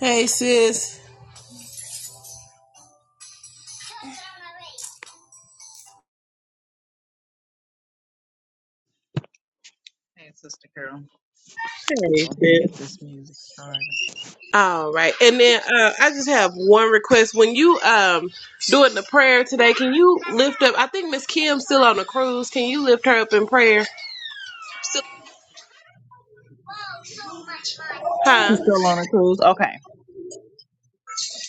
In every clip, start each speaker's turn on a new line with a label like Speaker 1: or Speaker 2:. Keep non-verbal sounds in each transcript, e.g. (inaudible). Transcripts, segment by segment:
Speaker 1: Hey, sis.
Speaker 2: Hey, Sister Carol. I'm
Speaker 1: Hey,
Speaker 2: gonna go ahead and
Speaker 1: sis.
Speaker 2: get this music started.
Speaker 1: All right. And then uh, I just have one request. When you um doing the prayer today, can you lift up I think Miss Kim's still on the cruise. Can you lift her up in prayer?
Speaker 2: Still- She's
Speaker 1: Huh?
Speaker 2: still on the cruise. Okay.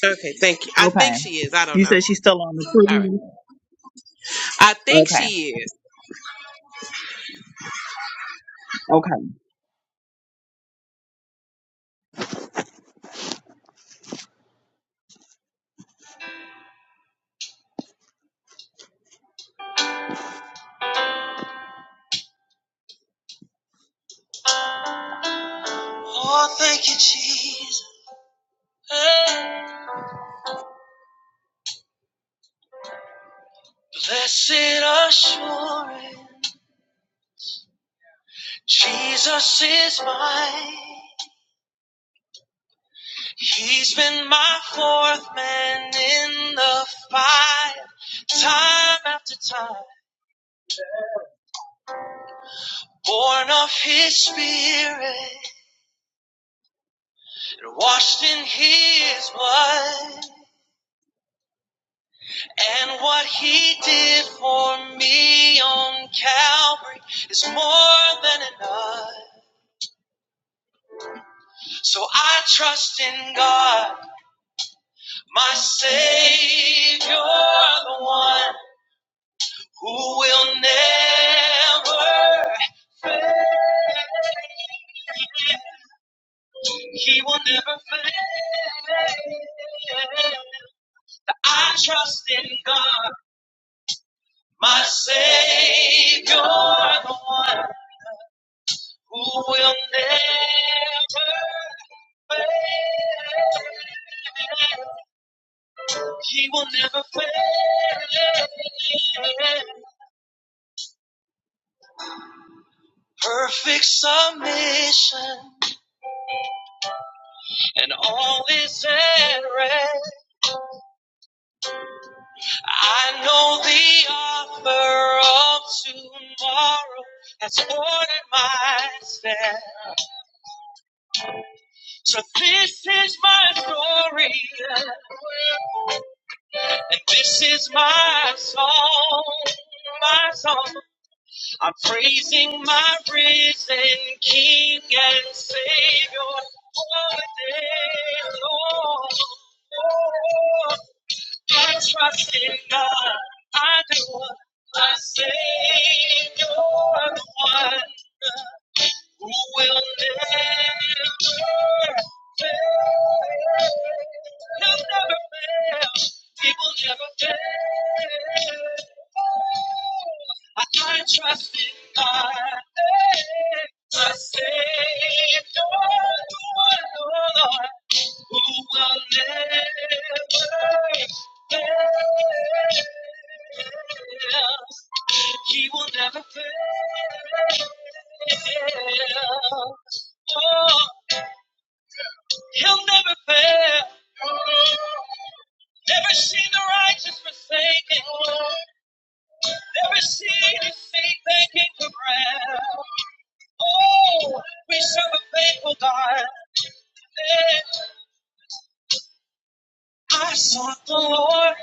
Speaker 1: Okay, thank you. I think
Speaker 2: Okay.
Speaker 1: she is. I don't
Speaker 2: You
Speaker 1: know.
Speaker 2: said she's still on the
Speaker 1: All right.
Speaker 2: cruise.
Speaker 1: I think
Speaker 2: Okay.
Speaker 1: she is.
Speaker 2: Okay. Oh, thank you, Jesus. Hey, Blessed assurance. Jesus is mine. He's been my fourth man in the fight, time after time. Born of his spirit, washed in his blood. And what he did for me on Calvary is more than enough. So I trust in God, my Savior, the one who will never fail. He will never fail. I trust in God, my Savior, the one. who will never fail. He will never fail. Perfect submission and all is at rest. I know the offer of tomorrow has ordered my steps. So this is my story. And this is my song, my song. I'm praising my risen King and Savior all day long. Oh, I trust in God, I do, my Savior one who will never fail. He'll never fail. He will never fail. I can trust in God, my Savior, Lord, Lord who will never fail. He will never fail. Oh, he'll never fail. Never seen the righteous forsaken. Never seen his seed begging for bread. Oh, we serve a faithful God. I sought the Lord,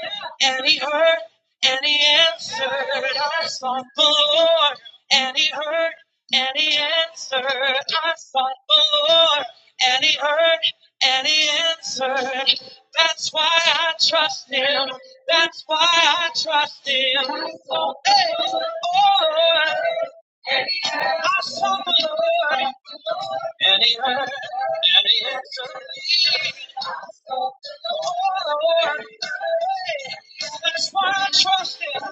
Speaker 2: and He heard, and He answered. I sought the Lord, and He heard, and He answered. I sought the Lord, and He heard, and He answered. That's why I trust Him. That's why I trust Him. Oh, hey. oh. And he heard, I saw the Lord, and he heard, and he answered me. I saw the Lord. That's why I trust him.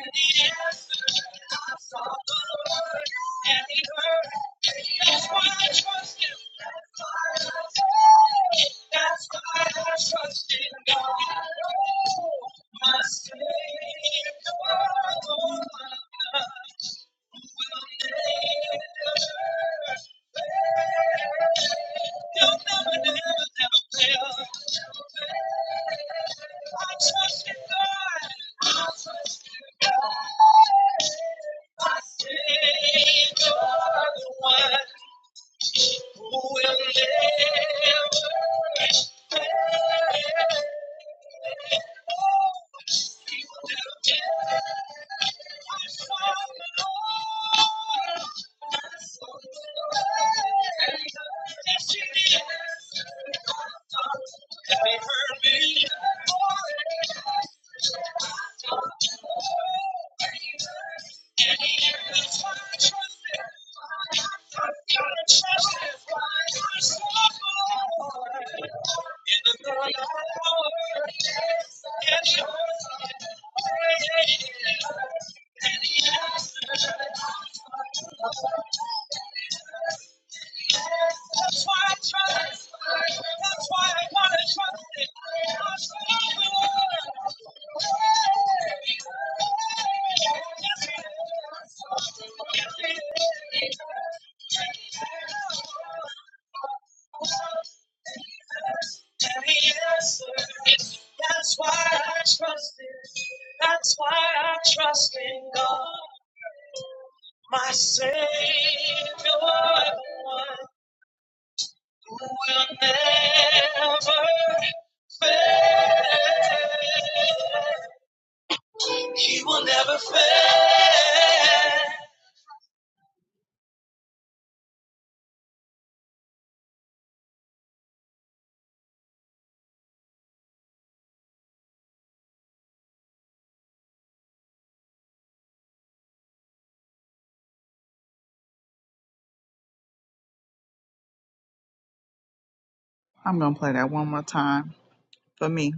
Speaker 2: And he answered, I saw the Lord, and he heard. me. That's why I trust him. That's why I trust him. That's why I trust in God. My Savior, oh my God. Savior, the one who will never fail. He will never fail. I saw the Lord. I saw the Lord. Yes, he did. He heard me. Oh, yes. Thank you. That's why I trust. That's why I gotta trust it. That's why I will. Yes, it is. Yes, Tell me yes, That's why I trust him. That's why I trust in God, my Savior, the one who will never fail. He will never fail. I'm gonna play that one more time for me.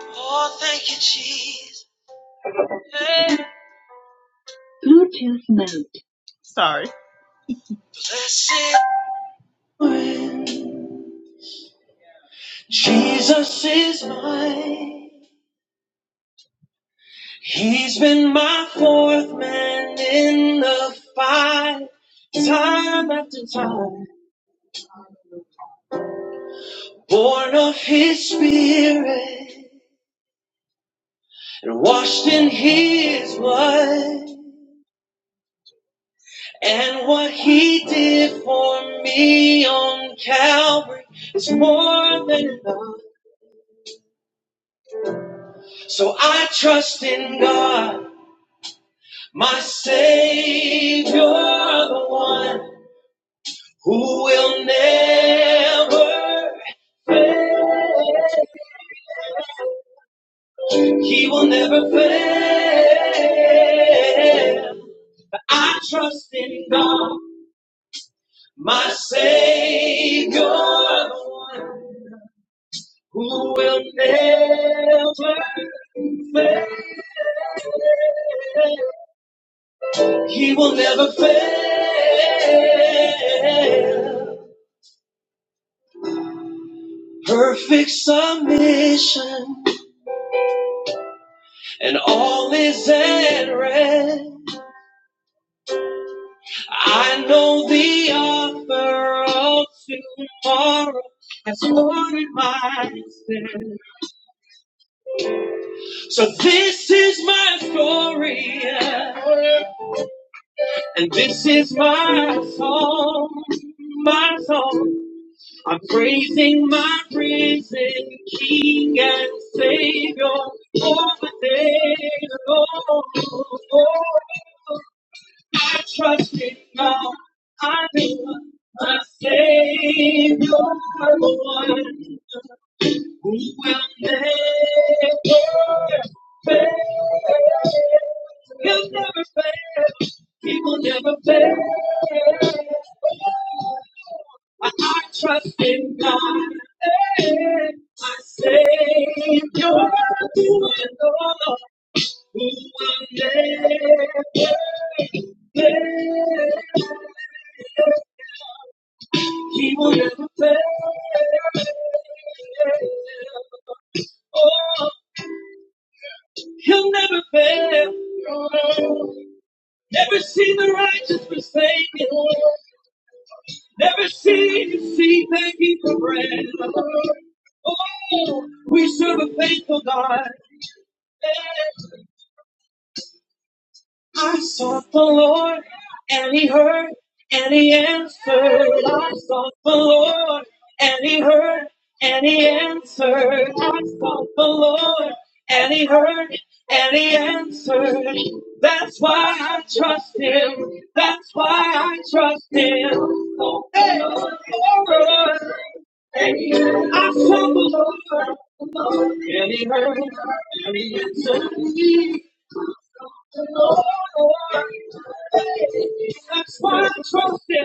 Speaker 2: Oh, thank you, Jesus. Sorry. Blessed. Jesus is mine. He's been my fourth man in the fight, time after time. Born of His Spirit and washed in His blood. And what He did for me on Calvary is more than enough. So I trust in God, my Savior, the one. who will never fail. He will never fail. I trust in God, my Savior, the one who will never fail. He will never fail. Perfect submission. and all is at rest. I know the author of tomorrow has ordered my steps. So this is my story, yeah. and this is my song, my song. I'm praising my risen King and Savior all the day long. I trust in God. I know my Savior, one who will never fail. He'll never fail. He will never fail. I trust in God. Hey, My Savior, the one, who will never fail. He will never fail. Oh, he'll never fail. Never see the righteous forsaken. Never see the seed begging for bread. Oh, we serve a faithful God. I sought the Lord and he heard and he answered. I sought the Lord and he heard and he answered. I sought the Lord and he heard and he answered. That's why I trust him. That's why I trust him. Hey, Lord. And he heard. I saw the Lord, and he heard, and he answered Lord. That's why I trust him.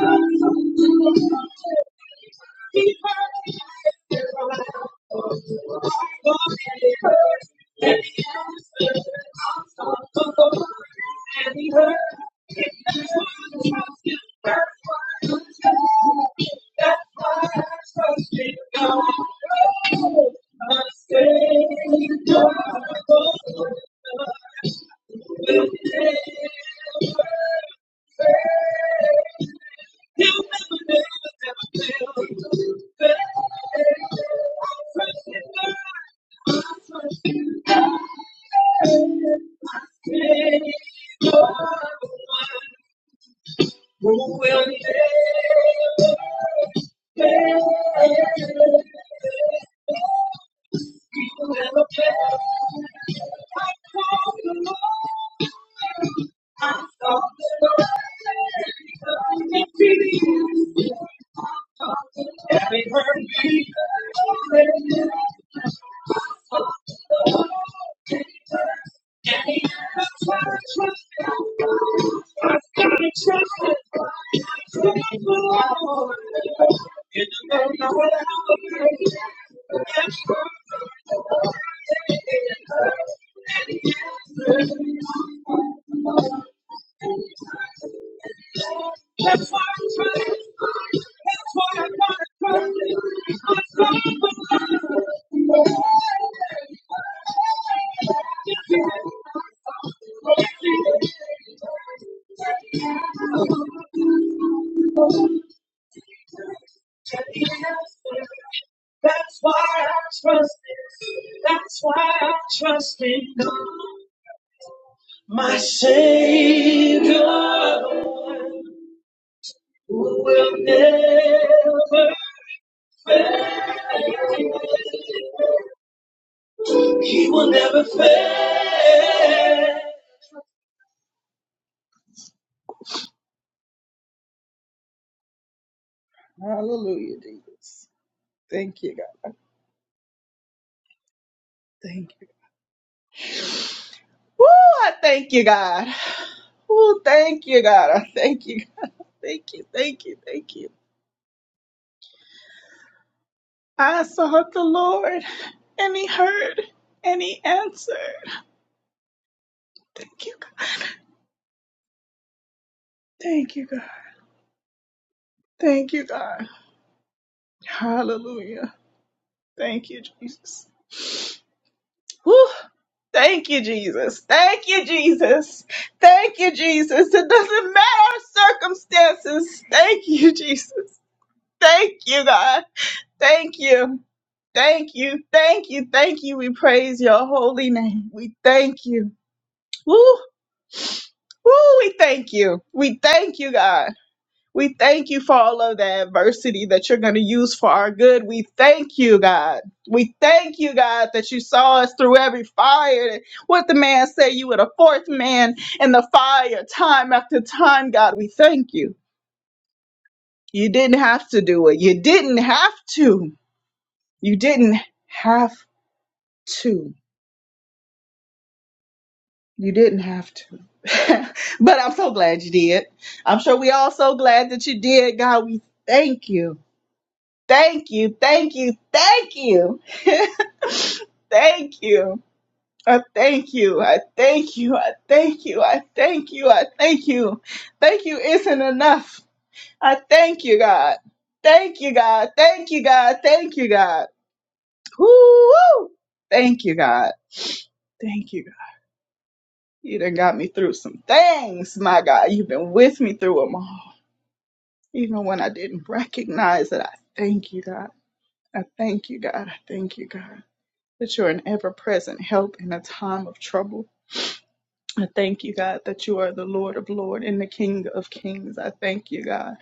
Speaker 2: Will never fail. Thank you. That's why I trusted. That's why I trusted. I trusted someone. In the middle of the night, I trusted someone. That's why I trusted. That's why I trusted. I trusted someone. That's why I trust him. That's why I trust in God. My Savior who will never fail. He will never fail. Hallelujah, Jesus. Thank you, God. Thank you. Woo, I thank you, God. Woo, thank you, God. I thank you, God. (laughs) Thank you, thank you, thank you. I sought the Lord and he heard and he answered. Thank you, God. Thank you, God. Thank you, God. Hallelujah. Thank you, Jesus. Woo. Thank you, Jesus. Thank you, Jesus. Thank you, Jesus. It doesn't matter circumstances. Thank you, Jesus. Thank you, God. Thank you. Thank you, thank you, thank you. We praise your holy name. We thank you. Woo, woo, we thank you. We thank you, God. We thank you for all of the adversity that you're going to use for our good. We thank you, God. We thank you, God, that you saw us through every fire. What the man said, you were the fourth man in the fire, time after time, God. We thank you. You didn't have to do it. You didn't have to. You didn't have to. You didn't have to. (laughs) but I'm so glad you did. I'm sure we all so glad that you did. God, we thank you. Thank you. Thank you. Thank you. (laughs) thank you. I thank you. I thank you. I thank you. I thank you. I thank you. Thank you isn't enough. I thank you, God. Thank you, God. Thank you, God. Thank you, God. Woo! Thank you, God. Thank you, God. You done got me through some things, my God. You've been with me through them all. Even when I didn't recognize it, I thank you, God. I thank you, God. I thank you, God, that you're an ever present help in a time of trouble. I thank you, God, that you are the Lord of Lords and the King of Kings. I thank you, God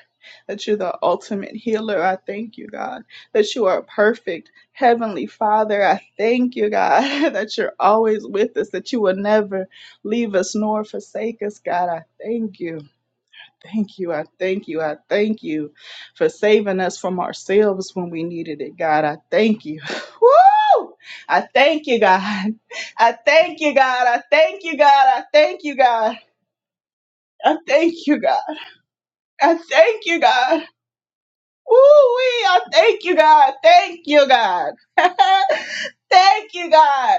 Speaker 2: that you're the ultimate healer. I thank you, God, that you are a perfect. Heavenly Father, I thank you, God, (laughs) that you're always with us, that you will never leave us nor forsake us, God. I thank you. Thank you. I thank you. I thank you for saving us from ourselves when we needed it, God. I thank you. (laughs) Woo! I thank you, God. (laughs) I thank you, God. I thank you, God. I thank you, God. I thank you, God. I thank you, God. Woo! wee! I thank you, God. Thank you, God. (laughs) thank you, God.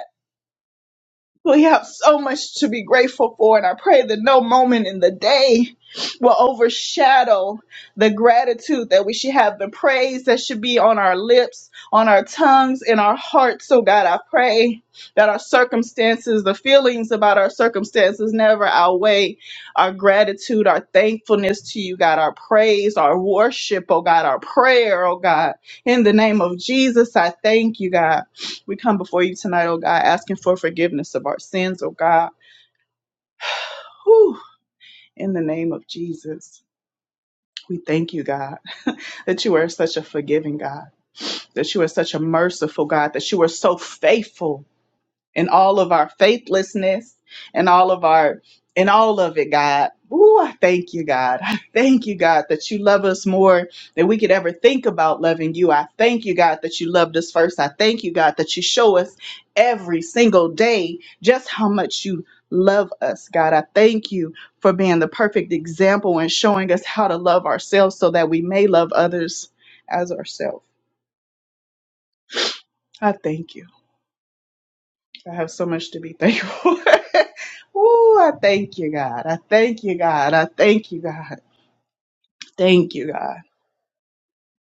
Speaker 2: We have so much to be grateful for, and I pray that no moment in the day will overshadow the gratitude that we should have, the praise that should be on our lips, on our tongues, in our hearts. So, God, I pray that our circumstances, the feelings about our circumstances, never outweigh our gratitude, our thankfulness to you, God, our praise, our worship, oh God, our prayer, oh God. In the name of Jesus, I thank you, God. We come before you tonight, oh God, asking for forgiveness of our sins, oh God. Whew. In the name of Jesus, we thank you, God, (laughs) that you are such a forgiving God, that you are such a merciful God, that you are so faithful in all of our faithlessness and all of our in all of it, God. Ooh, I thank you, God. (laughs) I thank you, God, that you love us more than we could ever think about loving you. I thank you, God, that you loved us first. I thank you, God, that you show us every single day just how much you love us, God. I thank you for being the perfect example and showing us how to love ourselves so that we may love others as ourselves. I thank you. I have so much to be thankful for. (laughs) Ooh, I thank you, God. I thank you, God. I thank you, God. Thank you, God.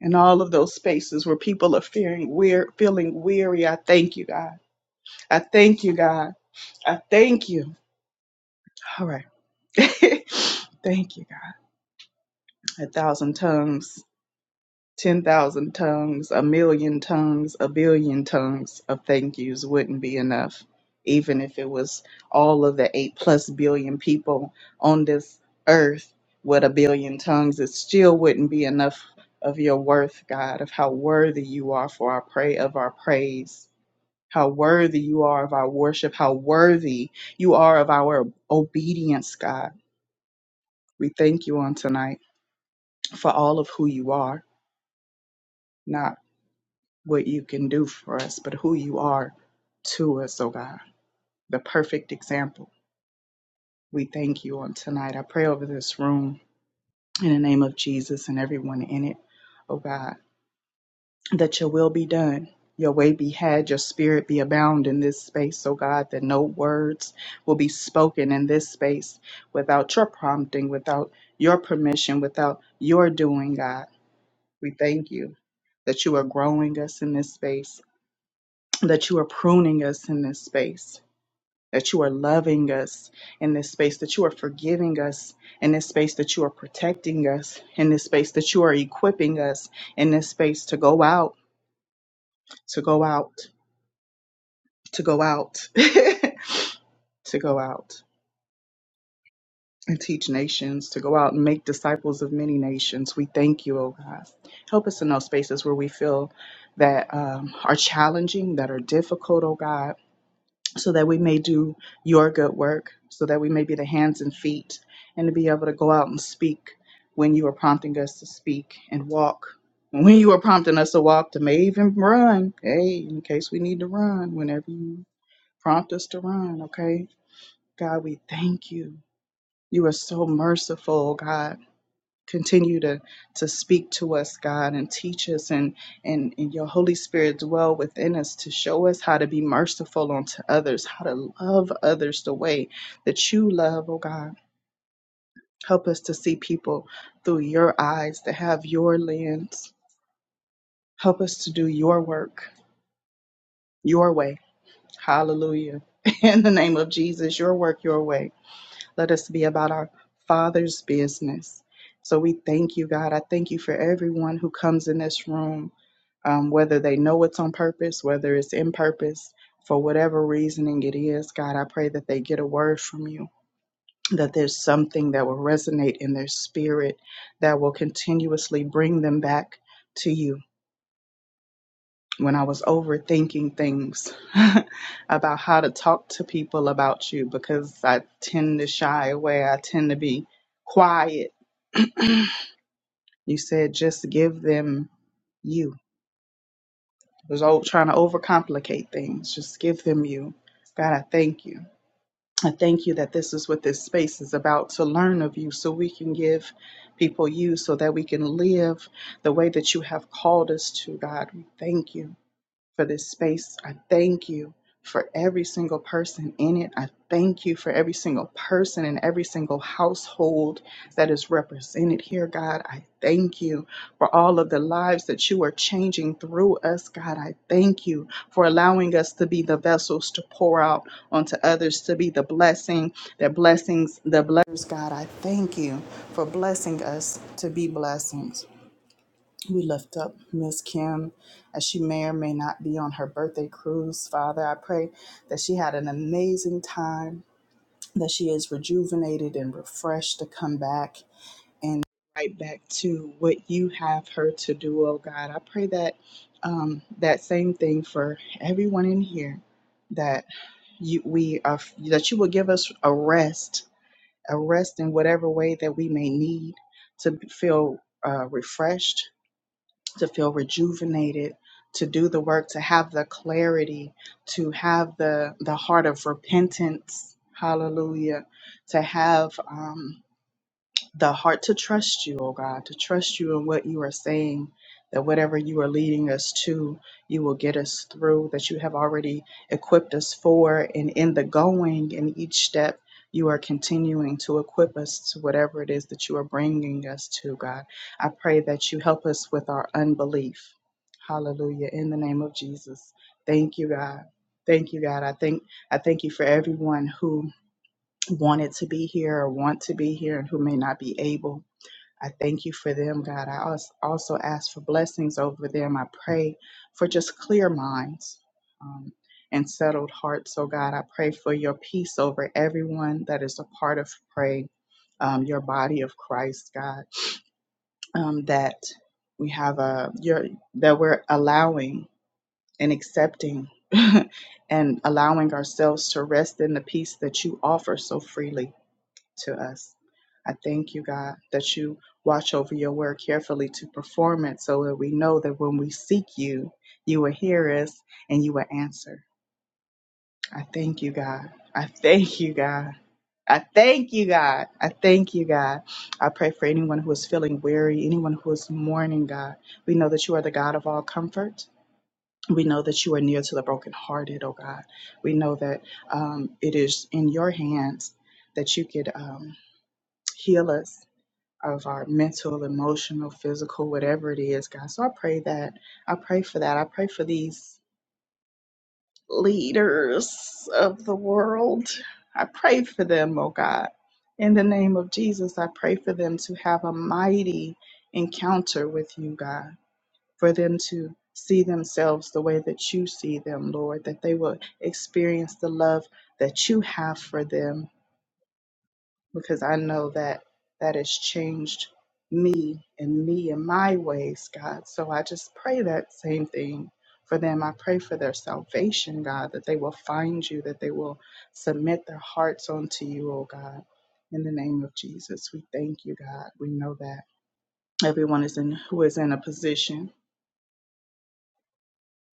Speaker 2: In all of those spaces where people are fearing weir feeling weary, I thank you, God. I thank you, God. I thank you. All right. (laughs) thank you, God. A thousand tongues. 10,000 tongues, a million tongues, a billion tongues of thank yous wouldn't be enough, even if it was all of the 8 plus billion people on this earth with a billion tongues. It still wouldn't be enough of your worth, God, of how worthy you are for our pray of our praise. How worthy you are of our worship, how worthy you are of our obedience, God. We thank you on tonight for all of who you are. not. what you can do for us, but who you are to us, oh God. The perfect example. We thank you on tonight. I pray over this room in the name of Jesus and everyone in it, oh God, that your will be done. Your way be had, your spirit be abound in this space, oh God, that no words will be spoken in this space without your prompting, without your permission, without your doing, God. We thank you that you are growing us in this space, that you are pruning us in this space that you are loving us in this space, that you are forgiving us in this space, that you are protecting us in this space, that you are equipping us in this space to go out, to go out, to go out, (laughs) to go out and teach nations, to go out and make disciples of many nations. We thank you, oh God. Help us in those spaces where we feel that um, are challenging, that are difficult, oh God so that we may do your good work, so that we may be the hands and feet, and to be able to go out and speak when you are prompting us to speak and walk. When you are prompting us to walk, to may even run, hey, in case we need to run, whenever you prompt us to run, okay? God, we thank you. You are so merciful, God continue to to speak to us god and teach us and, and and your holy spirit dwell within us to show us how to be merciful unto others how to love others the way that you love oh god help us to see people through your eyes to have your lens help us to do your work your way hallelujah (laughs) in the name of jesus your work your way Let us be about our Father's business. So we thank you, God. I thank you for everyone who comes in this room, um, whether they know it's on purpose, whether it's in purpose, for whatever reasoning it is. God, I pray that they get a word from you, that there's something that will resonate in their spirit that will continuously bring them back to you when I was overthinking things (laughs) about how to talk to people about you because I tend to shy away. I tend to be quiet. You said just give them you. I was all trying to overcomplicate things. Just give them you. God, I thank you. I thank you that this is what this space is about to learn of you so we can give people you so that we can live the way that you have called us to, God. We thank you. for this space. I thank you for every single person in it. I thank you for every single person in every single household that is represented here, God. I thank you for all of the lives that you are changing through us, God. I thank you for allowing us to be the vessels to pour out onto others, to be the blessing, that blessings, the blessings, God. I thank you for blessing us to be blessings. We lift up Miss Kim as she may or may not be on her birthday cruise. Father, I pray that she had an amazing time, that she is rejuvenated and refreshed to come back and right back to what you have her to do, oh God. I pray that um, that same thing for everyone in here that you we are that you will give us a rest, a rest in whatever way that we may need to feel uh, refreshed to feel rejuvenated to do the work to have the clarity to have the the heart of repentance hallelujah to have um, the heart to trust you, oh God, to trust you in what you are saying, that whatever you are leading us to, you will get us through, that you have already equipped us for, and in the going, in each step, you are continuing to equip us to whatever it is that you are bringing us to, God. I pray that you help us with our unbelief. Hallelujah. In the name of Jesus. Thank you, God. Thank you, God. I thank I thank you for everyone who wanted to be here or want to be here and who may not be able. I thank you for them, God. I als- also ask for blessings over them. I pray for just clear minds um, and settled hearts. So, God, I pray for your peace over everyone that is a part of pray, um, your body of Christ, God, um, that we have a your that we're allowing and accepting (laughs) and allowing ourselves to rest in the peace that you offer so freely to us. I thank you, God, that you watch over your word carefully to perform it so that we know that when we seek you, you will hear us and you will answer. I thank you, God. I thank you, God. I thank you, God. I thank you, God. I pray for anyone who is feeling weary, anyone who is mourning, God. We know that you are the God of all comfort. We know that you are near to the brokenhearted, oh God. We know that um, it is in your hands that you could um, heal us of our mental, emotional, physical, whatever it is, God. So I pray that. I pray for that. I pray for these leaders of the world. I pray for them, oh God. In the name of Jesus, I pray for them to have a mighty encounter with you, God, for them to see themselves the way that you see them, Lord, that they will experience the love that you have for them because I know that that has changed me and me and my ways, God. So I just pray that same thing for them. I pray for their salvation, God, that they will find you, that they will submit their hearts unto you, oh God. In the name of Jesus, we thank you, God. We know that everyone is in who is in a position,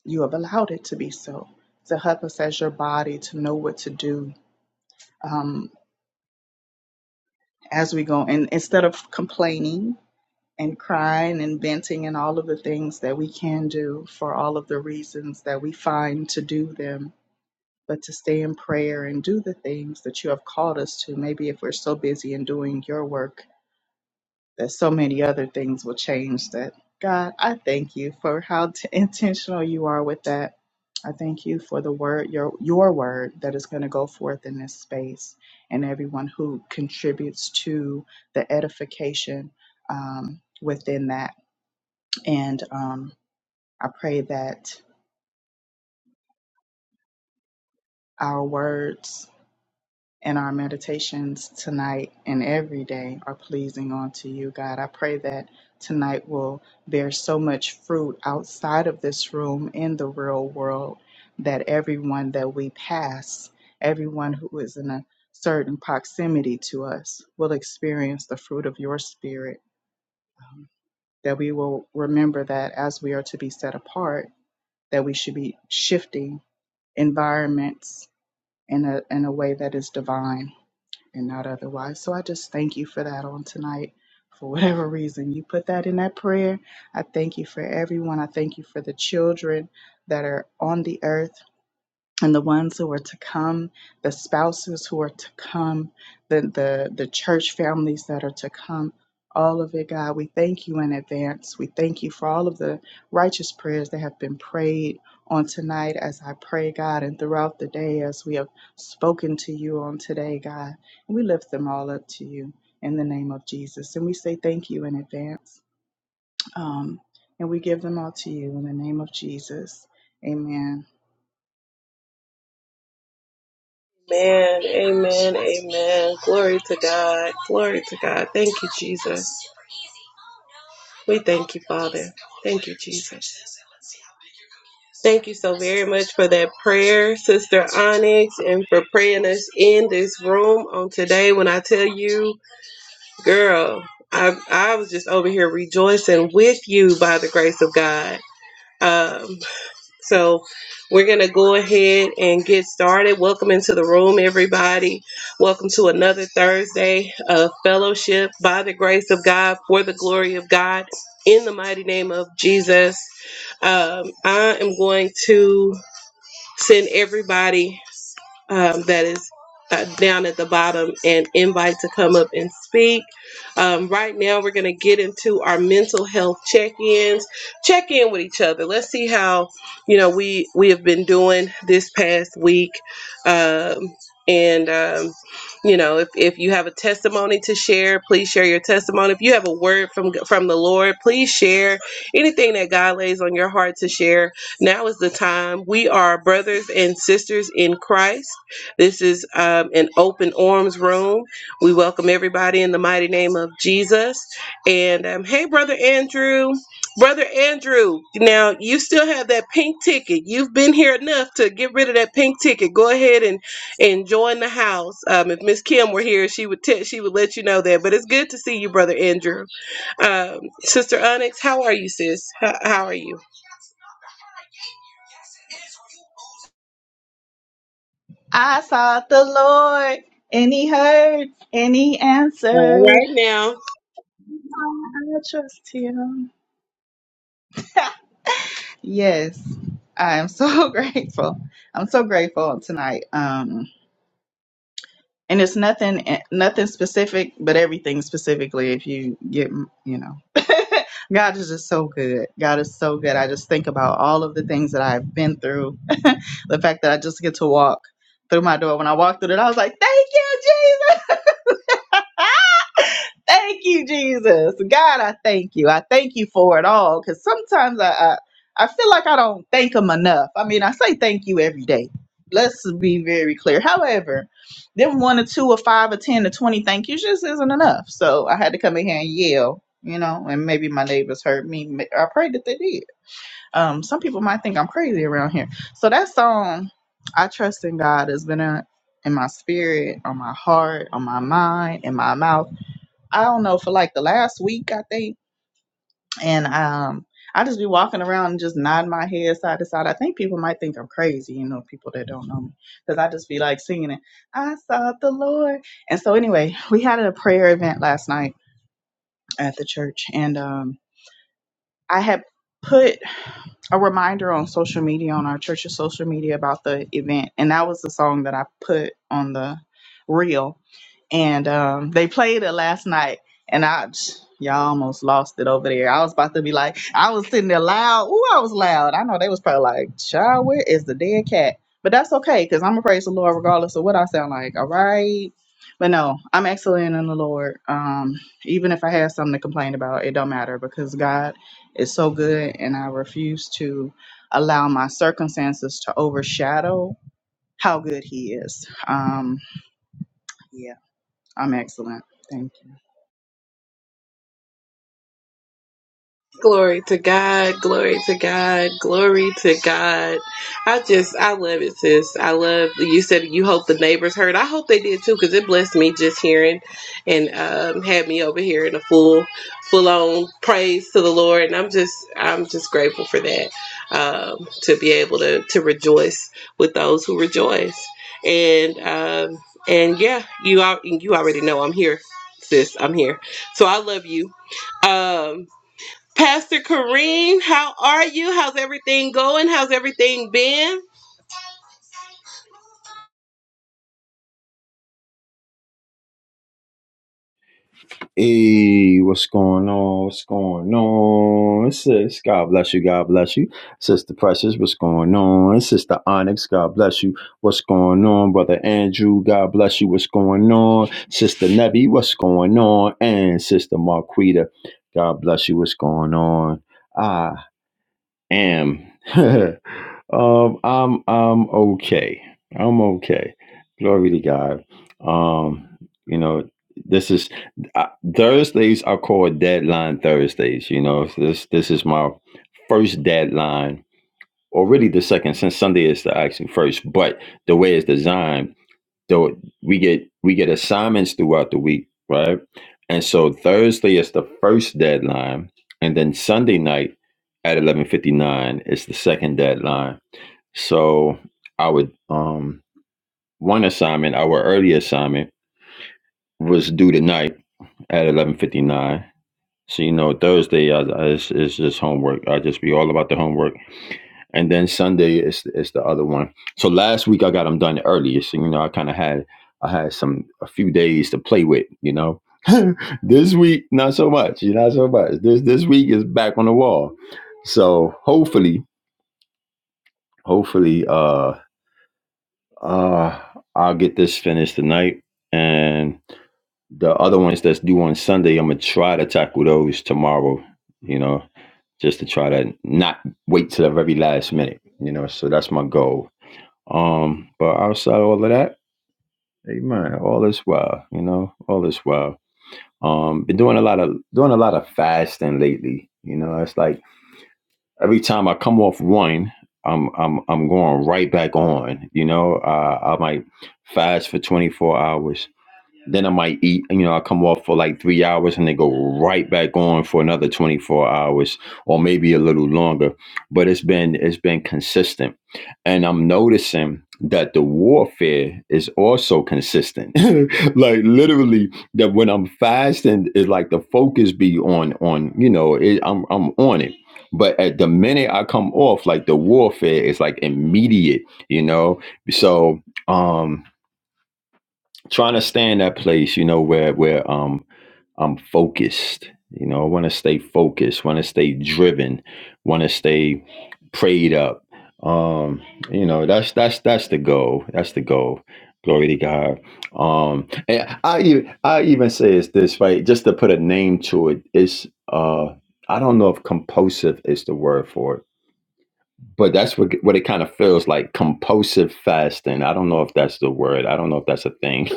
Speaker 2: you have allowed it to be so. To help us as your body to know what to do um, as we go. And instead of complaining, and crying and venting and all of the things that we can do for all of the reasons that we find to do them, but to stay in prayer and do the things that you have called us to. Maybe if we're so busy in doing your work, that so many other things will change that. God, I thank you for how t- (laughs) intentional you are with that. I thank you for the word, your your word that is going to go forth in this space, and everyone who contributes to the edification um, within that. And um, I pray that our words and our meditations tonight and every day are pleasing unto you, God. I pray that tonight will bear so much fruit outside of this room in the real world that everyone that we pass, everyone who is in a certain proximity to us, will experience the fruit of your spirit. Um, That we will remember that as we are to be set apart, that we should be shifting environments in a in a way that is divine and not otherwise. So I just thank you for that on tonight. For whatever reason you put that in that prayer, I thank you for everyone. I thank you for the children that are on the earth and the ones who are to come, the spouses who are to come, the the the church families that are to come, all of it, God, we thank you in advance. We thank you for all of the righteous prayers that have been prayed on tonight as I pray, God, and throughout the day as we have spoken to you on today, God. And we lift them all up to you in the name of Jesus. And we say thank you in advance. Um, and we give them all to you in the name of Jesus. Amen.
Speaker 1: Man, amen, amen. Glory to God. Glory to God. Thank you, Jesus. We thank you, Father. Thank you, Jesus. Thank you so very much for that prayer, Sister Onyx, and for praying us in this room on today. When I tell you, girl, I, I was just over here rejoicing with you by the grace of God. Um, so we're going to go ahead and get started. Welcome into the room, everybody. Welcome to another Thursday of fellowship by the grace of God, for the glory of God, in the mighty name of Jesus. Um, I am going to Send everybody um, that is uh, down at the bottom and invite to come up and speak. Um, right now, we're going to get into our mental health check-ins. Check in with each other. Let's see how you know we we have been doing this past week. Um, and um, you know, if, if you have a testimony to share, please share your testimony. If you have a word from from the Lord, please share anything that God lays on your heart to share. Now is the time. We are brothers and sisters in Christ this is um, an open arms room. We welcome everybody in the mighty name of Jesus. And um, hey, Brother Andrew. Brother Andrew, now you still have that pink ticket. You've been here enough to get rid of that pink ticket. Go ahead and, and join the house. Um, if Miss Kim were here, she would te- she would let you know that. But it's good to see you, Brother Andrew. Um, Sister Onyx, how are you, sis? How, how are you?
Speaker 2: I sought the Lord, and He heard, and He
Speaker 1: All
Speaker 2: answered.
Speaker 1: right now.
Speaker 2: I trust Him. Yes, I am so (laughs) grateful. I'm so grateful tonight. Um, and it's nothing, nothing specific, but everything specifically. If you get, you know, (laughs) God is just so good. God is so good. I just think about all of the things that I've been through. (laughs) the fact that I just get to walk through my door. When I walked through it, I was like, "Thank you, Jesus." (laughs) Thank you, Jesus. God, I thank you. I thank you for it all because sometimes I, I I feel like I don't thank him enough. I mean, I say thank you every day. Let's be very clear. However, them one or two or five or ten or twenty thank yous just isn't enough. So I had to come in here and yell, you know, and maybe my neighbors heard me. Ma- I prayed that they did. Um, some people might think I'm crazy around here. So that song, I trust in God, has been in in my spirit, on my heart, on my mind, in my mouth I don't know, for like the last week, I think. And um, I just be walking around and just nodding my head side to side. I think people might think I'm crazy, you know, people that don't know me, because I just be like singing it. I sought the Lord. And so, anyway, we had a prayer event last night at the church, and um, I had put a reminder on social media on our church's social media about the event and that was the song that i put on the reel and um, they played it last night and i y'all almost lost it over there i was about to be like i was sitting there loud Ooh, i was loud i know they was probably like child where is the dead cat but that's okay because i'm gonna praise the lord regardless of what i sound like all right but no i'm excellent in the lord um, even if i had something to complain about it don't matter because god is so good, and I refuse to allow my circumstances to overshadow how good He is. Um, yeah, I'm excellent. Thank you.
Speaker 1: Glory to God, glory to God, glory to God. I just, I love it, sis. I love, you said you hope the neighbors heard. I hope they did too, because it blessed me just hearing and um, had me over here in a full, full on praise to the Lord. And I'm just, I'm just grateful for that, um, to be able to, to rejoice with those who rejoice. And, um, and yeah, you, al- you already know I'm here, sis. I'm here. So I love you. Um, Pastor Kareem, how are you? How's everything going? How's everything been?
Speaker 3: Hey, what's going on? What's going on? Sis, God bless you. God bless you. Sister Precious, what's going on? Sister Onyx, God bless you. What's going on? Brother Andrew, God bless you. What's going on? Sister Nebby, what's going on? And Sister Marquita, God bless you. What's going on? Ah am. (laughs) um, I'm I'm okay. I'm okay. Glory to God. Um, you know, this is uh, Thursdays are called deadline Thursdays. You know, so this this is my first deadline, or really the second, since Sunday is the actually first. But the way it's designed so we get we get assignments throughout the week, right? And so Thursday is the first deadline, and then Sunday night at eleven fifty nine is the second deadline. So I would um one assignment, our early assignment was due tonight at eleven fifty nine. So you know Thursday I, I, is is just homework. I just be all about the homework and then Sunday is is the other one. So last week I got them done early, so you know I kind of had I had some a few days to play with, you know. (laughs) this week not so much, you know, not so much. This this week is back on the wall, so hopefully, hopefully, uh, uh, I'll get this finished tonight, and the other ones that's due on Sunday, I'm gonna try to tackle those tomorrow, you know, just to try to not wait till the very last minute, you know. So that's my goal Um, but outside of all of that, amen. All is well, you know, all is well. Um, been doing a lot of doing a lot of fasting lately. You know, it's like every time I come off one, I'm I'm I'm going right back on. You know, uh, I might fast for 24 hours then I might eat, you know, I come off for like three hours and then go right back on for another 24 hours or maybe a little longer. But it's been it's been consistent. And I'm noticing that the warfare is also consistent. (laughs) like literally that when I'm fasting, it's like the focus be on on, you know, it, I'm I'm on it. But at the minute I come off, like the warfare is like immediate, you know. So um trying to stay in that place, you know, where where um I'm focused. You know, I want to stay focused, want to stay driven, want to stay prayed up. Um, you know, that's that's that's the goal. That's the goal. Glory to God. Um, and I even I even say it's this right, just to put a name to it. It's uh, I don't know if compulsive is the word for it but that's what what it kind of feels like compulsive fasting. I don't know if that's the word. I don't know if that's a thing. (laughs)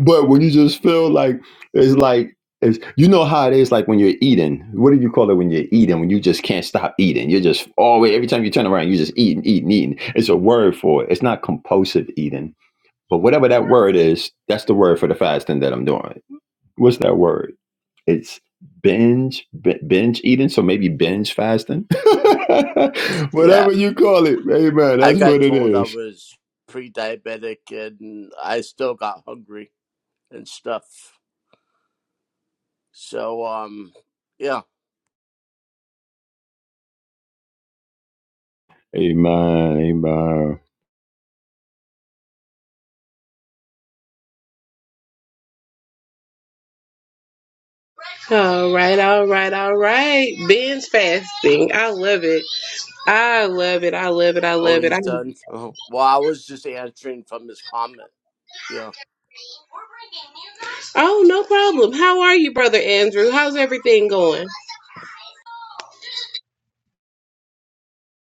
Speaker 3: but when you just feel like it's like it's you know how it is like when you're eating. What do you call it when you're eating? When you just can't stop eating. You're just always every time you turn around, you're just eating, eating, eating. It's a word for it. It's not compulsive eating. But whatever that word is, that's the word for the fasting that I'm doing. What's that word? it's binge b- binge eating so maybe binge fasting (laughs)
Speaker 4: Yeah,
Speaker 3: whatever you call it amen
Speaker 4: I
Speaker 3: that's what
Speaker 4: got
Speaker 3: it
Speaker 4: told I
Speaker 3: is
Speaker 4: was pre-diabetic, and I still got hungry and stuff. So, um, yeah.
Speaker 3: amen amen
Speaker 1: All right, all right, all right. Ben's fasting. I love it. I love it. I love it. I
Speaker 4: Oh,
Speaker 1: love it. I...
Speaker 4: he's done. Oh, well, I was just answering from his comment. Yeah,
Speaker 1: Oh, no problem. How are you, Brother Andrew? How's everything going?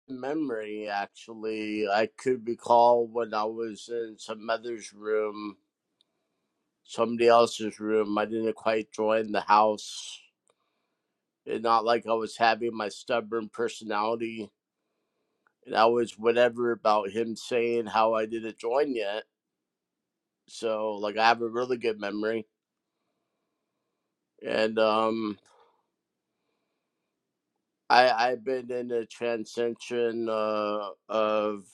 Speaker 4: memory actually, I could recall when I was in some other's room, somebody else's room. I didn't quite join the house. It's not like I was having my stubborn personality and I was whatever about him saying how I didn't join yet. So like I have a really good memory, and um, I I've been in a transition uh, of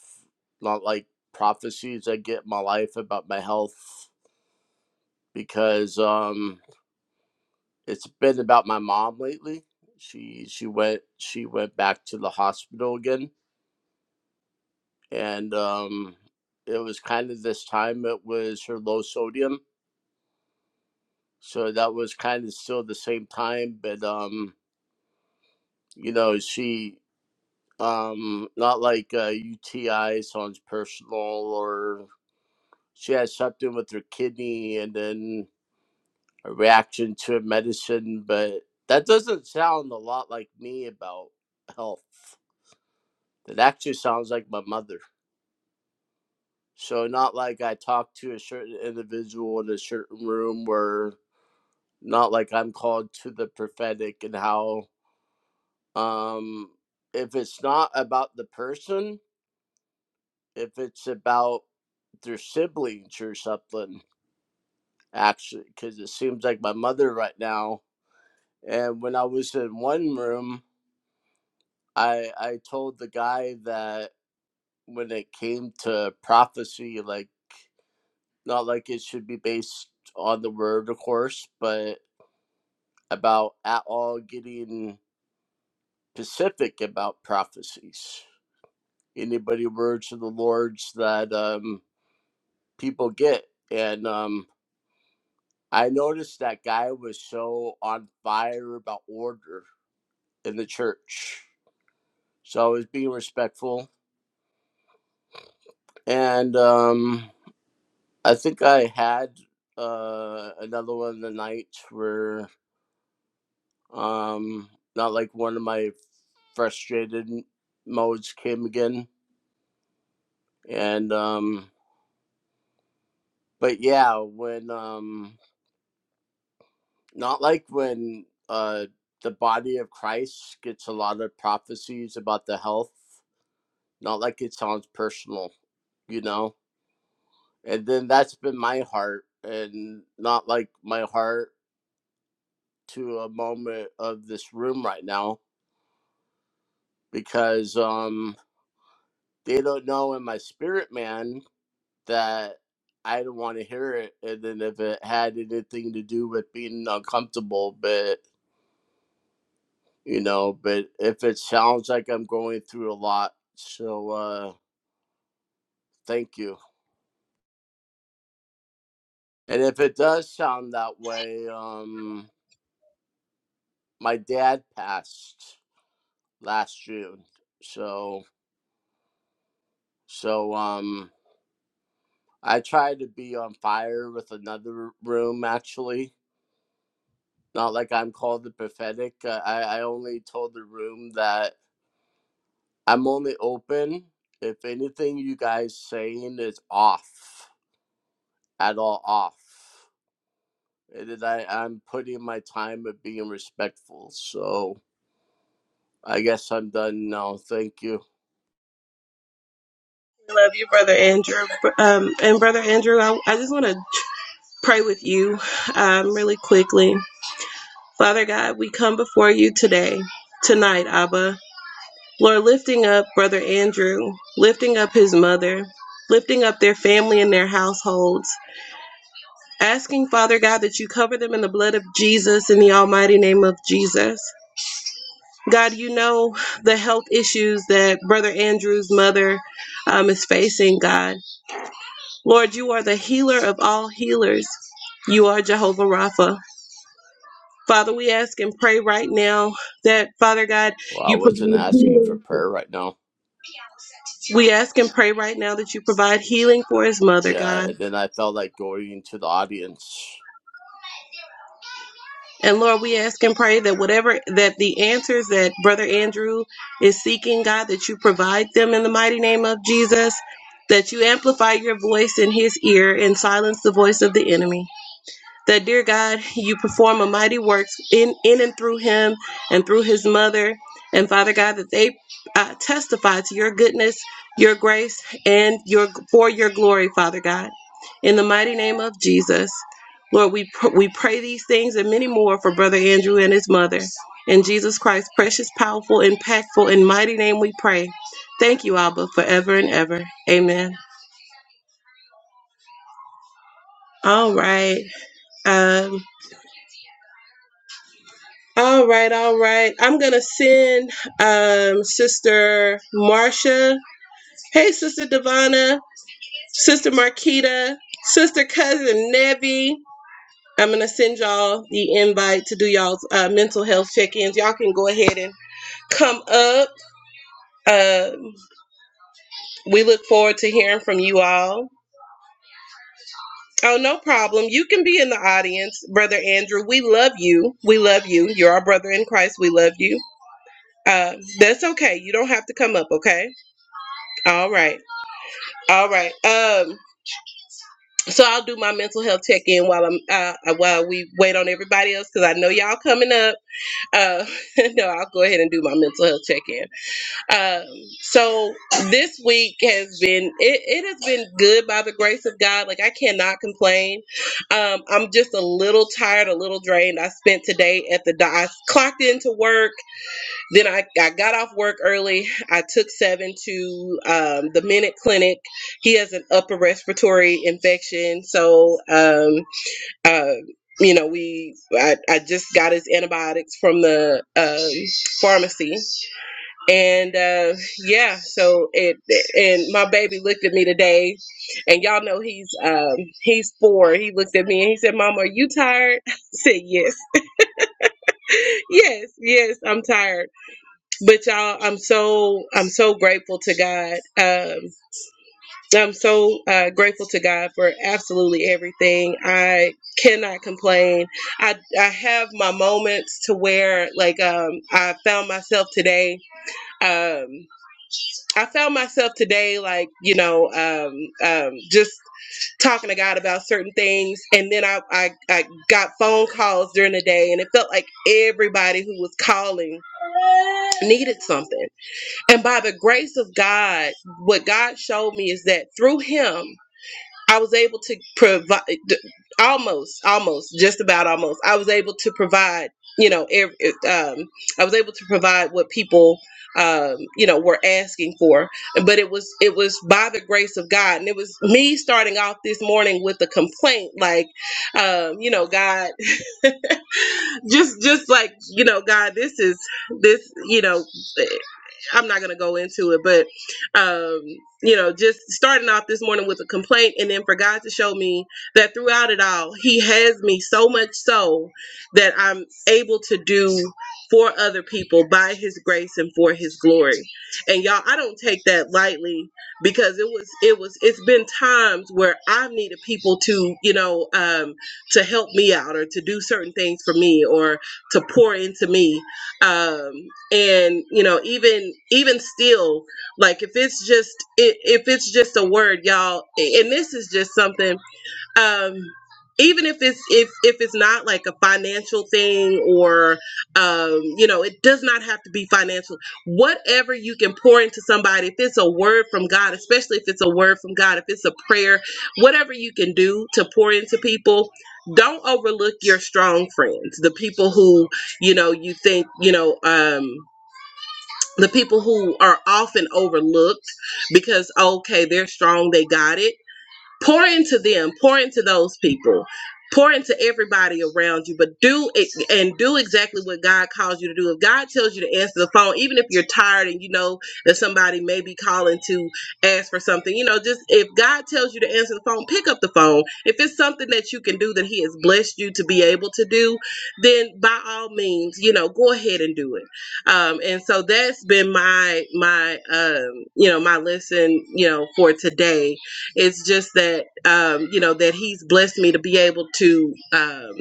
Speaker 4: not like prophecies I get in my life about my health because um, it's been about my mom lately. She she went she went back to the hospital again, and um, it was kind of this time it was her low sodium, so that was kind of still the same time, but um, you know she um not like uh UTI sounds personal or she had something with her kidney and then a reaction to a medicine but that doesn't sound a lot like me about health that actually sounds like my mother so not like I talk to a certain individual in a certain room where not like I'm called to the prophetic and how um if it's not about the person if it's about their siblings or something, actually, because it seems like my mother right now. And when I was in one room, I, I told the guy that when it came to prophecy, like, not like it should be based on the word, of course, but about at all getting specific about prophecies. Anybody words of the Lord's that um, people get. And um, I noticed that guy was so on fire about order in the church. So I was being respectful. And um, I think I had uh, another one of the nights where, um, not like one of my frustrated modes came again. And, um, but yeah, when, um, not like when uh, the body of Christ gets a lot of prophecies about the health, not like it sounds personal, you know? and then that's been my heart and not like my heart to a moment of this room right now because um they don't know in my spirit man that i don't want to hear it and then if it had anything to do with being uncomfortable but you know but if it sounds like i'm going through a lot so uh thank you and if it does sound that way um my dad passed last june so So um I try to be on fire with another room actually. Not like I'm called the prophetic. Uh, I I only told the room that I'm only open if anything you guys saying is off at all off. And I I'm putting my time of being respectful. So I guess I'm done now. Thank you.
Speaker 1: Love you, Brother Andrew. Um, and Brother Andrew, I, I just want to pray with you um, really quickly. Father God, we come before you today, tonight, Abba. Lord, lifting up Brother Andrew, lifting up his mother, lifting up their family and their households, asking, Father God, that you cover them in the blood of Jesus in the almighty name of Jesus. God, you know the health issues that Brother Andrew's mother um, is facing, God. Lord, you are the healer of all healers. You are Jehovah Rapha. Father, we ask and pray right now that, Father God,
Speaker 4: Well, I
Speaker 1: you
Speaker 4: wasn't
Speaker 1: provide
Speaker 4: asking
Speaker 1: healing
Speaker 4: for prayer right now.
Speaker 1: We ask and pray right now that you provide healing for his mother,
Speaker 4: Yeah,
Speaker 1: God.
Speaker 4: and then I felt like going into the audience.
Speaker 1: And Lord, we ask and pray that whatever that the answers that brother Andrew is seeking, God, that you provide them in the mighty name of Jesus, that you amplify your voice in his ear and silence the voice of the enemy. that dear God, you perform a mighty works in in and through him and through his mother, and Father God, that they uh, testify to your goodness, your grace, and your for your glory, Father God. In the mighty name of Jesus, Lord, we pr- we pray these things and many more for Brother Andrew and his mother. In Jesus Christ's precious, powerful, impactful, and mighty name, we pray. Thank you, Abba, forever and ever. Amen. All right. Um. All right, all right. I'm gonna send um, Sister Marcia. Hey, Sister Devana. Sister Marquita. Sister Cousin Nevi. I'm gonna send y'all the invite to do y'all's uh, mental health check-ins. Y'all can go ahead and come up. Um we look forward to hearing from you all. Oh, no problem. You can be in the audience, Brother Andrew. We love you. We love you. You're our brother in Christ. We love you. Uh, that's okay. You don't have to come up, okay? All right. All right. Um. So I'll do my mental health check in while I'm uh, uh, while we wait on everybody else because I know y'all coming up. Uh, (laughs) no, I'll go ahead and do my mental health check in. Um, so this week has been it, it has been good by the grace of God. Like I cannot complain. Um, I'm just a little tired, a little drained. I spent today at the doc- I clocked into work. Then I, I got off work early. I took Seven to um, the Minute Clinic. He has an upper respiratory infection. So, um, uh, you know, we I, I just got his antibiotics from the um, pharmacy. And uh, yeah, so it, and my baby looked at me today. And y'all know he's um, he's four. He looked at me and he said, Mama, are you tired? (laughs) I said, Yes, (laughs) yes, yes, I'm tired but y'all i'm so i'm so grateful to god um i'm so uh, grateful to god for absolutely everything i cannot complain i i have my moments to where like um i found myself today um i found myself today like you know um um just talking to god about certain things and then i i, I got phone calls during the day and it felt like everybody who was calling needed something And by the grace of God, what God showed me is that through him, I was able to provide almost, almost, just about almost. I was able to provide, you know, ev- e, um, I was able to provide what people, um, you know, were asking for. But it was, it was by the grace of God, and it was me starting off this morning with a complaint, like, um, you know, God just just like you know god this is this you know i'm not gonna go into it but um you know just starting off this morning with a complaint and then for god to show me that throughout it all he has me so much so that i'm able to do for other people by his grace and for his glory and y'all i don't take that lightly because it was it was it's been times where i've needed people to you know um to help me out or to do certain things for me or to pour into me um and you know even even still like if it's just i- if it's just a word y'all and this is just something um even if it's if if it's not like a financial thing or um you know it does not have to be financial whatever you can pour into somebody if it's a word from god especially if it's a word from god if it's a prayer whatever you can do to pour into people don't overlook your strong friends the people who you know you think you know um the people who are often overlooked because okay they're strong they got it pour into them pour into those people pour into everybody around you but do it and do exactly what god calls you to do if god tells you to answer the phone even if you're tired and you know that somebody may be calling to ask for something you know just if god tells you to answer the phone pick up the phone if it's something that you can do that he has blessed you to be able to do then by all means you know go ahead and do it um and so that's been my my um you know my lesson you know for today it's just that um, you know that He's blessed me to be able to. Um,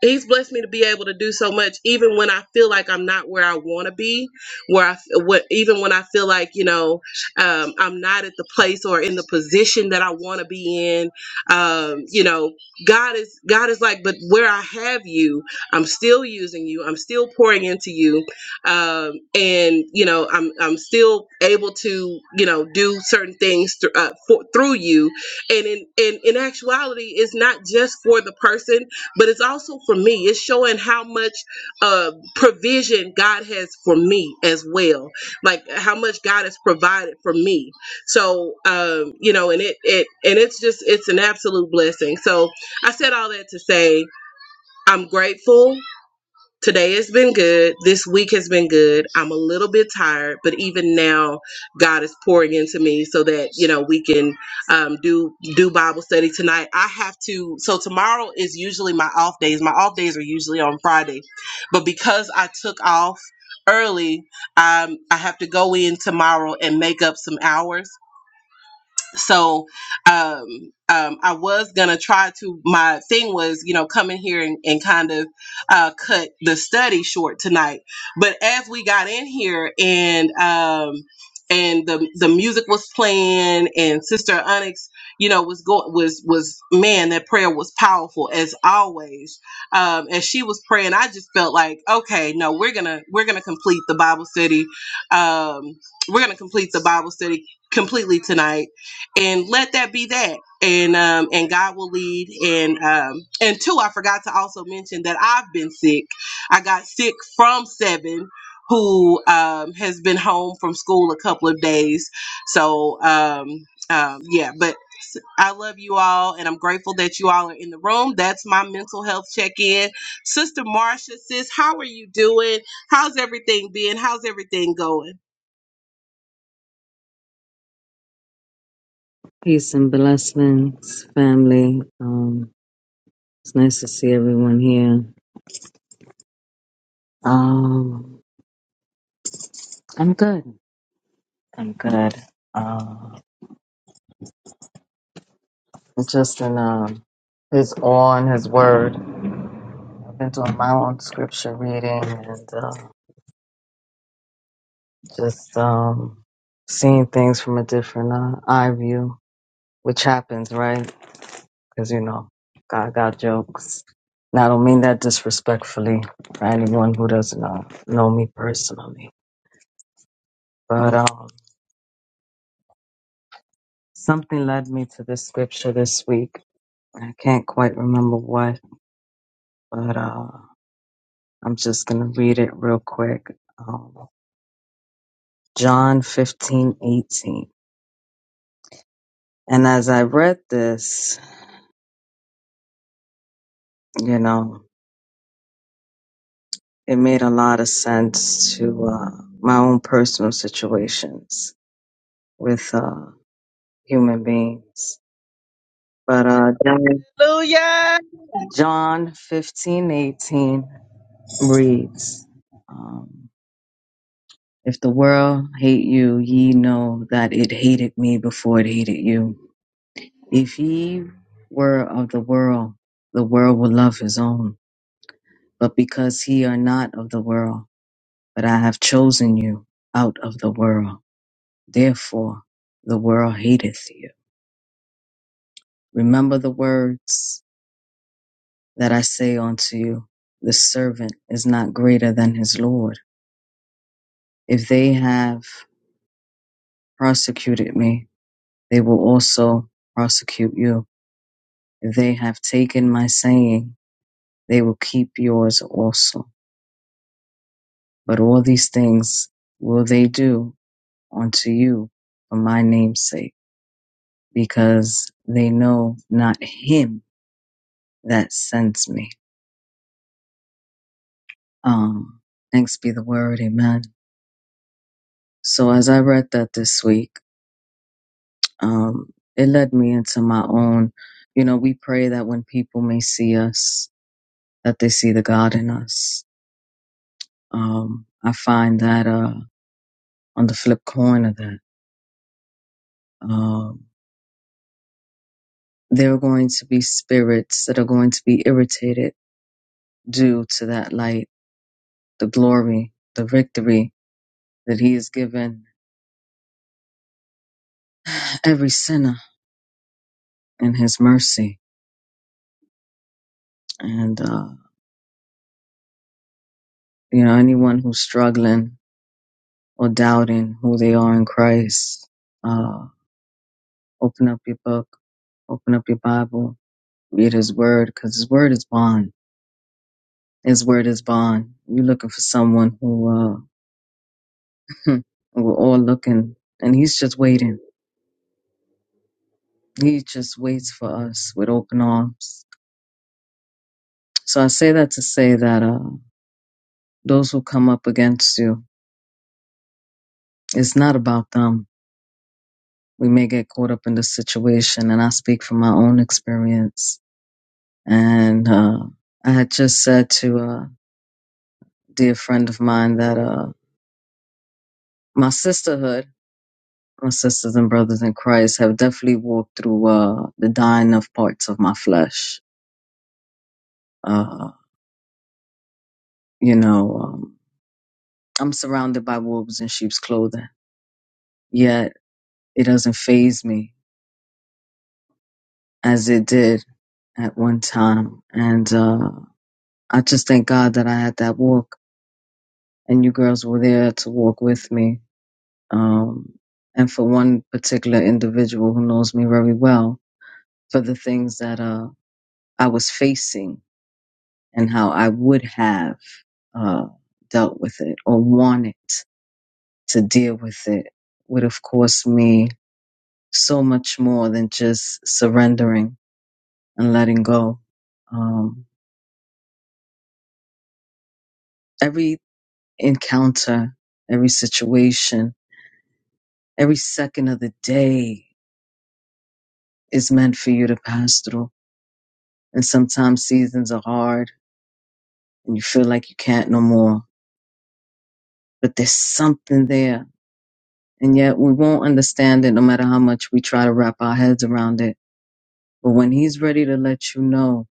Speaker 1: He's blessed me to be able to do so much, even when I feel like I'm not where I want to be, where I, what, even when I feel like you know um, I'm not at the place or in the position that I want to be in. Um, you know, God is God is like, but where I have you, I'm still using you. I'm still pouring into you, um, and you know, I'm I'm still able to you know do certain things thr- uh, for, through you. And in, in in actuality, it's not just for the person but it's also for me it's showing how much uh provision god has for me as well like how much god has provided for me so um you know and it it and it's just it's an absolute blessing so i said all that to say i'm grateful Today has been good. This week has been good. I'm a little bit tired, but even now, God is pouring into me so that you know we can um, do do Bible study tonight. I have to. So tomorrow is usually my off days. My off days are usually on Friday, but because I took off early, um, I have to go in tomorrow and make up some hours so um, um, I was gonna try to. My thing was, you know, come in here and, and kind of uh, cut the study short tonight. But as we got in here and um, and the the music was playing and Sister Onyx, you know, was going was was man, that prayer was powerful as always. Um, as she was praying, I just felt like, okay, no, we're gonna we're gonna complete the Bible study. Um, we're gonna complete the Bible study completely tonight and let that be that and um and god will lead and um and two i forgot to also mention that i've been sick i got sick from seven who um has been home from school a couple of days so um um yeah but s- I love you all, and I'm grateful that you all are in the room. That's my mental health check-in. Sister Marcia, sis, how are you doing? How's everything been? How's everything going?
Speaker 5: Peace and blessings, family. Um, it's nice to see everyone here. Um, I'm good. I'm good. Um, Justin um, is on his word. I've been doing my own scripture reading and uh, just um, seeing things from a different uh, eye view, which happens, right? Because you know, God got jokes. And I don't mean that disrespectfully for anyone who doesn't uh, know me personally, but. Um, Something led me to this scripture this week. I can't quite remember what, but uh, I'm just going to read it real quick. Um, John 15:18. And as I read this, you know, it made a lot of sense to uh, my own personal situations with uh, human beings. But uh,
Speaker 2: Hallelujah.
Speaker 5: John 15:18 15, 18 reads, um, If the world hate you, ye know that it hated me before it hated you. If ye were of the world, the world would love his own. But because ye are not of the world, but I have chosen you out of the world, therefore the world hateth you. Remember the words that I say unto you, the servant is not greater than his Lord. If they have persecuted me, they will also prosecute you They have taken my saying, they will keep yours also. But all these things will they do unto you for my name's sake, because they know not him that sends me. Um, thanks be the word, amen. So as I read that this week, um, it led me into my own, you know, we pray that when people may see us, that they see the God in us. Um, I find that, uh, on the flip coin of that. Um, there are going to be spirits that are going to be irritated due to that light, the glory, the victory that He has given every sinner in His mercy. And, uh, you know, anyone who's struggling or doubting who they are in Christ, uh, open up your book, open up your Bible, read His Word, because His Word is bond. His Word is bond. You're looking for someone who, uh, (laughs) we're all looking, and He's just waiting. He just waits for us with open arms. So I say that to say that uh, those who come up against you, it's not about them. We may get caught up in the situation, and I speak from my own experience. And uh, I had just said to a dear friend of mine that uh, my sisterhood, my sisters and brothers in Christ, have definitely walked through uh, the dying of parts of my flesh. Uh, you know, um, I'm surrounded by wolves in sheep's clothing. Yet It doesn't phase me as it did at one time. And uh, I just thank God that I had that walk, and you girls were there to walk with me. Um, and for one particular individual who knows me very well, for the things that uh, I was facing and how I would have uh, dealt with it or wanted to deal with it would have cost me so much more than just surrendering and letting go. Um, every encounter, every situation, every second of the day is meant for you to pass through. And sometimes seasons are hard and you feel like you can't no more, but there's something there. And yet we won't understand it no matter how much we try to wrap our heads around it. But when he's ready to let you know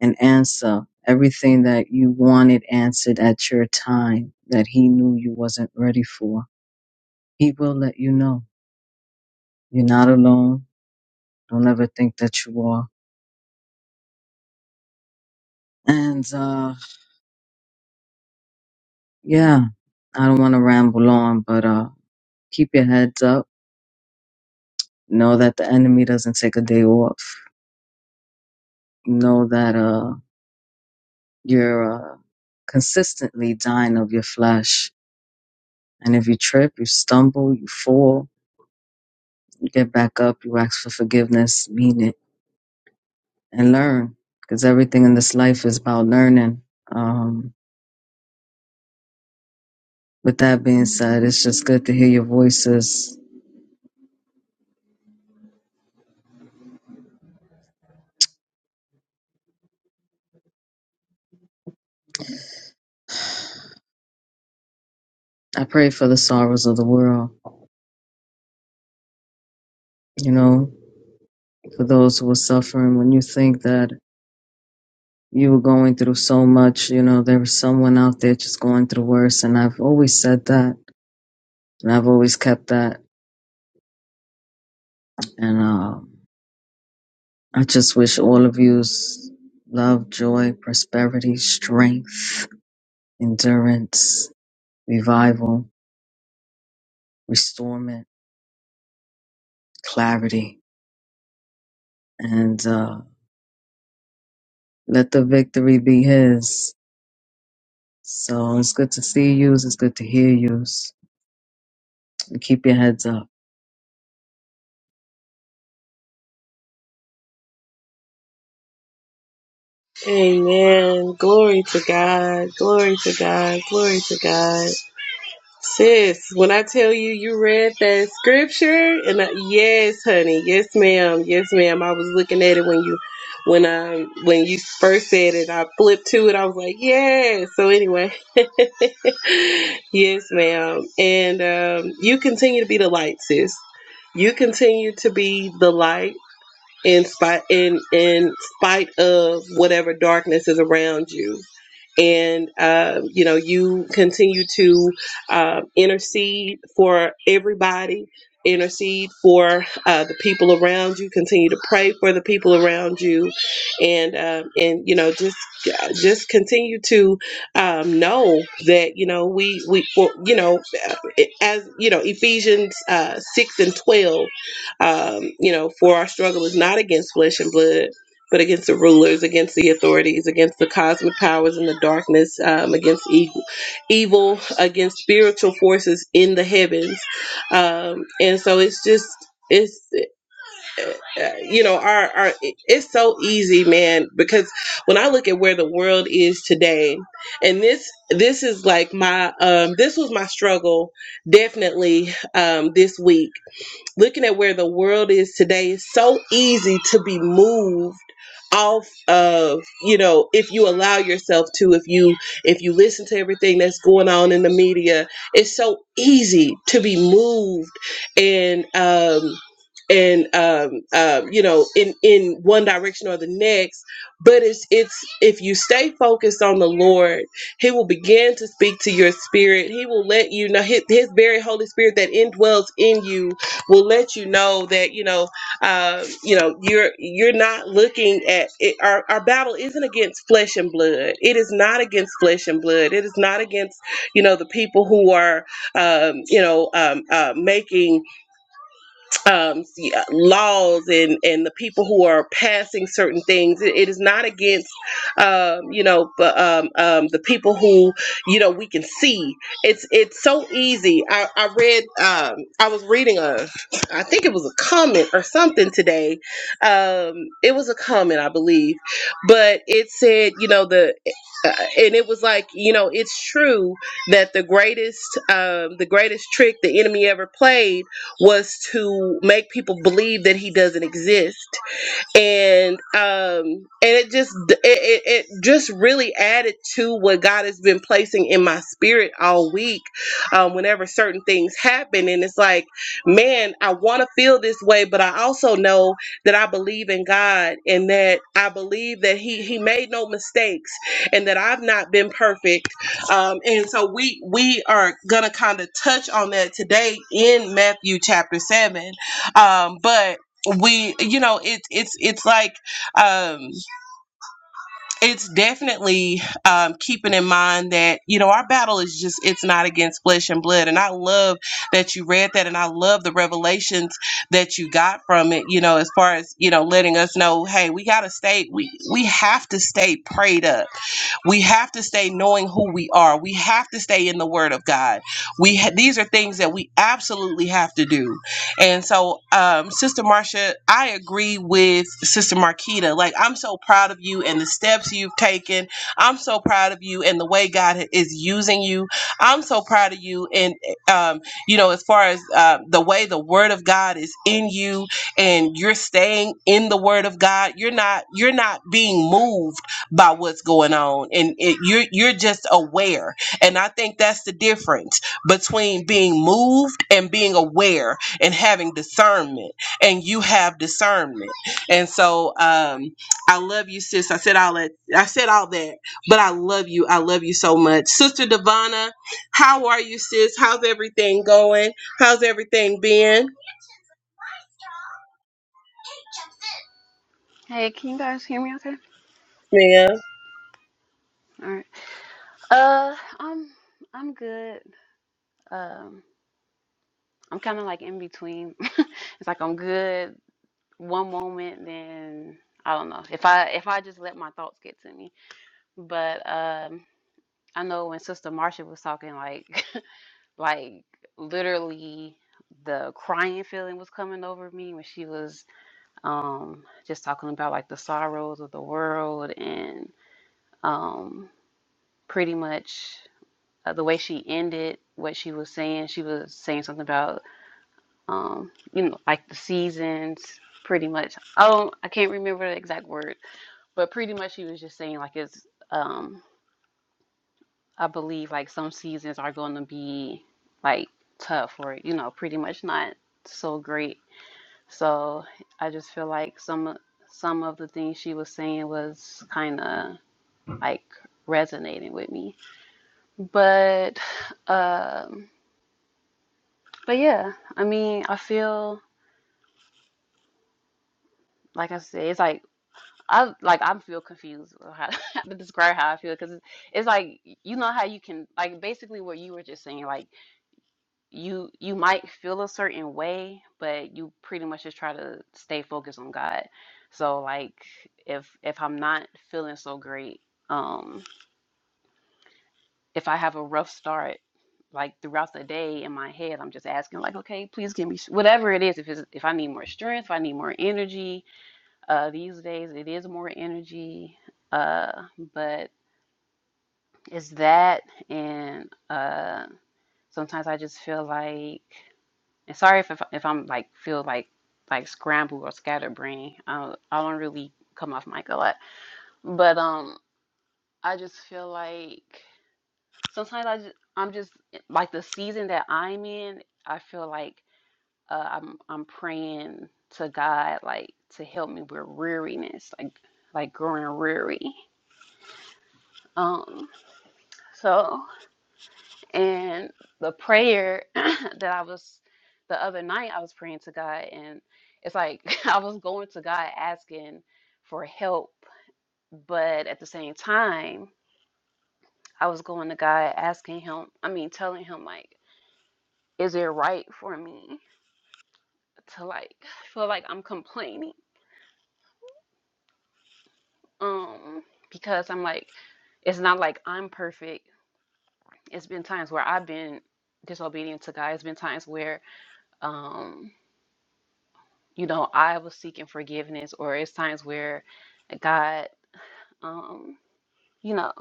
Speaker 5: and answer everything that you wanted answered at your time that he knew you wasn't ready for, he will let you know. You're not alone. Don't ever think that you are And uh, yeah, I don't want to ramble on, but uh, keep your heads up. Know that the enemy doesn't take a day off. Know that uh, you're uh, consistently dying of your flesh. And if you trip, you stumble, you fall, you get back up, you ask for forgiveness, mean it, and learn. Because everything in this life is about learning. Um, with that being said, it's just good to hear your voices. I pray for the sorrows of the world. You know, for those who are suffering when you think that you were going through so much you know there was someone out there just going through worse and i've always said that and i've always kept that and uh, i just wish all of you love joy prosperity strength endurance revival restorement clarity and uh, let the victory be his so it's good to see you it's good to hear you keep your heads up
Speaker 1: Amen. Glory to God. Glory to God. Glory to God. Sis, when I tell you you read that scripture, and I, yes, honey, yes, ma'am, yes, ma'am. I was looking at it when you, when I, when you first said it, I flipped to it. I was like, yes. So anyway, (laughs) yes, ma'am. And um, you continue to be the light, sis. You continue to be the light in spite in in spite of whatever darkness is around you and uh, you know you continue to uh, intercede for everybody intercede for uh, the people around you continue to pray for the people around you and uh, and you know just just continue to um, know that you know we we for, you know as you know ephesians uh, 6 and 12 um, you know, for our struggle is not against flesh and blood, but against the rulers, against the authorities, against the cosmic powers in the darkness, um, against evil, evil, against spiritual forces in the heavens. Um, and so it's just, it's uh, uh, you know our, our it's so easy man because when i look at where the world is today and this this is like my um this was my struggle definitely um this week looking at where the world is today, it's so easy to be moved off of you know if you allow yourself to if you if you listen to everything that's going on in the media it's so easy to be moved and um and um uh, you know in in one direction or the next but it's it's if you stay focused on the lord he will begin to speak to your spirit he will let you know his, his very holy spirit that indwells in you will let you know that you know uh, you know you're you're not looking at it, our our battle isn't against flesh and blood. It is not against flesh and blood. It is not against you know the people who are um, you know um, uh, making um, yeah, laws and and the people who are passing certain things. It, it is not against, um, you know, but um, um, the people who you know we can see. It's it's so easy. I, I read. Um, I was reading a, I think it was a comment or something today. Um, it was a comment, I believe, but it said, you know, the. Uh, and it was like you know it's true that the greatest um, the greatest trick the enemy ever played was to make people believe that he doesn't exist and um and it just it, it, it just really added to what god has been placing in my spirit all week um whenever certain things happen and it's like man i want to feel this way but i also know that i believe in god and that i believe that he he made no mistakes and that i've not been perfect um and so we we are gonna kind of touch on that today in matthew chapter 7 um but we you know it's it's it's like um it's definitely um keeping in mind that you know our battle is just it's not against flesh and blood and i love that you read that and i love the revelations that you got from it you know as far as you know letting us know hey we gotta stay we we have to stay prayed up we have to stay knowing who we are we have to stay in the word of god we ha- these are things that we absolutely have to do and so, um, Sister Marcia, I agree with Sister Marquita. Like, I'm so proud of you and the steps you've taken. I'm so proud of you and the way God is using you. I'm so proud of you. And, um, you know, as far as uh, the way the Word of God is in you and you're staying in the Word of God, you're not you're not being moved by what's going on, and it, you're you're just aware. And I think that's the difference between being moved and being aware and having discernment. And you have discernment. And so um, I love you, sis. I said all that. I said all that, but I love you. I love you so much, Sister Devana. How are you, sis? How's everything going? How's everything been,
Speaker 6: Hey, can you guys hear me okay? All right. Uh, I'm I'm good. Um, I'm kind of like in between. (laughs) It's like I'm good one moment, then I don't know. If I if I just let my thoughts get to me. But um, I know when Sister Marcia was talking, like (laughs) like literally the crying feeling was coming over me when she was um just talking about like the sorrows of the world and um pretty much. uh, the way she ended what she was saying. She was saying something about, um, you know, like the seasons, pretty much. Oh, I can't remember the exact word, but pretty much she was just saying like it's, um, I believe like some seasons are going to be like tough or you know, pretty much not so great. So I just feel like some some of the things she was saying was kind of like resonating with me, but. um. But yeah, I mean, I feel like I said, it's like I like I feel confused with how (laughs) how to describe how I feel because it's, it's like you know how you can like basically what you were just saying like you you might feel a certain way, but you pretty much just try to stay focused on God. So like if if I'm not feeling so great, um, if I have a rough start. Like throughout the day in my head, I'm just asking, like, okay, please give me sh- whatever it is. If it's if I need more strength, if I need more energy, Uh, these days, it is more energy, uh, but it's that, and uh, sometimes I just feel like, and sorry if if I'm like feel like like scrambled or scatterbrained. I I don't really come off mic a lot, but um, I just feel like sometimes I just I'm just like the season that I'm in. I feel like uh, I'm I'm praying to God like to help me with weariness, like like growing weary. Um, so, and the prayer (clears throat) that I was the other night, I was praying to God, and it's like (laughs) I was going to God asking for help, but at the same time, I was going to God asking Him, I mean, telling Him, like, is it right for me to like (sighs) feel like I'm complaining? Um, because I'm like, it's not like I'm perfect. It's been times where I've been disobedient to God, it's been times where. um you know, I was seeking forgiveness, or it's times where God, um, you know,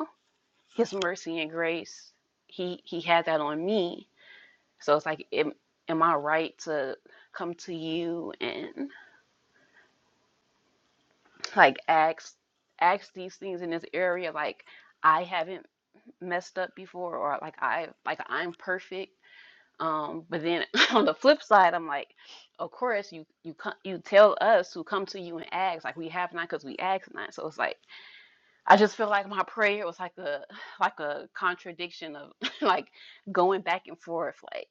Speaker 6: His mercy and grace, He He had that on me. So it's like, am, am I right to come to you and like ask ask these things in this area? Like I haven't messed up before, or like I like I'm perfect. Um, but then (laughs) on the flip side, I'm like, of course you you co- you tell us who come to you and ask like we have not because we ask not. So it's like I just feel like my prayer was like a (sighs) like a contradiction of (laughs) like going back and forth like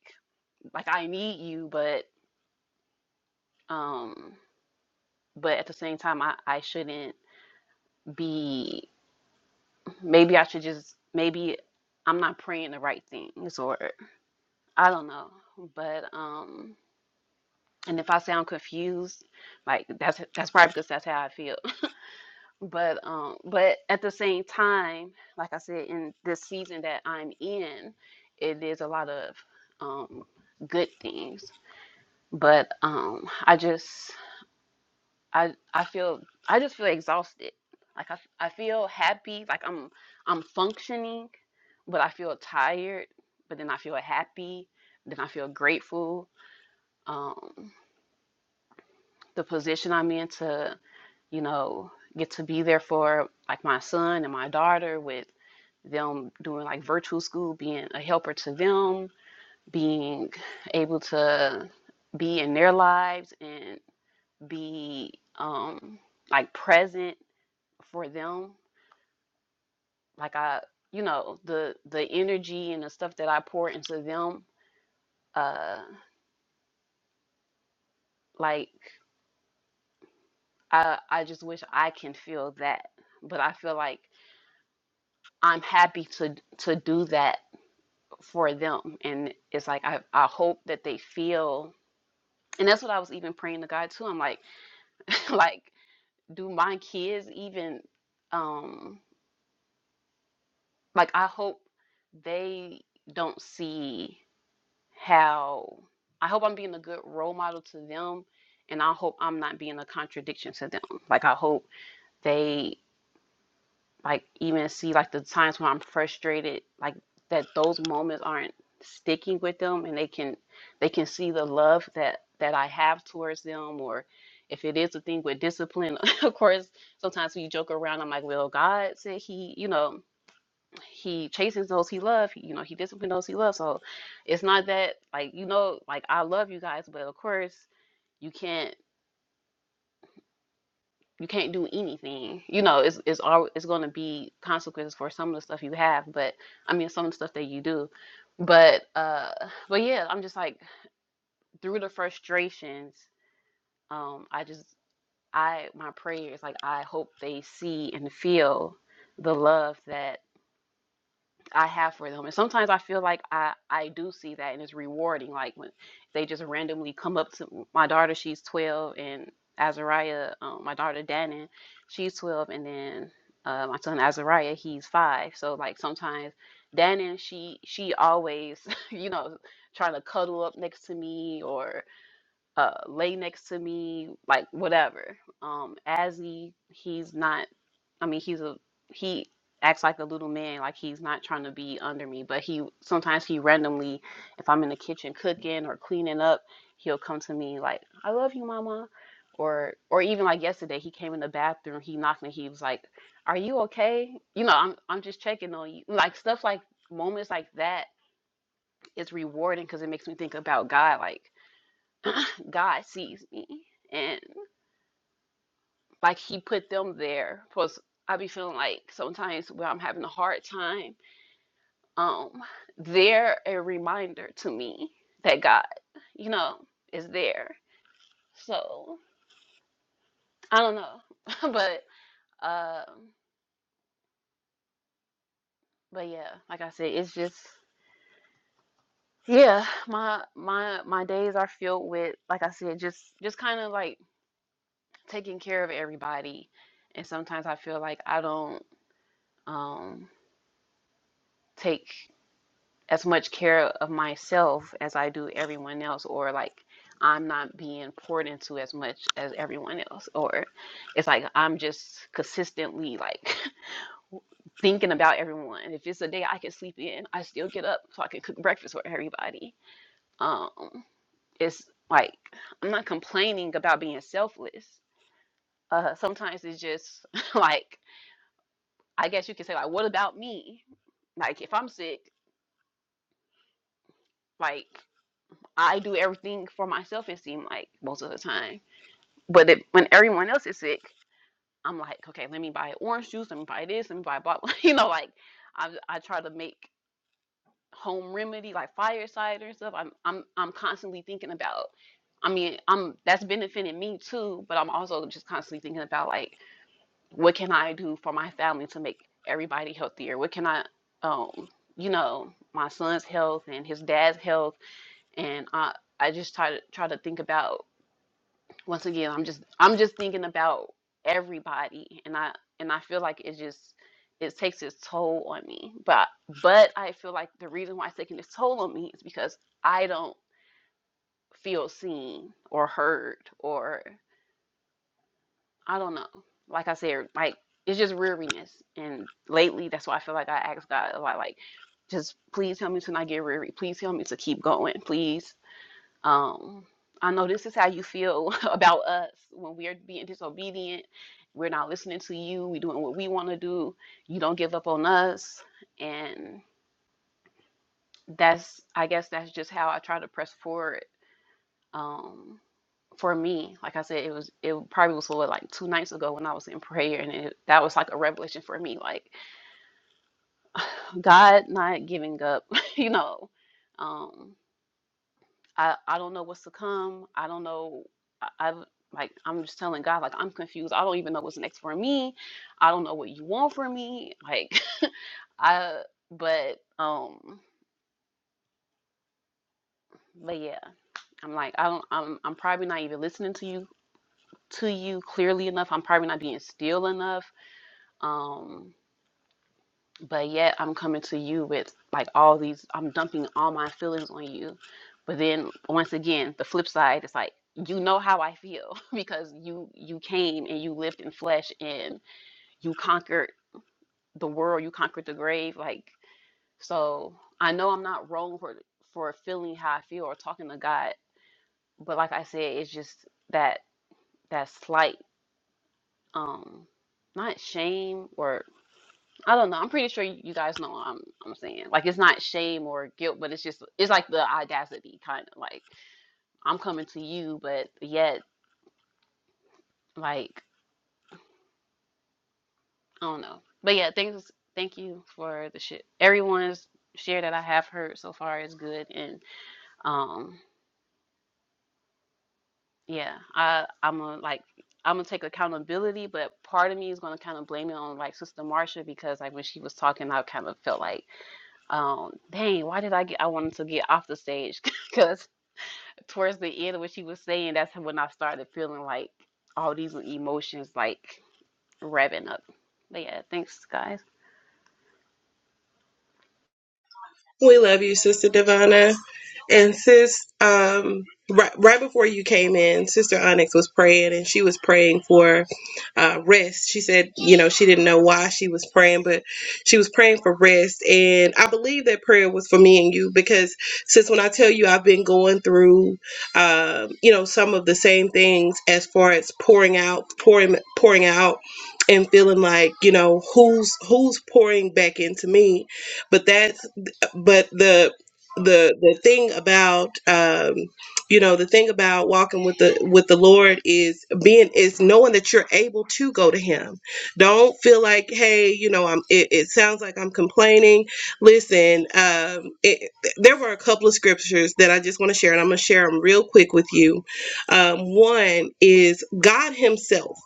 Speaker 6: like I need you but um but at the same time I I shouldn't be maybe I should just maybe I'm not praying the right things or I don't know but um and if I sound confused like that's that's probably because that's how I feel but um but at the same time like i said in this season that i'm in it is a lot of um good things but um i just i i feel i just feel exhausted like i, I feel happy like i'm i'm functioning but i feel tired but then i feel happy then i feel grateful um the position i'm in to you know get to be there for like my son and my daughter with them doing like virtual school, being a helper to them, being able to be in their lives and be um like present for them. Like I you know, the the energy and the stuff that I pour into them, uh like I I just wish I can feel that. But I feel like I'm happy to to do that for them. And it's like I I hope that they feel and that's what I was even praying to God too. I'm like (laughs) like do my kids even um like I hope they don't see how I hope I'm being a good role model to them and I hope I'm not being a contradiction to them. Like I hope they like even see like the times when I'm frustrated, like that those moments aren't sticking with them and they can they can see the love that that I have towards them or if it is a thing with discipline, (laughs) of course, sometimes we joke around, I'm like, well, God said he, you know, he chases those he loves, you know, he disciplines those he loves. So it's not that like, you know, like I love you guys, but of course you can't you can't do anything. You know, it's it's all it's going to be consequences for some of the stuff you have, but I mean some of the stuff that you do. But uh but yeah, I'm just like through the frustrations, um I just I my prayers like I hope they see and feel the love that I have for them. And sometimes I feel like I I do see that and it's rewarding. Like when they just randomly come up to my daughter, she's 12, and Azariah, um, my daughter Dannon, she's 12, and then uh, my son Azariah, he's five. So like sometimes Dannon, she she always (laughs) you know trying to cuddle up next to me or uh, lay next to me, like whatever. Um, Azzy, he's not. I mean, he's a he acts like a little man, like he's not trying to be under me, but he sometimes he randomly, if I'm in the kitchen cooking or cleaning up, he'll come to me like, "I love you, mama." Or or even like yesterday, he came in the bathroom, he knocked me, he was like, "Are you okay?" You know, I'm I'm just checking on you. Like stuff like moments like that is rewarding because it makes me think about God, like God sees me. and. like he put them there because i be feeling like sometimes when i'm having a hard time um they're a reminder to me that god you know is there so i don't know (laughs) but um but yeah like i said it's just yeah my my my days are filled with like i said just just kind of like taking care of everybody and sometimes i feel like i don't um take as much care of myself as I do everyone else, or like I'm not being poured into as much as everyone else, or it's like I'm just consistently like (laughs) thinking about everyone. If it's a day I can sleep in, I still get up so I can cook breakfast for everybody. Um, it's like I'm not complaining about being selfless. Uh, sometimes it's just (laughs) like I guess you could say like, what about me? Like if I'm sick, like. I do everything for myself, it seems like most of the time. But if, when everyone else is sick, I'm like, okay, let me buy orange juice, let me buy this, let me buy blah, blah. (laughs) You know, like I, I try to make home remedy, like fire cider and stuff. I'm, I'm, I'm constantly thinking about. I mean, I'm that's benefiting me too, but I'm also just constantly thinking about like, what can I do for my family to make everybody healthier? What can I, um, you know, my son's health and his dad's health, and I, I just try to try to think about once again i'm just i'm just thinking about everybody and i and i feel like it just it takes its toll on me but but i feel like the reason why it's taking its toll on me is because i don't feel seen or heard or i don't know like i said like it's just weariness and lately that's why i feel like i ask god a lot like just please help me to not get weary please help me to keep going please um, I know this is how you feel (laughs) about us when we're being disobedient. We're not listening to you. We're doing what we want to do. You don't give up on us. And that's, I guess, that's just how I try to press forward. Um, for me, like I said, it was, it probably was what, like two nights ago when I was in prayer. And it, that was like a revelation for me. Like, God not giving up, (laughs) you know. Um, I I don't know what's to come. I don't know. I, I've like I'm just telling God like I'm confused. I don't even know what's next for me. I don't know what you want from me. Like (laughs) I but um but yeah. I'm like I don't I'm I'm probably not even listening to you to you clearly enough. I'm probably not being still enough. Um but yet I'm coming to you with like all these, I'm dumping all my feelings on you. But then once again, the flip side is like, you know how I feel (laughs) because you you came and you lived in flesh and you conquered the world, you conquered the grave. Like, so I know I'm not wrong for for feeling how I feel or talking to God, but like I said, it's just that that slight um not shame or. I don't know. I'm pretty sure you guys know what I'm I'm saying. Like it's not shame or guilt, but it's just it's like the audacity kind of like I'm coming to you, but yet like I don't know. But yeah, thanks thank you for the shit. Everyone's share that I have heard so far is good and um yeah, I I'm gonna like I'm gonna take accountability, but part of me is gonna kind of blame it on like Sister Marsha because like when she was talking, I kind of felt like, um, dang, why did I get? I wanted to get off the stage (laughs) because. towards the end of what she was saying, that's when I started feeling like all these emotions like revving up. But yeah, thanks guys.
Speaker 1: We love you, Sister Divana. And sis, um, right, right before you came in, Sister Onyx was praying and she was praying for uh, rest. She said, you know, she didn't know why she was praying, but she was praying for rest. And I believe that prayer was for me and you because, sis, when I tell you I've been going through, um, you know, some of the same things as far as pouring out, pouring, pouring out. And feeling like you know who's who's pouring back into me, but that's but the the the thing about um you know the thing about walking with the with the lord is being is knowing that you're able to go to him don't feel like hey you know i'm it, it sounds like i'm complaining listen um it, there were a couple of scriptures that i just want to share and i'm going to share them real quick with you um one is god himself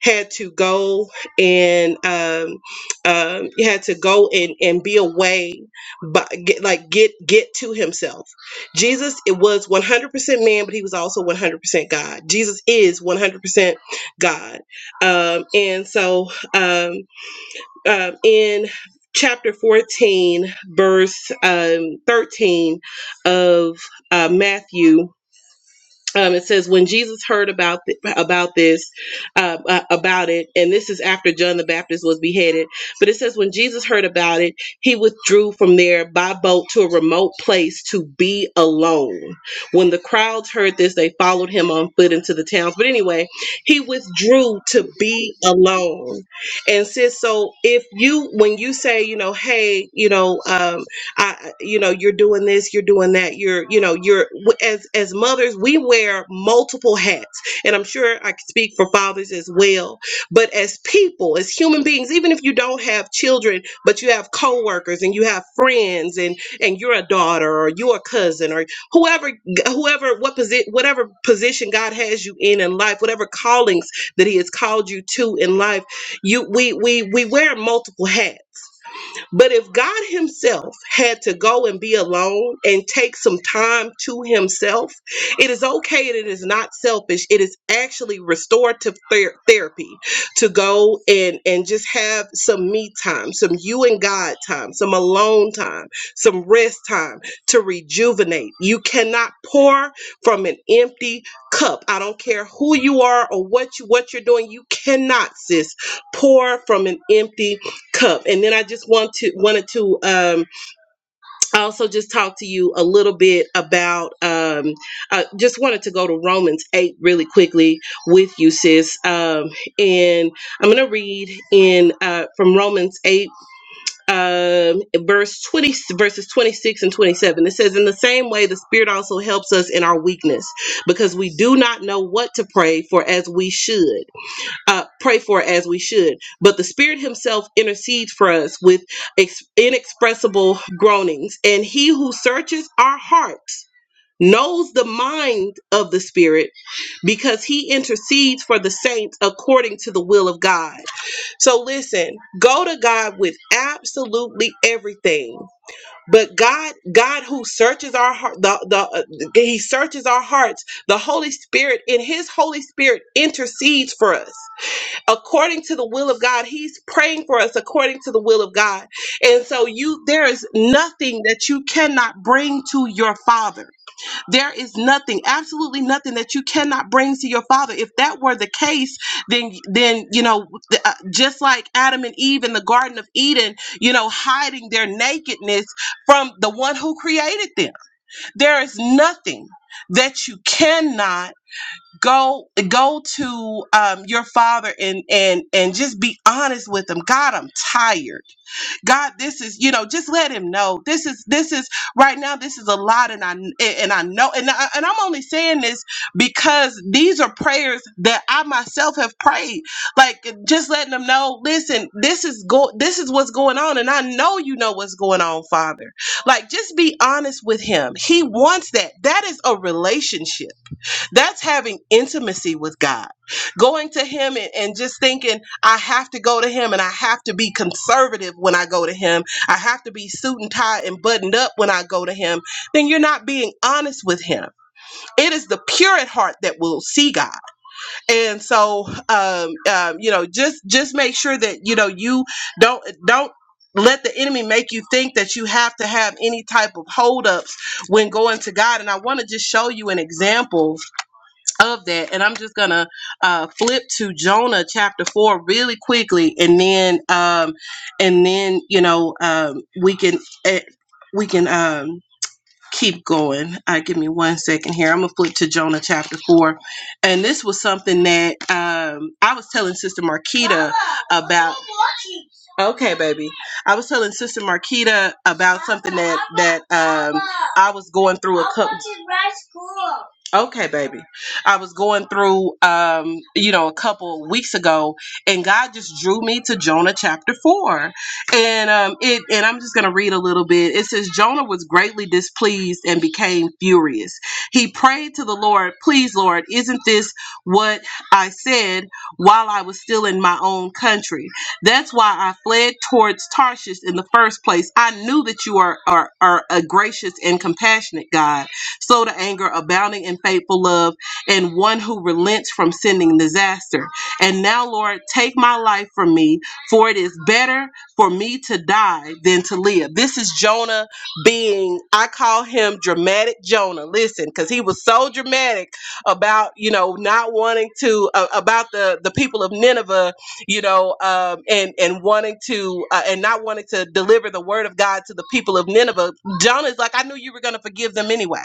Speaker 1: had to go and um, um, had to go and, and be away, but get, like get get to himself. Jesus, it was 100% man, but he was also 100% God. Jesus is 100% God, um, and so um, um, in chapter 14, verse um, 13 of uh, Matthew um, it says when Jesus heard about th- about this uh, uh, about it, and this is after John the Baptist was beheaded. But it says when Jesus heard about it, he withdrew from there by boat to a remote place to be alone. When the crowds heard this, they followed him on foot into the towns. But anyway, he withdrew to be alone. And sis, so if you when you say you know, hey, you know. Um, I, you know, you're doing this, you're doing that, you're, you know, you're as as mothers, we wear multiple hats, and I'm sure I can speak for fathers as well. But as people, as human beings, even if you don't have children, but you have coworkers and you have friends, and and you're a daughter or you're a cousin or whoever, whoever, what position, whatever position God has you in in life, whatever callings that He has called you to in life, you we we we wear multiple hats but if God Himself had to go and be alone and take some time to Himself, it is okay and it is not selfish. It is actually restorative ther- therapy to go and, and just have some me time, some you and God time, some alone time, some rest time to rejuvenate. You cannot pour from an empty cup. I don't care who you are or what you what you're doing. You cannot, sis, pour from an empty cup and then i just want to wanted to um also just talk to you a little bit about um i just wanted to go to romans 8 really quickly with you sis um and i'm gonna read in uh from romans 8 um verse 20 verses 26 and 27 it says in the same way the spirit also helps us in our weakness because we do not know what to pray for as we should uh, pray for as we should. But the Spirit Himself intercedes for us with ex- inexpressible groanings. And He who searches our hearts knows the mind of the Spirit because He intercedes for the saints according to the will of God. So listen, go to God with absolutely everything. But God, God who searches our heart, the, the, uh, He searches our hearts. The Holy Spirit, in His Holy Spirit, intercedes for us according to the will of God. He's praying for us according to the will of God. And so you there is nothing that you cannot bring to your father. There is nothing, absolutely nothing that you cannot bring to your father. If that were the case, then then you know th- uh, just like Adam and Eve in the garden of Eden, you know, hiding their nakedness from the one who created them. There is nothing that you cannot go go to um, your father and and and just be honest with him god i'm tired god this is you know just let him know this is this is right now this is a lot and i and i know and, I, and i'm only saying this because these are prayers that i myself have prayed like just letting them know listen this is go this is what's going on and i know you know what's going on father like just be honest with him he wants that that is a relationship that's having intimacy with God. Going to Him and, and just thinking, I have to go to Him and I have to be conservative when I go to Him. I have to be suit and tie and buttoned up when I go to Him. Then you're not being honest with Him. It is the pure at heart that will see God. And so, um, um, you know, just just make sure that you know you don't don't let the enemy make you think that you have to have any type of holdups when going to God. And I want to just show you an example of that and i'm just gonna uh flip to jonah chapter 4 really quickly and then um and then you know um we can eh, we can um keep going. I give me one second here. I'm gonna flip to Jonah chapter four, and this was something that um, I was telling Sister Marquita about. Okay, baby. I was telling Sister Marquita about something that that um, I was going through a couple. Okay, baby. I was going through, um, you know, a couple weeks ago, and God just drew me to Jonah chapter four and um it and i'm just going to read a little bit it says jonah was greatly displeased and became furious he prayed to the lord please lord isn't this what i said while i was still in my own country that's why i fled towards tarshish in the first place i knew that you are are, are a gracious and compassionate god slow to anger abounding in faithful love and one who relents from sending disaster and now lord take my life from me for it is better for me to die than to live. This is Jonah being, I call him dramatic Jonah. Listen, because he was so dramatic about, you know, not wanting to, uh, about the, the people of Nineveh, you know, um, and, and wanting to, uh, and not wanting to deliver the word of God to the people of Nineveh. Jonah's like, I knew you were going to forgive them anyway.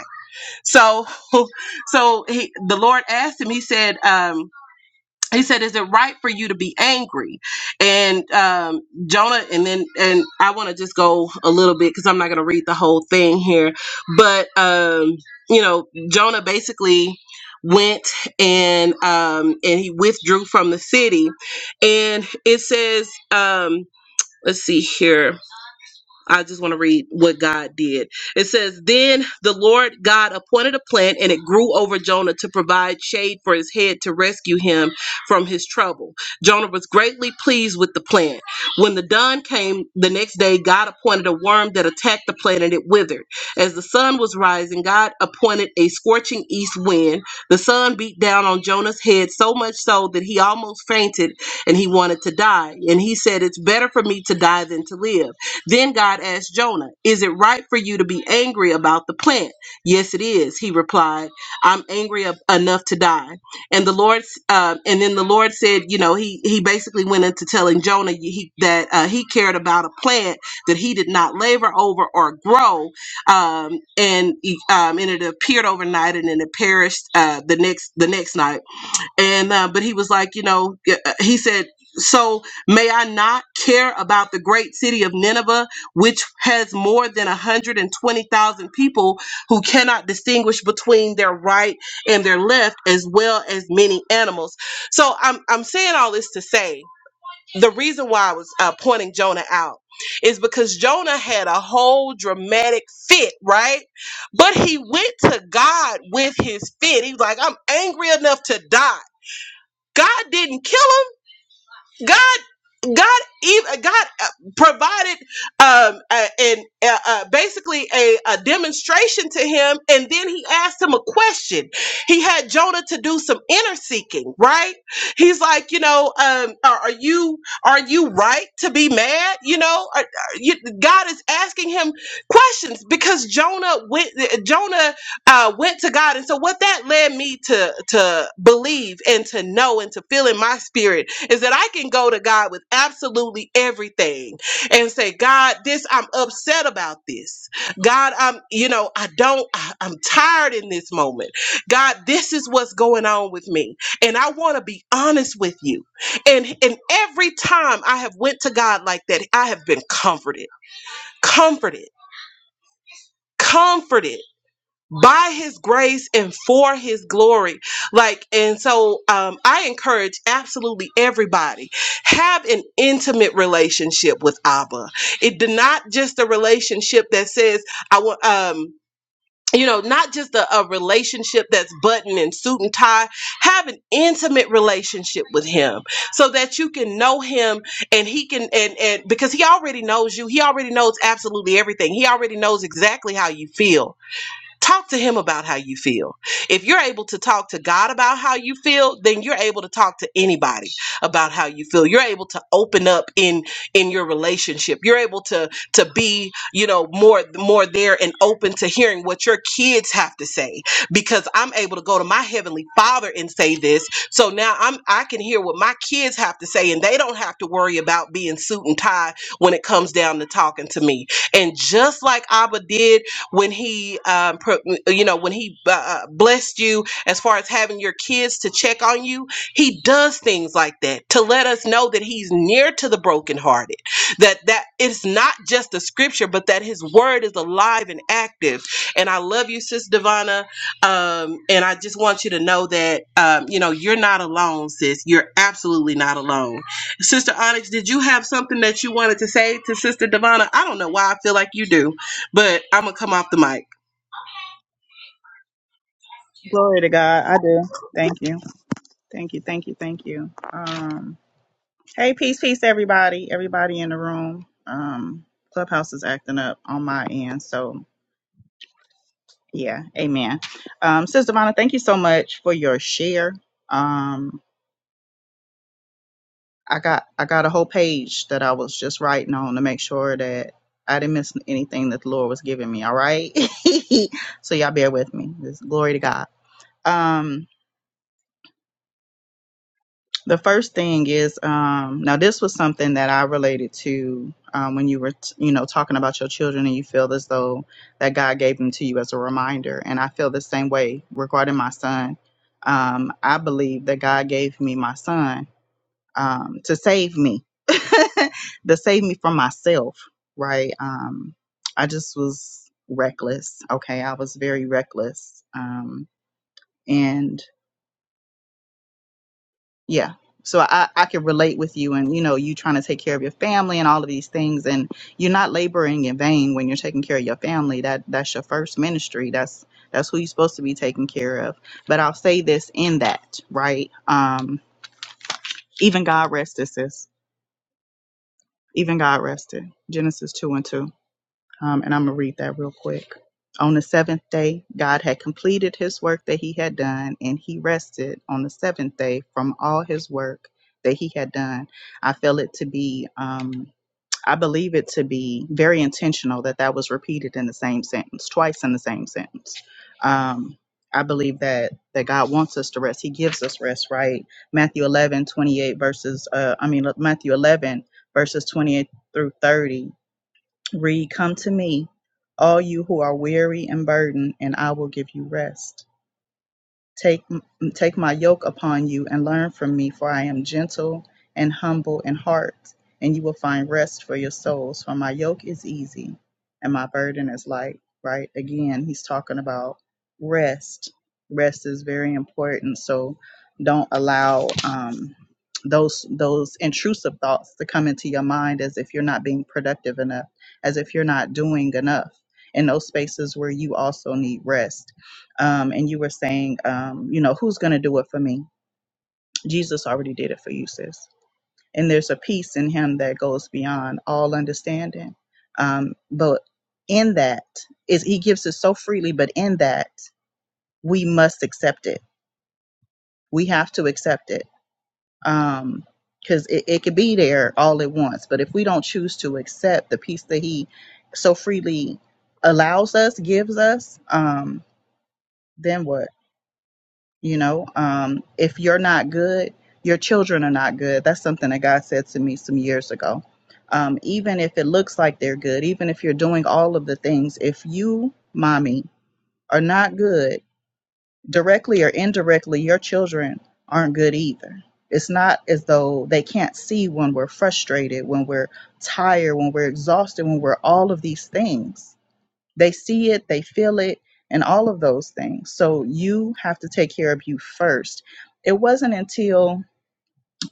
Speaker 1: So, (laughs) so he, the Lord asked him, he said, um, he said is it right for you to be angry and um jonah and then and i want to just go a little bit because i'm not going to read the whole thing here but um you know jonah basically went and um and he withdrew from the city and it says um let's see here I just want to read what God did. It says, Then the Lord God appointed a plant, and it grew over Jonah to provide shade for his head to rescue him from his trouble. Jonah was greatly pleased with the plant. When the dawn came the next day, God appointed a worm that attacked the plant and it withered. As the sun was rising, God appointed a scorching east wind. The sun beat down on Jonah's head so much so that he almost fainted and he wanted to die. And he said, 'It's better for me to die than to live. Then God asked Jonah, Is it right for you to be angry about the plant? Yes, it is, he replied. I'm angry ab- enough to die. And the Lord, uh, and then the Lord said, you know, he he basically went into telling Jonah he, that uh, he cared about a plant that he did not labor over or grow, um, and um, and it appeared overnight, and then it perished uh, the next the next night and uh, but he was like you know uh, he said so may i not care about the great city of nineveh which has more than 120000 people who cannot distinguish between their right and their left as well as many animals so i'm, I'm saying all this to say the reason why i was uh, pointing jonah out is because Jonah had a whole dramatic fit, right? But he went to God with his fit. He was like, I'm angry enough to die. God didn't kill him. God God even God uh, provided um uh, and uh, uh, basically a, a demonstration to him, and then he asked him a question. He had Jonah to do some inner seeking, right? He's like, you know, um, are, are you are you right to be mad? You know, are, are you, God is asking him questions because Jonah went uh, Jonah uh, went to God, and so what that led me to to believe and to know and to feel in my spirit is that I can go to God with absolutely everything and say, God, this, I'm upset about this. God, I'm, you know, I don't, I, I'm tired in this moment. God, this is what's going on with me. And I want to be honest with you. And, and every time I have went to God like that, I have been comforted, comforted, comforted by his grace and for his glory like and so um, i encourage absolutely everybody have an intimate relationship with abba it did not just a relationship that says i want um you know not just a, a relationship that's button and suit and tie have an intimate relationship with him so that you can know him and he can and and because he already knows you he already knows absolutely everything he already knows exactly how you feel Talk to him about how you feel. If you're able to talk to God about how you feel, then you're able to talk to anybody about how you feel. You're able to open up in in your relationship. You're able to to be, you know, more more there and open to hearing what your kids have to say because I'm able to go to my heavenly Father and say this. So now I'm I can hear what my kids have to say and they don't have to worry about being suit and tie when it comes down to talking to me. And just like Abba did when he um, pro, you know when he uh, uh, blessed you as far as having your kids to check on you he does things like that to let us know that he's near to the brokenhearted that that it's not just a scripture but that his word is alive and active and i love you sis divana um, and i just want you to know that um, you know you're not alone sis you're absolutely not alone sister onyx did you have something that you wanted to say to sister divana i don't know why i feel like you do but I'm gonna come off the mic.
Speaker 2: Glory to God. I do. Thank you. Thank you. Thank you. Thank you. Um, hey, peace, peace, everybody. Everybody in the room. Um, Clubhouse is acting up on my end. So, yeah, amen. Um, Sister Vonna, thank you so much for your share. Um, I got I got a whole page that I was just writing on to make sure that I didn't miss anything that the Lord was giving me. All right, (laughs) so y'all bear with me. This glory to God. Um, the first thing is um, now this was something that I related to um, when you were t- you know talking about your children and you feel as though that God gave them to you as a reminder, and I feel the same way regarding my son. Um, I believe that God gave me my son um, to save me, (laughs) to save me from myself, right? Um, I just was reckless. Okay, I was very reckless, um, and yeah. So I, I can relate with you, and you know, you trying to take care of your family and all of these things, and you're not laboring in vain when you're taking care of your family. That that's your first ministry. That's that's who you're supposed to be taking care of. But I'll say this in that, right? Um, even God rested, sis. Even God rested. Genesis two and two Um, and I'm going to read that real quick. On the seventh day, God had completed his work that he had done, and he rested on the seventh day from all his work that he had done. I feel it to be, um, I believe it to be very intentional that that was repeated in the same sentence, twice in the same sentence. Um, I believe that that God wants us to rest. He gives us rest, right? Matthew 11 28 verses, uh, I mean, look, Matthew 11, verses 28 through 30 Read, Come to me, all you who are weary and burdened, and I will give you rest. Take, take my yoke upon you and learn from me, for I am gentle and humble in heart, and you will find rest for your souls. For my yoke is easy and my burden is light, right? Again, he's talking about rest. Rest is very important. So don't allow um, those those intrusive thoughts to come into your mind as if you're not being productive enough, as if you're not doing enough in those spaces where you also need rest um, and you were saying, um, you know, who's going to do it for me? Jesus already did it for you, sis. And there's a peace in him that goes beyond all understanding. Um, but in that is he gives it so freely, but in that we must accept it. We have to accept it. Um, because it, it could be there all at once, but if we don't choose to accept the peace that he so freely allows us, gives us, um, then what? You know, um, if you're not good, your children are not good. That's something that God said to me some years ago. Um, even if it looks like they're good, even if you're doing all of the things, if you, mommy, are not good, directly or indirectly, your children aren't good either. It's not as though they can't see when we're frustrated, when we're tired, when we're exhausted, when we're all of these things they see it, they feel it, and all of those things. So you have to take care of you first. It wasn't until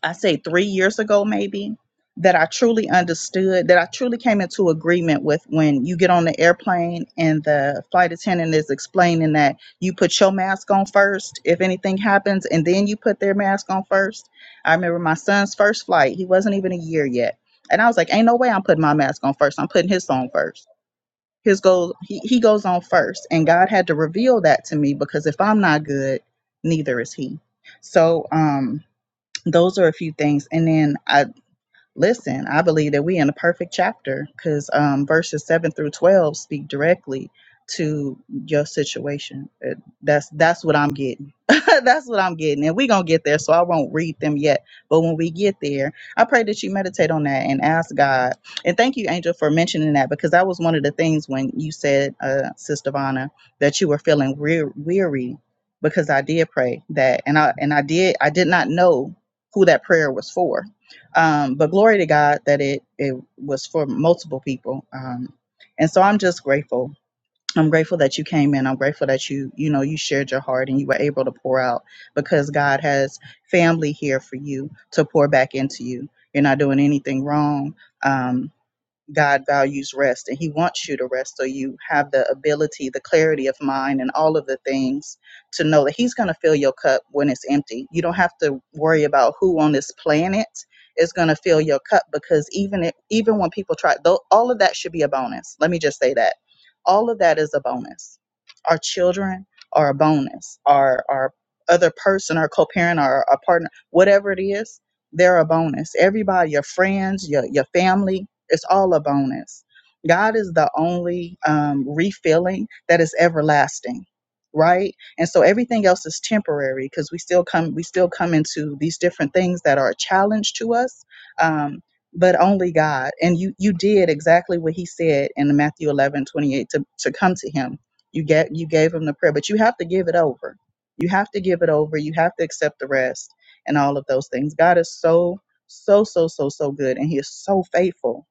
Speaker 2: I say three years ago, maybe, that I truly understood, that I truly came into agreement with when you get on the airplane and the flight attendant is explaining that you put your mask on first if anything happens, and then you put their mask on first. I remember my son's first flight, he wasn't even a year yet. And I was like, ain't no way I'm putting my mask on first. I'm putting his on first his goes he, he goes on first and god had to reveal that to me because if i'm not good neither is he so um those are a few things and then i Listen, I believe that we in a perfect chapter because um, verses seven through twelve speak directly to your situation. Uh, That's that's what I'm getting. (laughs) that's what I'm getting, and we gonna get there. So I won't read them yet. But when we get there, I pray that you meditate on that and ask God. And thank you, Angel, for mentioning that because that was one of the things when you said, uh, Sister Vana, that you were feeling wear- weary because I did pray that, and I and I did I did not know who that prayer was for um, but glory to God that it it was for multiple people. Um, and so I'm just grateful. I'm grateful that you came in. I'm grateful that you you know you shared your heart and you were able to pour out because God has family here for you to pour back into you. You're not doing anything wrong. Um, God values rest and He wants you to rest so you have the ability, the clarity of mind, and all of the things to know that He's going to fill your cup when it's empty. You don't have to worry about who on this planet is going to fill your cup because even if, even when people try, though, all of that should be a bonus. Let me just say that all of that is a bonus. Our children are a bonus. Our our other person, our co-parent, our, our partner, whatever it is, they're a bonus. Everybody, your friends, your your family, it's all a bonus. God is the only um, refilling that is everlasting, right? And so everything else is temporary because we still come we still come into these different things that are a challenge to us. Um, but only God. And you you did exactly what he said in Matthew 11 28 to, to come to him. You get you gave him the prayer, but you have to give it over. You have to give it over. You have to accept the rest and all of those things. God is so, so, so, so, so good. And he is so faithful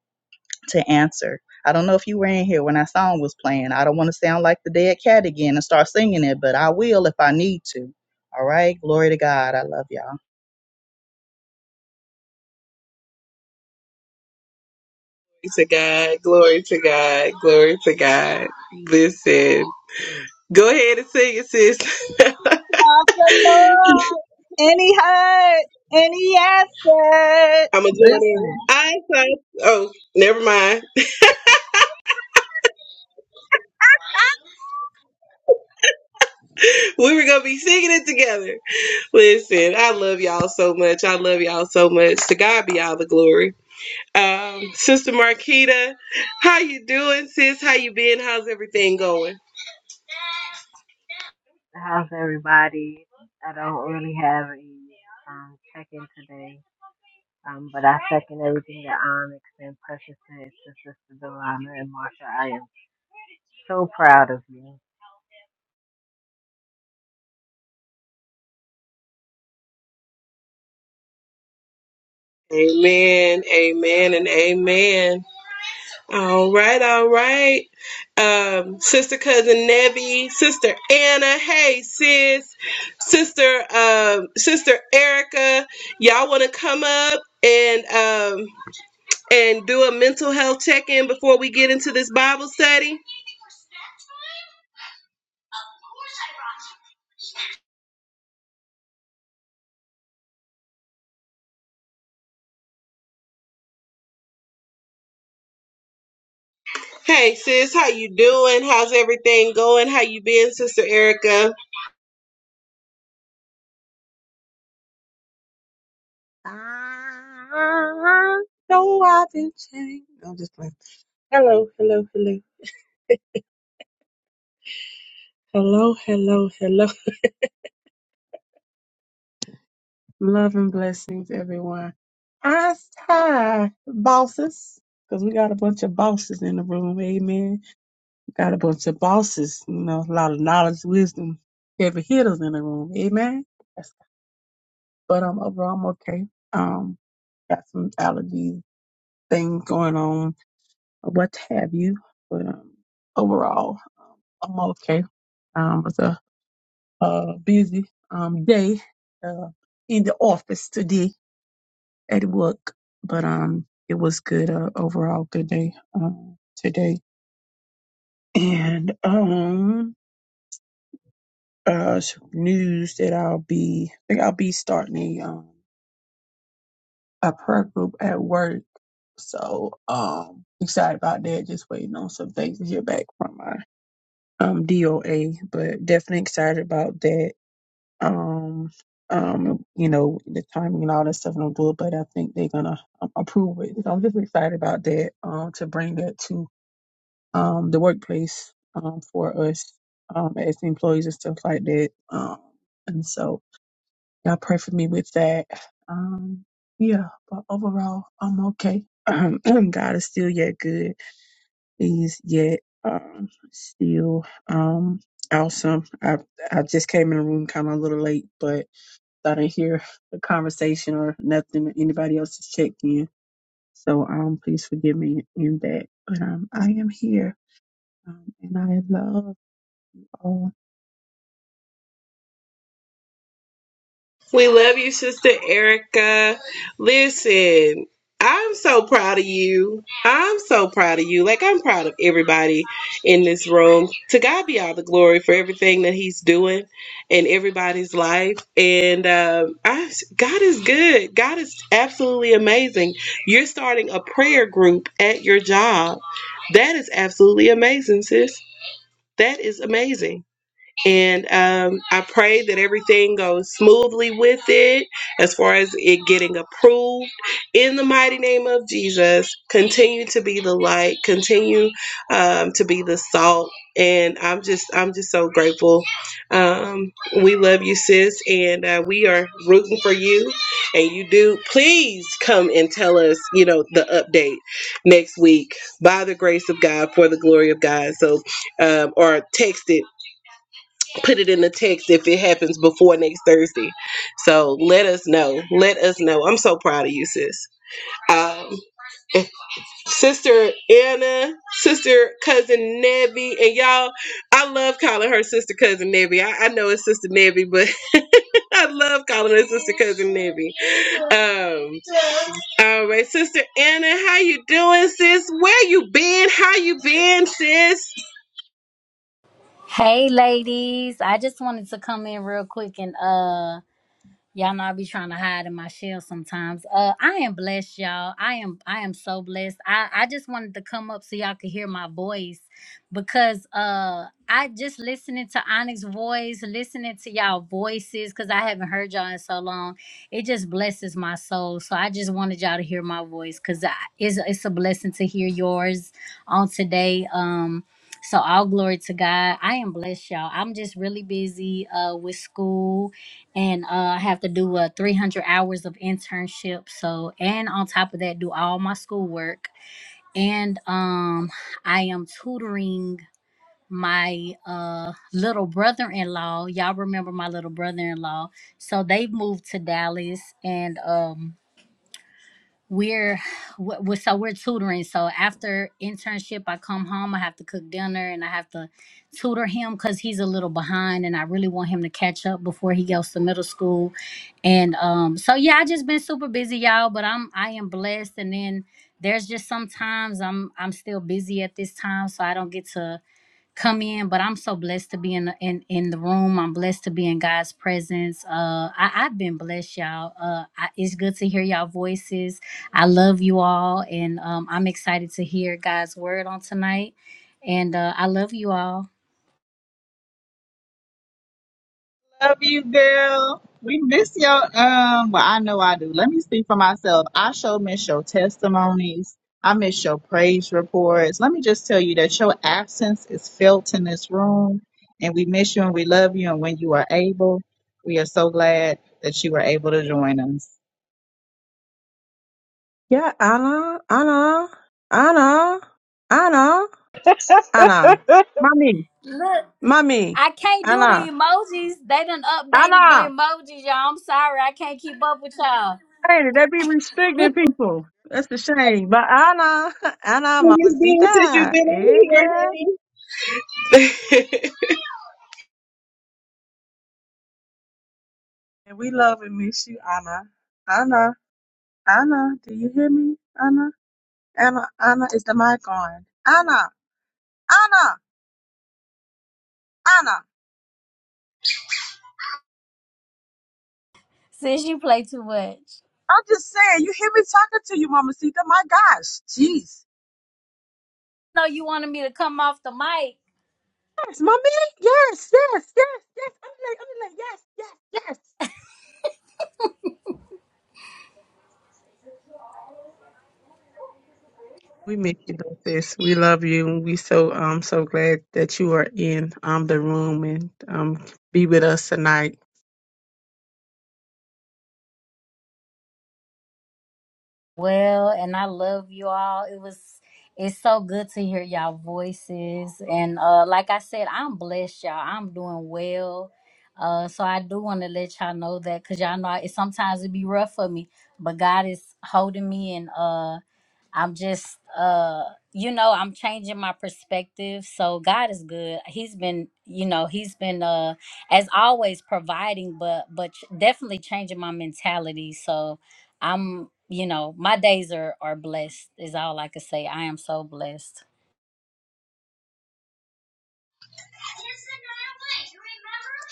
Speaker 2: to answer. I don't know if you were in here when that song was playing. I don't want to sound like the dead cat again and start singing it, but I will if I need to. All right. Glory to God. I love y'all.
Speaker 1: to God, glory to God, glory to God. Listen, go ahead and sing it, sis. (laughs)
Speaker 2: Of the Lord, and he heard, and he answered.
Speaker 1: I'm gonna join
Speaker 2: Listen.
Speaker 1: in. I thought, oh, never mind. We were gonna be singing it together. Listen, I love y'all so much. I love y'all so much. To God be all the glory. Um, Sister Marquita, how you doing, sis? How you been? How's everything going?
Speaker 7: How's everybody? I don't really have a um, check-in today, um, but I second everything that Onyx and Precious said to Sister Delana and Marsha. I am so proud of you.
Speaker 1: Amen, amen, and amen. All right, all right. Um, sister cousin Nebby, sister Anna, hey sis, sister um, sister Erica, y'all want to come up and um, and do a mental health check in before we get into this Bible study? Hey sis, how you doing? How's everything going? How you been, sister Erica?
Speaker 8: I know I've been changed. No, I'm just playing. Hello, hello, hello, hello, hello, hello. Love and blessings, everyone. I hi, bosses, because we got a bunch of bosses in the room. Amen. got a bunch of bosses. You know, a lot of knowledge, wisdom, heavy hitters in the room. Amen. That's, but I'm overall I'm okay. Um, got some allergy things going on or what have you. But um, overall, um, I'm okay. Um, it was a, uh busy um, day uh, in the office today at work, but um, it was good uh, overall. Good day um, today, and um, uh, some news that I'll be. I think I'll be starting a um, a prayer group at work. So um, excited about that. Just waiting on some things to hear back from her. um, DOA, but definitely excited about that. Um, um, you know, the timing and all that stuff, and do it, but I think they're gonna um, approve it. So I'm just excited about that. Um, to bring that to um the workplace um for us um as employees and stuff like that. Um, and so y'all pray for me with that. Um, yeah, but overall, I'm okay. (clears throat) God is still yet good. He's yet um, still um, awesome. I I just came in the room kind of a little late, but I didn't hear the conversation or nothing. Anybody else has checked in, so um, please forgive me in that. But um, I am here, um, and I love all.
Speaker 1: We love you, Sister Erica. Listen, I'm so proud of you. I'm so proud of you. Like, I'm proud of everybody in this room. To God be all the glory for everything that He's doing in everybody's life. And um, I, God is good. God is absolutely amazing. You're starting a prayer group at your job. That is absolutely amazing, sis. That is amazing and um, I pray that everything goes smoothly with it as far as it getting approved. In the mighty name of Jesus, continue to be the light, continue um, to be the salt, and I'm just I'm just so grateful. Um, we love you, sis, and uh, we are rooting for you. And you do please come and tell us, you know, the update next week by the grace of God for the glory of God. So um, or text it put it in the text if it happens before next Thursday. So let us know. Let us know. I'm so proud of you, sis. Um, sister Anna, sister cousin Nebby, and y'all, I love calling her sister cousin Nebby. I, I know it's sister Nebby, but (laughs) I love calling her sister cousin Nebby. Um, all right, sister Anna, how you doing, sis? Where you been? How you been, sis?
Speaker 9: Hey ladies, I just wanted to come in real quick and uh Y'all know I be trying to hide in my shell sometimes. Uh, I am blessed, y'all. I am I am so blessed. I I just wanted to come up so y'all could hear my voice because uh I just listening to Onyx's voice, listening to y'all voices because I haven't heard y'all in so long. It just blesses my soul. So I just wanted y'all to hear my voice because it's it's a blessing to hear yours on today. Um. So all glory to God. I am blessed, y'all. I'm just really busy uh with school and uh, I have to do uh, 300 hours of internship. So, and on top of that, do all my schoolwork. And um, I am tutoring my uh little brother-in-law. Y'all remember my little brother-in-law? So they've moved to Dallas, and um we're w- so we're tutoring so after internship i come home i have to cook dinner and i have to tutor him because he's a little behind and i really want him to catch up before he goes to middle school and um so yeah i just been super busy y'all but i'm i am blessed and then there's just sometimes i'm i'm still busy at this time so i don't get to come in but i'm so blessed to be in the, in, in the room i'm blessed to be in god's presence uh I, i've been blessed y'all uh I, it's good to hear y'all voices i love you all and um i'm excited to hear god's word on tonight and uh i love you all
Speaker 2: Love you, girl. We miss your um. Well, I know I do. Let me speak for myself. I sure miss your testimonies. I miss your praise reports. Let me just tell you that your absence is felt in this room, and we miss you and we love you. And when you are able, we are so glad that you were able to join us.
Speaker 8: Yeah, Anna, Anna, Anna, Anna, Anna,
Speaker 5: (laughs)
Speaker 8: mommy,
Speaker 9: look
Speaker 8: mommy,
Speaker 9: i can't do the
Speaker 8: Anna,
Speaker 9: emojis they done updated the
Speaker 8: Anna.
Speaker 9: emojis y'all i'm sorry i can't keep up with y'all
Speaker 8: Hey, they be restricting people. That's the shame. But Anna, (laughs) Anna,
Speaker 1: Where you been since you
Speaker 8: mamacita,
Speaker 1: been
Speaker 8: yeah,
Speaker 1: over
Speaker 8: girl.
Speaker 1: here, honey? (laughs)
Speaker 8: And we love and miss you, Anna. Anna, Anna, do you hear me? Anna, Anna, Anna, is the mic on? Anna, Anna, Anna.
Speaker 9: since you play too much
Speaker 8: I'm just saying, you hear me talking to you, mamacita. My gosh, jeez.
Speaker 9: no you wanted me to come off the mic
Speaker 8: Yes, mommy. Yes, yes, yes, yes. I'm like, I'm like, yes, yes, yes. We miss you, this. We love you, and we so um so glad that you are in um the room and um be with us tonight.
Speaker 9: well and I love you all. It was it's so good to hear y'all voices and uh like I said, I'm blessed y'all. I'm doing well. Uh so I do want to let y'all know that cuz y'all know it sometimes it be rough for me, but God is holding me and uh I'm just uh you know, I'm changing my perspective. So God is good. He's been, you know, he's been uh as always providing but but ch- definitely changing my mentality. So I'm, you know, my days are are blessed. Is all I can say. I am so blessed.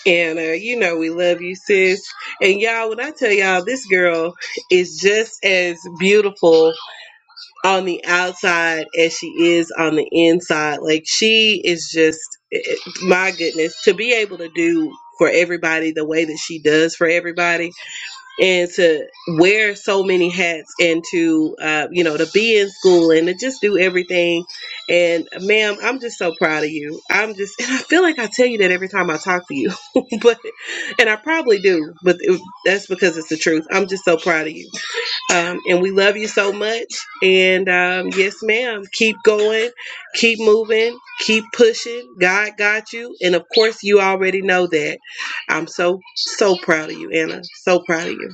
Speaker 1: And uh, you know we love you, sis. And y'all, when I tell y'all, this girl is just as beautiful on the outside as she is on the inside. Like she is just eh, eh, my goodness to be able to do for everybody the way that she does for everybody and to wear so many hats and to uh, you know to be in school and to just do everything and ma'am i'm just so proud of you i'm just and i feel like i tell you that every time i talk to you (laughs) but and i probably do but it, that's because it's the truth i'm just so proud of you um, and we love you so much and um, yes ma'am keep going keep moving keep pushing god got you and of course you already know that i'm so so proud of you anna so proud of you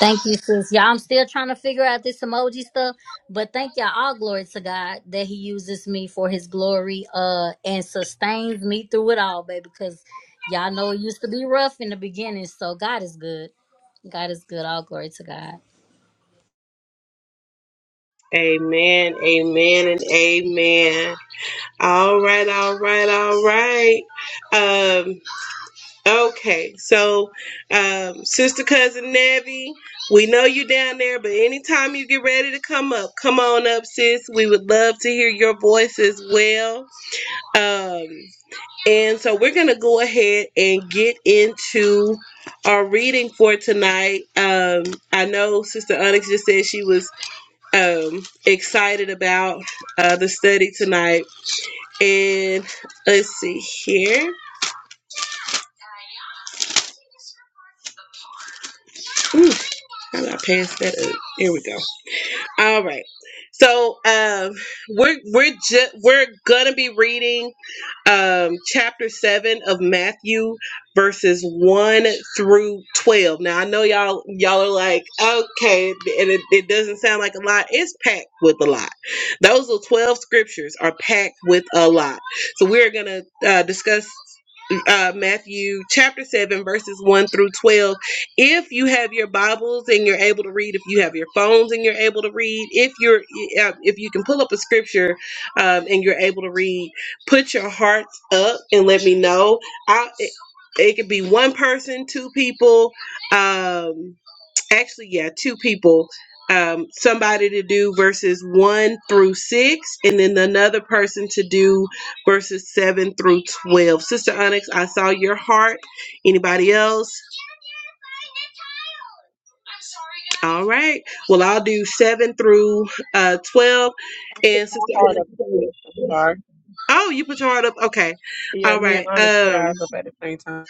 Speaker 9: Thank you, sis. Y'all, I'm still trying to figure out this emoji stuff, but thank y'all. All glory to God that He uses me for His glory, uh, and sustains me through it all, baby. Because y'all know it used to be rough in the beginning, so God is good. God is good. All glory to God.
Speaker 1: Amen, amen, and amen. All right, all right, all right. Um, okay, so um, sister cousin Nevi, we know you down there, but anytime you get ready to come up, come on up, sis. We would love to hear your voice as well. Um, and so we're gonna go ahead and get into our reading for tonight. Um, I know Sister Onyx just said she was um excited about uh the study tonight and let's see here Ooh, how do i pass that up here we go All right. So um, we're we're ju- we're gonna be reading um, chapter seven of Matthew, verses one through twelve. Now I know y'all y'all are like, okay, and it, it doesn't sound like a lot. It's packed with a lot. Those little twelve scriptures are packed with a lot. So we're gonna uh, discuss uh, Matthew chapter 7, verses 1 through 12 if you have your bibles and you're able to read if you have your phones and you're able to read if you're uh, if you can pull up a scripture um, and you're able to read put your hearts up and let me know i it, it could be one person two people um actually yeah two people um somebody to do verses one through six and then another person to do verses seven through 12 sister onyx i saw your heart anybody else All right. Well, I'll do seven through uh, twelve,
Speaker 8: I put
Speaker 1: and
Speaker 8: my
Speaker 1: sister.
Speaker 8: heart up
Speaker 1: Anna-
Speaker 8: to you. I'm sorry.
Speaker 1: Oh, you put your heart up. Okay.
Speaker 8: Yeah,
Speaker 1: All
Speaker 8: me
Speaker 1: right.
Speaker 8: and Honest put
Speaker 1: Um.
Speaker 8: ours up at the same time.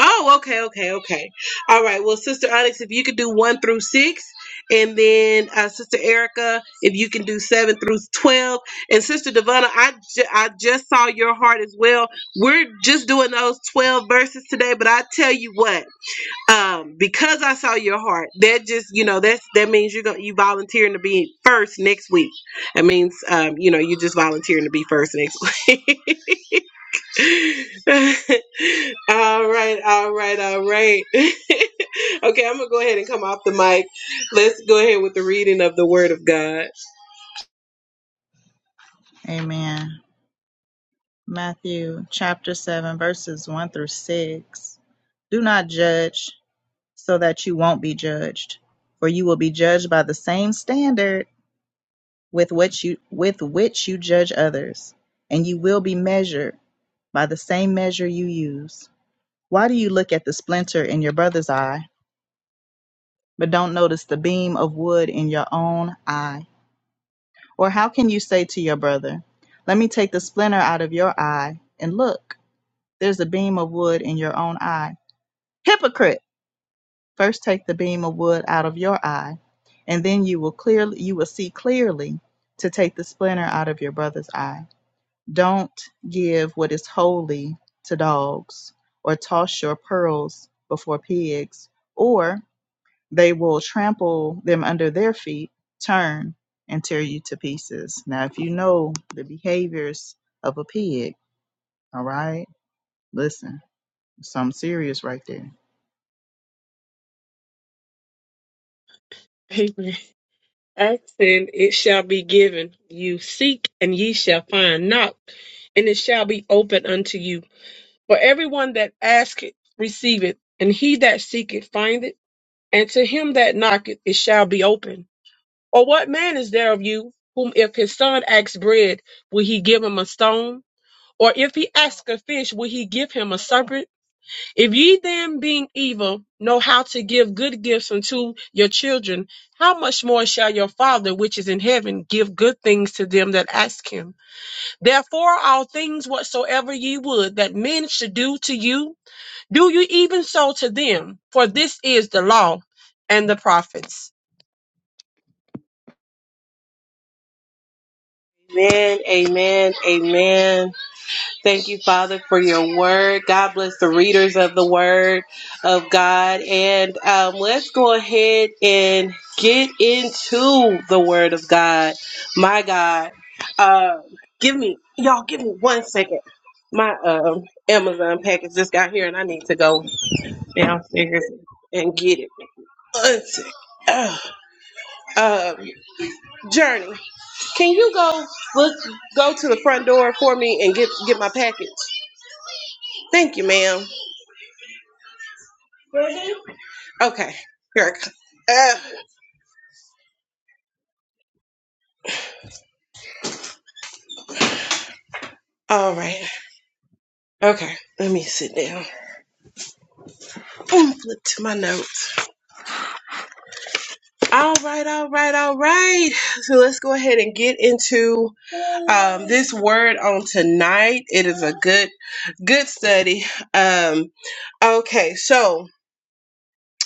Speaker 1: Oh, okay, okay, okay. All right. Well, sister Onyx, if you could do one through six, and then uh, sister Erica, if you can do seven through twelve, and sister Devonna, I ju- I just saw your heart as well. We're just doing those twelve verses today, but I tell you what. um because i saw your heart that just you know that's that means you're going you volunteering to be first next week it means um you know you just volunteering to be first next week (laughs) all right all right all right (laughs) okay i'm gonna go ahead and come off the mic let's go ahead with the reading of the word of god
Speaker 2: Amen. Matthew chapter seven, verses one through six. Do not judge, so that you won't be judged, for you will be judged by the same standard with which you with which you judge others, and you will be measured by the same measure you use. Why do you look at the splinter in your brother's eye, but don't notice the beam of wood in your own eye? Or how can you say to your brother, Let me take the splinter out of your eye, and look, there's a beam of wood in your own eye? Hypocrite! First take the beam of wood out of your eye, and then you will clearly you will see clearly to take the splinter out of your brother's eye. Don't give what is holy to dogs, or toss your pearls before pigs, or they will trample them under their feet, turn, and tear you to pieces. Now, if you know the behaviors of a pig, all right, listen, something serious right there.
Speaker 8: (laughs) Amen. I said, "It shall be given you. Seek, and ye shall find. Knock, and it shall be open unto you. For everyone that asketh, receiveth, and he that seeketh, findeth, and to him that knocketh, it shall be open." Or what man is there of you whom if his son asks bread, will he give him a stone? Or if he asks a fish, will he give him a serpent? If ye then being evil know how to give good gifts unto your children, how much more shall your father which is in heaven give good things to them that ask him? Therefore all things whatsoever ye would that men should do to you, do you even so to them, for this is the law and the prophets.
Speaker 1: amen amen amen Thank you, Father, for your word. God bless the readers of the word of God. And um, let's go ahead and get into the word of God. My God. Uh, give me, y'all, give me one second. My um, Amazon package just got here and I need to go downstairs and get it. One second. Uh, um, Journey, can you go look go to the front door for me and get get my package? Thank you, ma'am. Okay, here I come. Ah, all right. Okay, let me sit down. Boom, flip to my notes. All right, all right, all right. So let's go ahead and get into um, this word on tonight. It is a good, good study. Um, okay, so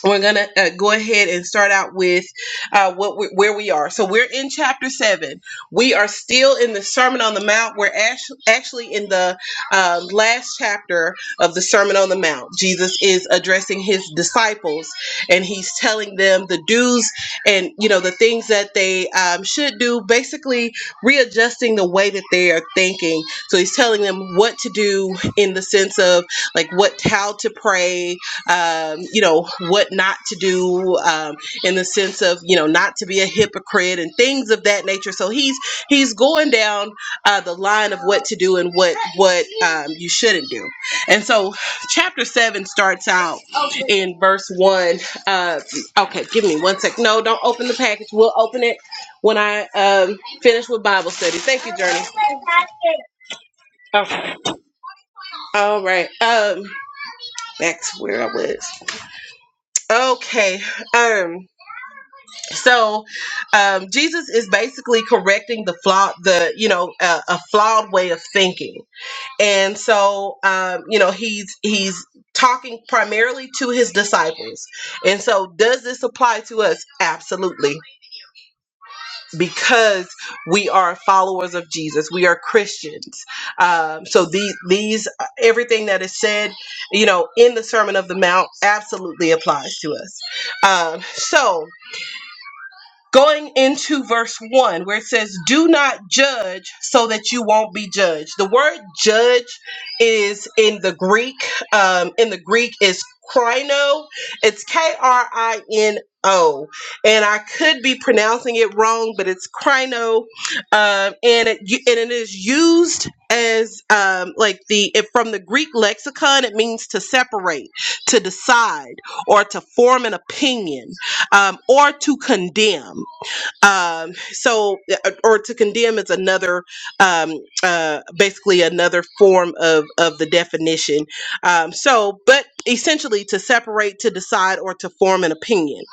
Speaker 1: we're gonna uh, go ahead and start out with uh, what we, where we are. So we're in chapter seven. We are still in the Sermon on the Mount. We're actually, actually in the uh, last chapter of the Sermon on the Mount. Jesus is addressing his disciples, and he's telling them the do's and you know the things that they um, should do. Basically, readjusting the way that they are thinking. So he's telling them what to do in the sense of like what how to pray, um, you know, what not to do um, in the sense of, you know, not to be a hypocrite and things of that nature. So he's he's going down uh, the line of what to do and what what um, you shouldn't do. And so chapter seven starts out in verse one. Uh, okay, give me one sec. No, don't open the package. We'll open it when I um, finish with Bible study. Thank you, Journey. Okay. All right. Um, back to where I was. Okay. Um. so um, jesus is basically correcting the flaw, the you know uh, a flawed way of thinking and so um, you know he's he's talking primarily to his disciples and so does this apply to us absolutely because we are followers of jesus we are christians um, so these these everything that is said you know in the sermon of the mount absolutely applies to us um, so Going into verse 1, where it says, Do not judge so that you won't be judged. The word judge is in the Greek. Um, in the Greek is krino. It's K R I N O. And I could be pronouncing it wrong, but it's krino. Um, and, it, and it is used as um, like the, if from the Greek lexicon, it means to separate, to decide, or to form an opinion um, or to condemn um so uh, uh, or to condemn is another um uh basically another form of of the definition um so but essentially to separate to decide or to form an opinion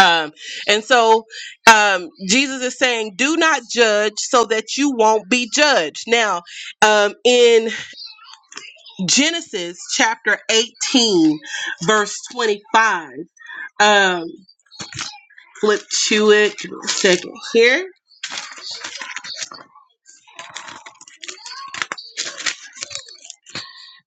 Speaker 1: um and so um jesus is saying do not judge so that you won't be judged now um in genesis chapter 18 verse 25 um flip to it give me a second here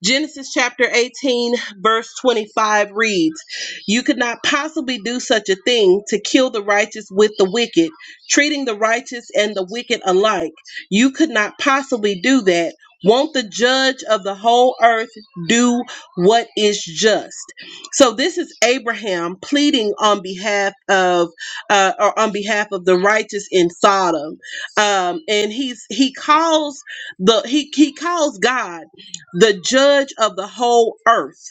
Speaker 1: Genesis chapter 18, verse 25 reads You could not possibly do such a thing to kill the righteous with the wicked, treating the righteous and the wicked alike. You could not possibly do that. Won't the judge of the whole earth do what is just? So this is Abraham pleading on behalf of, uh, or on behalf of the righteous in Sodom, um, and he's he calls the he he calls God the judge of the whole earth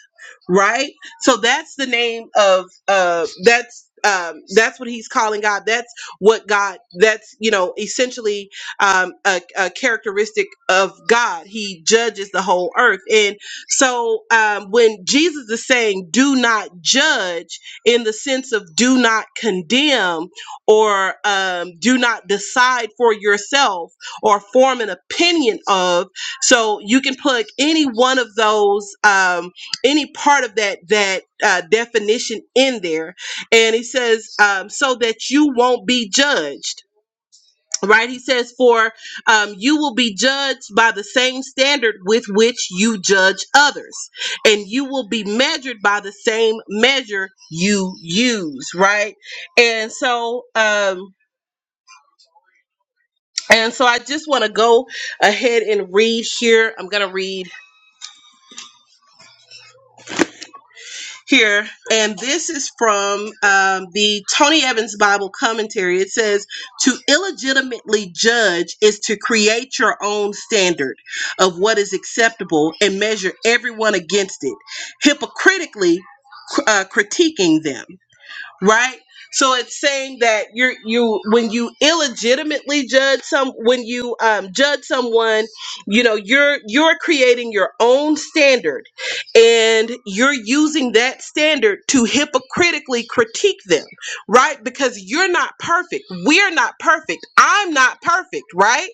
Speaker 1: right so that's the name of uh that's um that's what he's calling god that's what god that's you know essentially um a, a characteristic of god he judges the whole earth and so um when jesus is saying do not judge in the sense of do not condemn or um do not decide for yourself or form an opinion of so you can plug any one of those, um, any part of that that uh, definition in there, and he says um, so that you won't be judged. Right, he says, for um, you will be judged by the same standard with which you judge others, and you will be measured by the same measure you use. Right, and so, um, and so, I just want to go ahead and read here. I'm gonna read here, and this is from um, the Tony Evans Bible commentary. It says, To illegitimately judge is to create your own standard of what is acceptable and measure everyone against it, hypocritically uh, critiquing them right so it's saying that you're you when you illegitimately judge some when you um, judge someone you know you're you're creating your own standard and you're using that standard to hypocritically critique them right because you're not perfect we're not perfect i'm not perfect right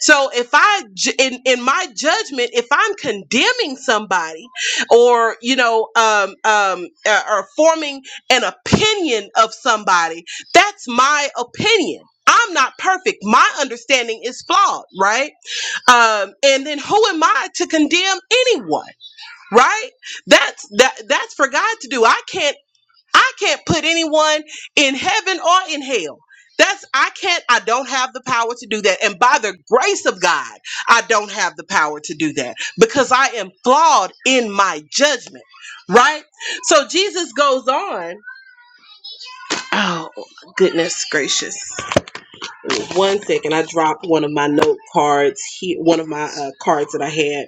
Speaker 1: so if I ju- in in my judgment, if I'm condemning somebody, or you know, um, um, uh, or forming an opinion of somebody, that's my opinion. I'm not perfect. My understanding is flawed, right? Um, and then who am I to condemn anyone, right? That's that that's for God to do. I can't I can't put anyone in heaven or in hell. That's I can't I don't have the power to do that and by the grace of God I don't have the power to do that because I am flawed in my judgment, right? So Jesus goes on. Oh, goodness gracious. One second, I dropped one of my note cards here, one of my uh, cards that I had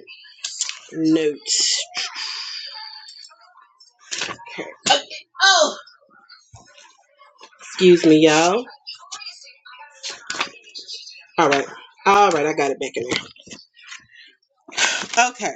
Speaker 1: notes. Okay, Excuse me, y'all. All right. All right, I got it back in there. Okay.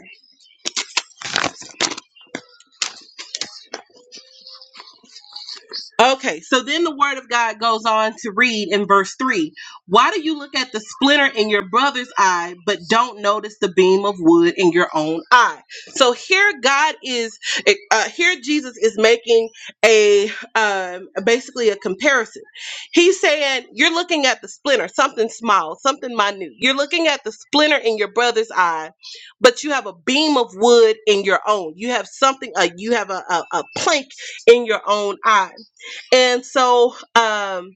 Speaker 1: Okay, so then the word of God goes on to read in verse 3 Why do you look at the splinter in your brother's eye, but don't notice the beam of wood in your own eye? So here, God is, eh, uh, here Jesus is making a um, basically a comparison. He's saying, You're looking at the splinter, something small, something minute. You're looking at the splinter in your brother's eye, but you have a beam of wood in your own. You have something, uh, you have a, a, a plank in your own eye. And so, um,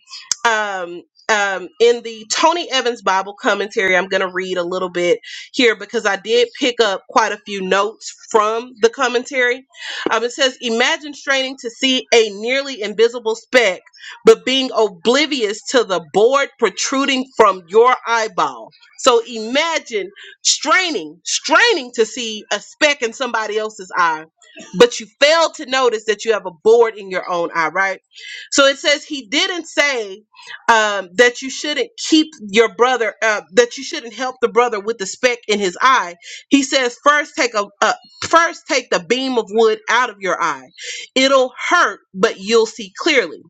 Speaker 1: um, um, in the Tony Evans Bible commentary, I'm going to read a little bit here because I did pick up quite a few notes from the commentary. Um, it says, Imagine straining to see a nearly invisible speck, but being oblivious to the board protruding from your eyeball. So imagine straining, straining to see a speck in somebody else's eye, but you fail to notice that you have a board in your own eye, right? So it says he didn't say um, that you shouldn't keep your brother, uh, that you shouldn't help the brother with the speck in his eye. He says first take a uh, first take the beam of wood out of your eye. It'll hurt, but you'll see clearly.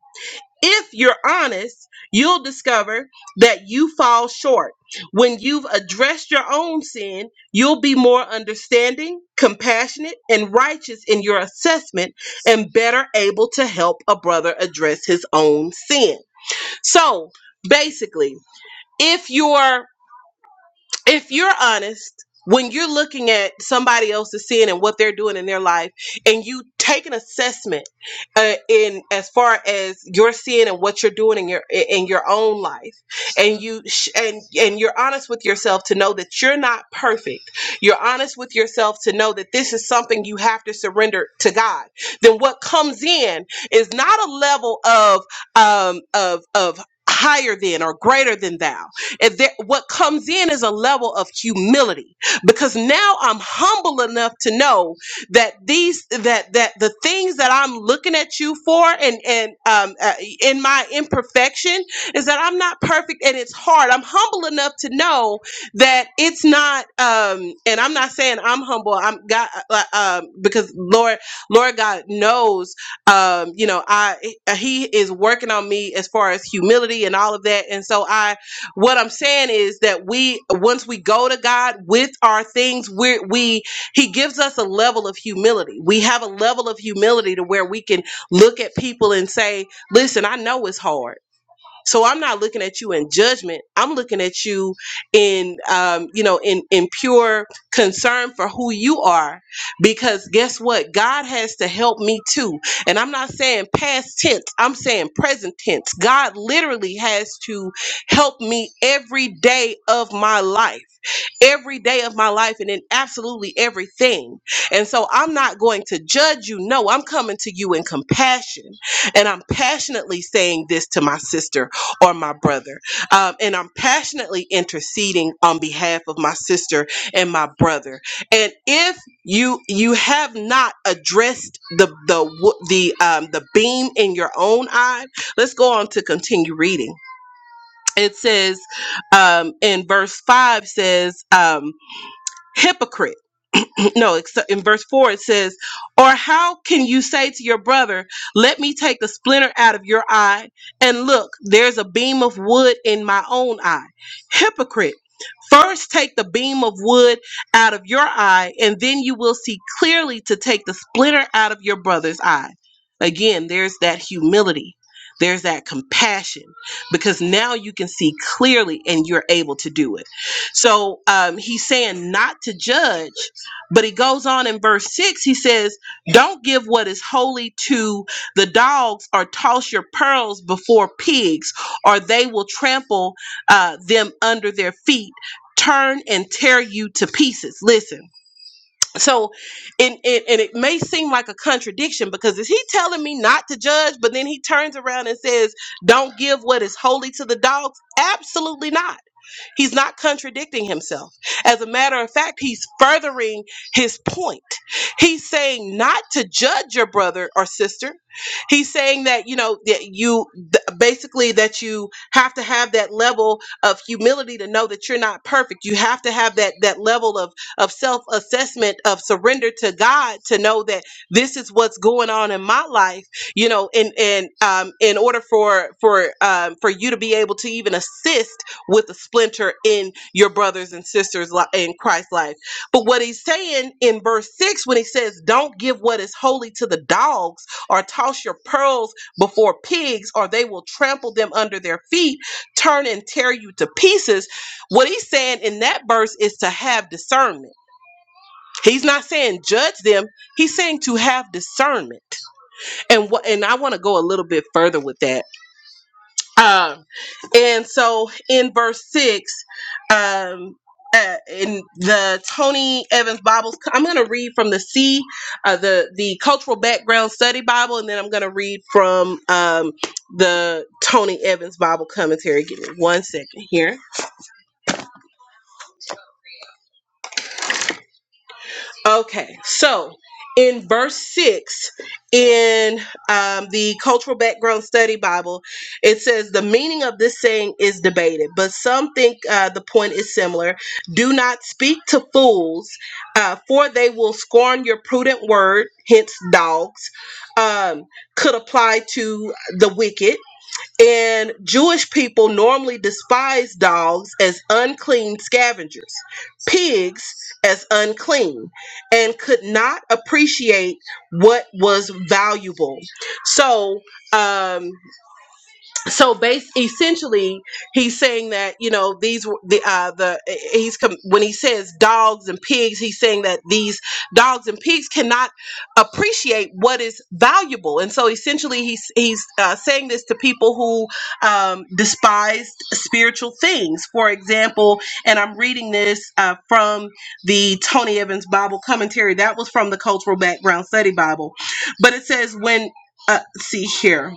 Speaker 1: If you're honest, you'll discover that you fall short. When you've addressed your own sin, you'll be more understanding, compassionate, and righteous in your assessment and better able to help a brother address his own sin. So basically, if you're if you're honest, when you're looking at somebody else's sin and what they're doing in their life, and you take an assessment uh, in as far as your sin and what you're doing in your in your own life, and you sh- and and you're honest with yourself to know that you're not perfect, you're honest with yourself to know that this is something you have to surrender to God. Then what comes in is not a level of um, of of higher than or greater than thou if there, what comes in is a level of humility, because now I'm humble enough to know that these that that the things that I'm looking at you for, and and um, uh, in my imperfection, is that I'm not perfect and it's hard. I'm humble enough to know that it's not. Um, and I'm not saying I'm humble. I'm God uh, uh, um, because Lord, Lord God knows um, you know, I he is working on me as far as humility and all of that, and so I what I'm saying is that we once we go to God with our things, we we he gives us a level of humility. We have a level of humility to where we can look at people and say, "Listen, I know it's hard." So I'm not looking at you in judgment. I'm looking at you in, um, you know, in in pure concern for who you are, because guess what? God has to help me too. And I'm not saying past tense. I'm saying present tense. God literally has to help me every day of my life every day of my life and in absolutely everything. And so I'm not going to judge you. No, I'm coming to you in compassion. And I'm passionately saying this to my sister or my brother. Um, and I'm passionately interceding on behalf of my sister and my brother. And if you you have not addressed the the wo- the um, the beam in your own eye, let's go on to continue reading. It says um, in verse five says. Um, Hypocrite. (clears throat) no, except in verse 4 it says, Or how can you say to your brother, 'Let me take the splinter out of your eye? And look, there's a beam of wood in my own eye. Hypocrite, first take the beam of wood out of your eye, and then you will see clearly to take the splinter out of your brother's eye. Again, there's that humility. There's that compassion because now you can see clearly and you're able to do it. So um, he's saying not to judge but he goes on in verse 6, he says, Don't give what is holy to the dogs, or toss your pearls before pigs, or they will trample uh, them under their feet, turn and tear you to pieces. Listen. So, and, and, and it may seem like a contradiction because is he telling me not to judge, but then he turns around and says, Don't give what is holy to the dogs? Absolutely not He's not contradicting himself. As a matter of fact, he's furthering his point. He's saying not to judge your brother or sister. He's saying that, you know, that you th- basically that you have to have that level of humility to know that you're not perfect. You have to have that that level of of self-assessment of surrender to God to know that this is what's going on in my life, you know, and and um in order for for um for you to be able to even assist with a splinter in your brothers and sisters li- in Christ's life. But what he's saying in verse 6 when he says, Don't give what is holy to the dogs, or toss your pearls before pigs, or they will trample them under their feet, turn and tear you to pieces. What he's saying in that verse is to have discernment. He's not saying judge them. He's saying to have discernment. And what and I want to go a little bit further with that um, and so in verse six, um, uh, in the Tony Evans Bibles, I'm going to read from the C, uh, the the Cultural Background Study Bible, and then I'm going to read from um, the Tony Evans Bible Commentary. Give me one second here. Okay, so in verse 6 in um, the Cultural Background Study Bible, it says the meaning of this saying is debated, but some think uh, the point is similar. Do not speak to fools, uh, for they will scorn your prudent word, hence, dogs, um, could apply to the wicked. And Jewish people normally despise dogs as unclean scavengers, pigs as unclean, and could not appreciate what was valuable. So, um, so base essentially he's saying that you know these were the uh the he's com- when he says dogs and pigs he's saying that these dogs and pigs cannot appreciate what is valuable and so essentially he's he's uh, saying this to people who um despised spiritual things for example and i'm reading this uh, from the tony evans bible commentary that was from the cultural background study bible but it says when uh, see here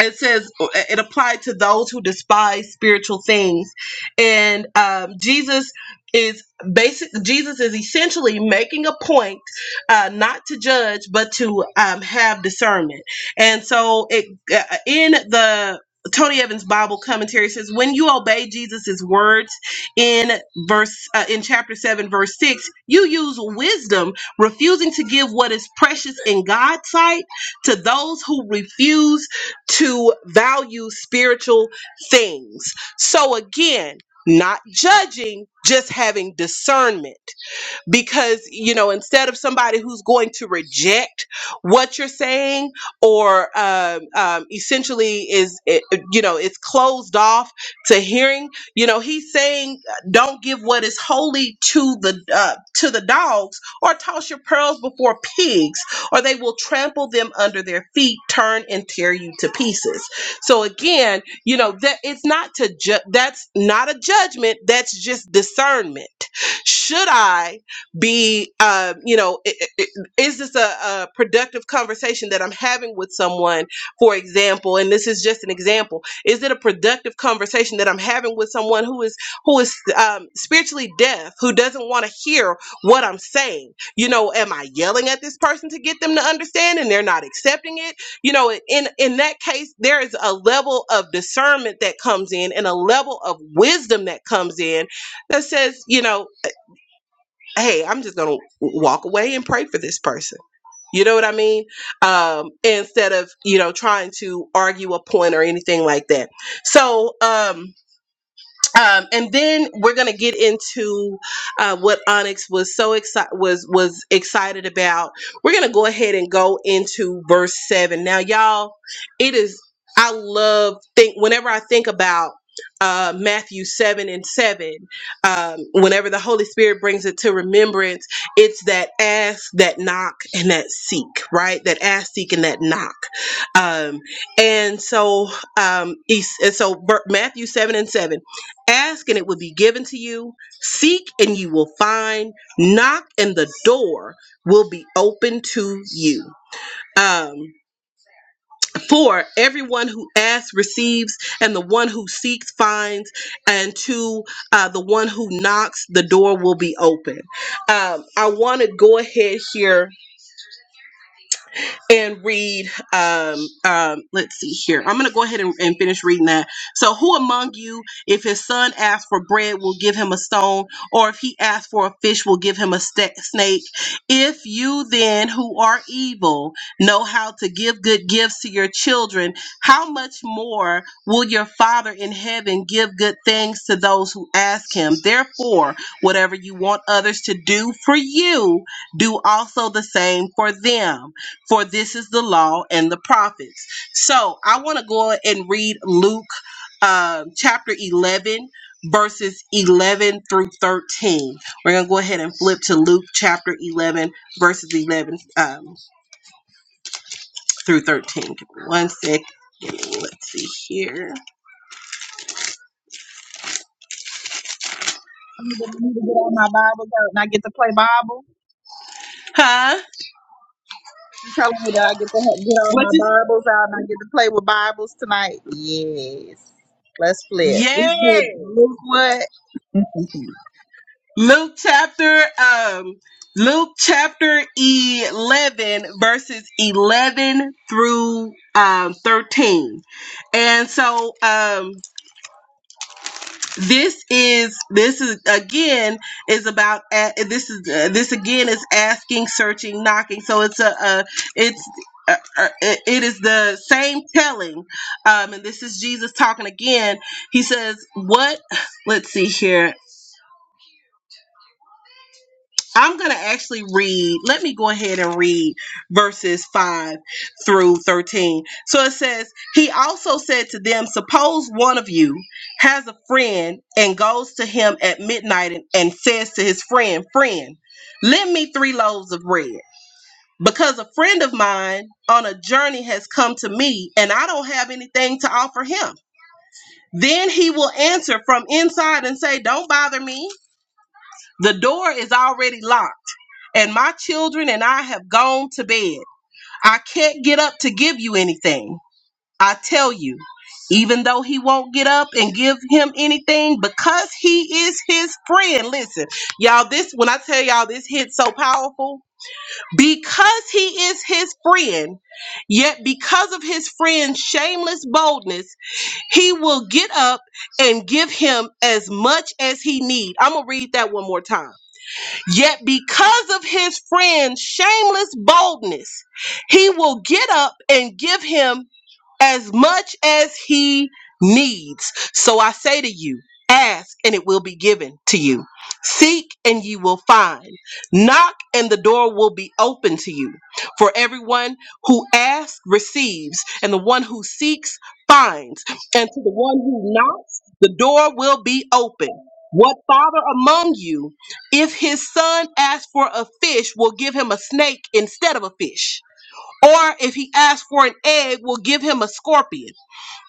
Speaker 1: it says uh, it applied to those who despise spiritual things and um, jesus is basic jesus is essentially making a point uh, not to judge but to um, have discernment and so it uh, in the tony evans bible commentary says when you obey jesus's words in verse uh, in chapter 7 verse 6 you use wisdom refusing to give what is precious in god's sight to those who refuse to value spiritual things. So again, not judging, just having discernment because you know instead of somebody who's going to reject what you're saying or um, um, essentially is it, you know it's closed off to hearing you know he's saying uh, don't give what is holy to the uh, to the dogs or toss your pearls before pigs or they will trample them under their feet turn and tear you to pieces so again you know that it's not to ju- that's not a judgment that's just discernment should i be um, you know i- i- i- is this a, a productive conversation that i'm having with someone for example and this is just an example is it a productive conversation that i'm having with someone who is who is um, spiritually deaf who doesn't want to hear what i'm saying you know am i yelling at this person to get them to understand and they're not accepting it you know in in that case there is a level of discernment that comes in and a level of wisdom that comes in that says you know hey, I'm just gonna walk away and pray for this person. You know what I mean? Um, instead of you know trying to argue a point or anything like that. So um, um, and then we're gonna get into uh, what Onyx was so excited was was excited about. We're gonna go ahead and go into verse seven. Now, y'all, it is I love think whenever I think about uh, Matthew seven and seven. Um, whenever the Holy Spirit brings it to remembrance, it's that ask, that knock, and that seek. Right, that ask, seek, and that knock. Um, and so, um, es- and so Ver- Matthew seven and seven. Ask and it will be given to you. Seek and you will find. Knock and the door will be open to you. Um, for everyone who asks receives, and the one who seeks finds, and to uh, the one who knocks, the door will be open. Um, I want to go ahead here and read um um let's see here i'm gonna go ahead and, and finish reading that so who among you if his son asks for bread will give him a stone or if he asks for a fish will give him a sta snake if you then who are evil know how to give good gifts to your children how much more will your father in heaven give good things to those who ask him therefore whatever you want others to do for you do also the same for them for this is the law and the prophets. So I want to go and read Luke um, chapter 11, verses 11 through 13. We're going to go ahead and flip to Luke chapter 11, verses 11 um, through 13. Give me one sec. Let's see here.
Speaker 2: I'm gonna, get, I'm gonna get all my Bibles out and I get to play Bible.
Speaker 1: Huh?
Speaker 2: You telling me that I get to ha- get all
Speaker 1: What
Speaker 2: my
Speaker 1: is.
Speaker 2: Bibles out and I get to play with Bibles tonight? Yes. Let's flip. We said
Speaker 1: Yes.
Speaker 2: Luke what? (laughs)
Speaker 1: Luke chapter um Luke chapter 11 verses 11 through um 13. And so um this is this is again is about a- this is uh, this again is asking, searching, knocking. So it's a, a it's uh, uh, it it is the same telling um and this is jesus talking again he says what let's see here I'm going to actually read. Let me go ahead and read verses 5 through 13. So it says, He also said to them, Suppose one of you has a friend and goes to him at midnight and, and says to his friend, Friend, lend me three loaves of bread. Because a friend of mine on a journey has come to me and I don't have anything to offer him. Then he will answer from inside and say, Don't bother me. The door is already locked and my children and I have gone to bed. I can't get up to give you anything. I tell you, even though he won't get up and give him anything because he is his friend. Listen, y'all, this when I tell y'all this hit so powerful, because he is his friend, yet because of his friend's shameless boldness, he will get up and give him as much as he need. I'm going to read that one more time Yet, because of his friend's shameless boldness, he will get up and give him as much as he needs. So I say to you, ask and it will be given to you. Seek and you will find. Knock and the door will be open to you. For everyone who asks receives, and the one who seeks finds. And to the one who knocks, the door will be open. What father among you, if his son asks for a fish, will give him a snake instead of a fish? Or if he asks for an egg, will give him a scorpion.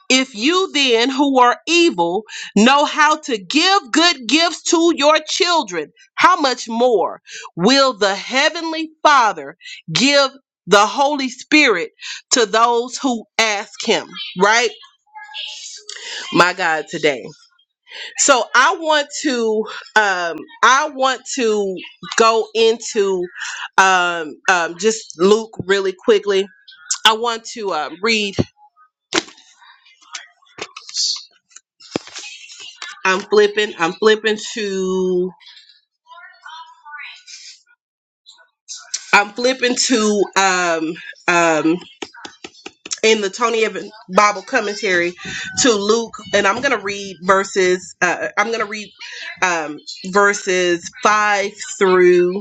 Speaker 1: If you then, who are evil, know how to give good gifts to your children, how much more will the Heavenly Father give the Holy Spirit to those who ask Him? Right? My God, today. So I want to, um, I want to go into um, um, just Luke really quickly. I want to um, read. I'm flipping. I'm flipping to. I'm flipping to. Um. Um. In the Tony Evans Bible commentary to Luke, and I'm gonna read verses. Uh, I'm gonna read um, verses five through.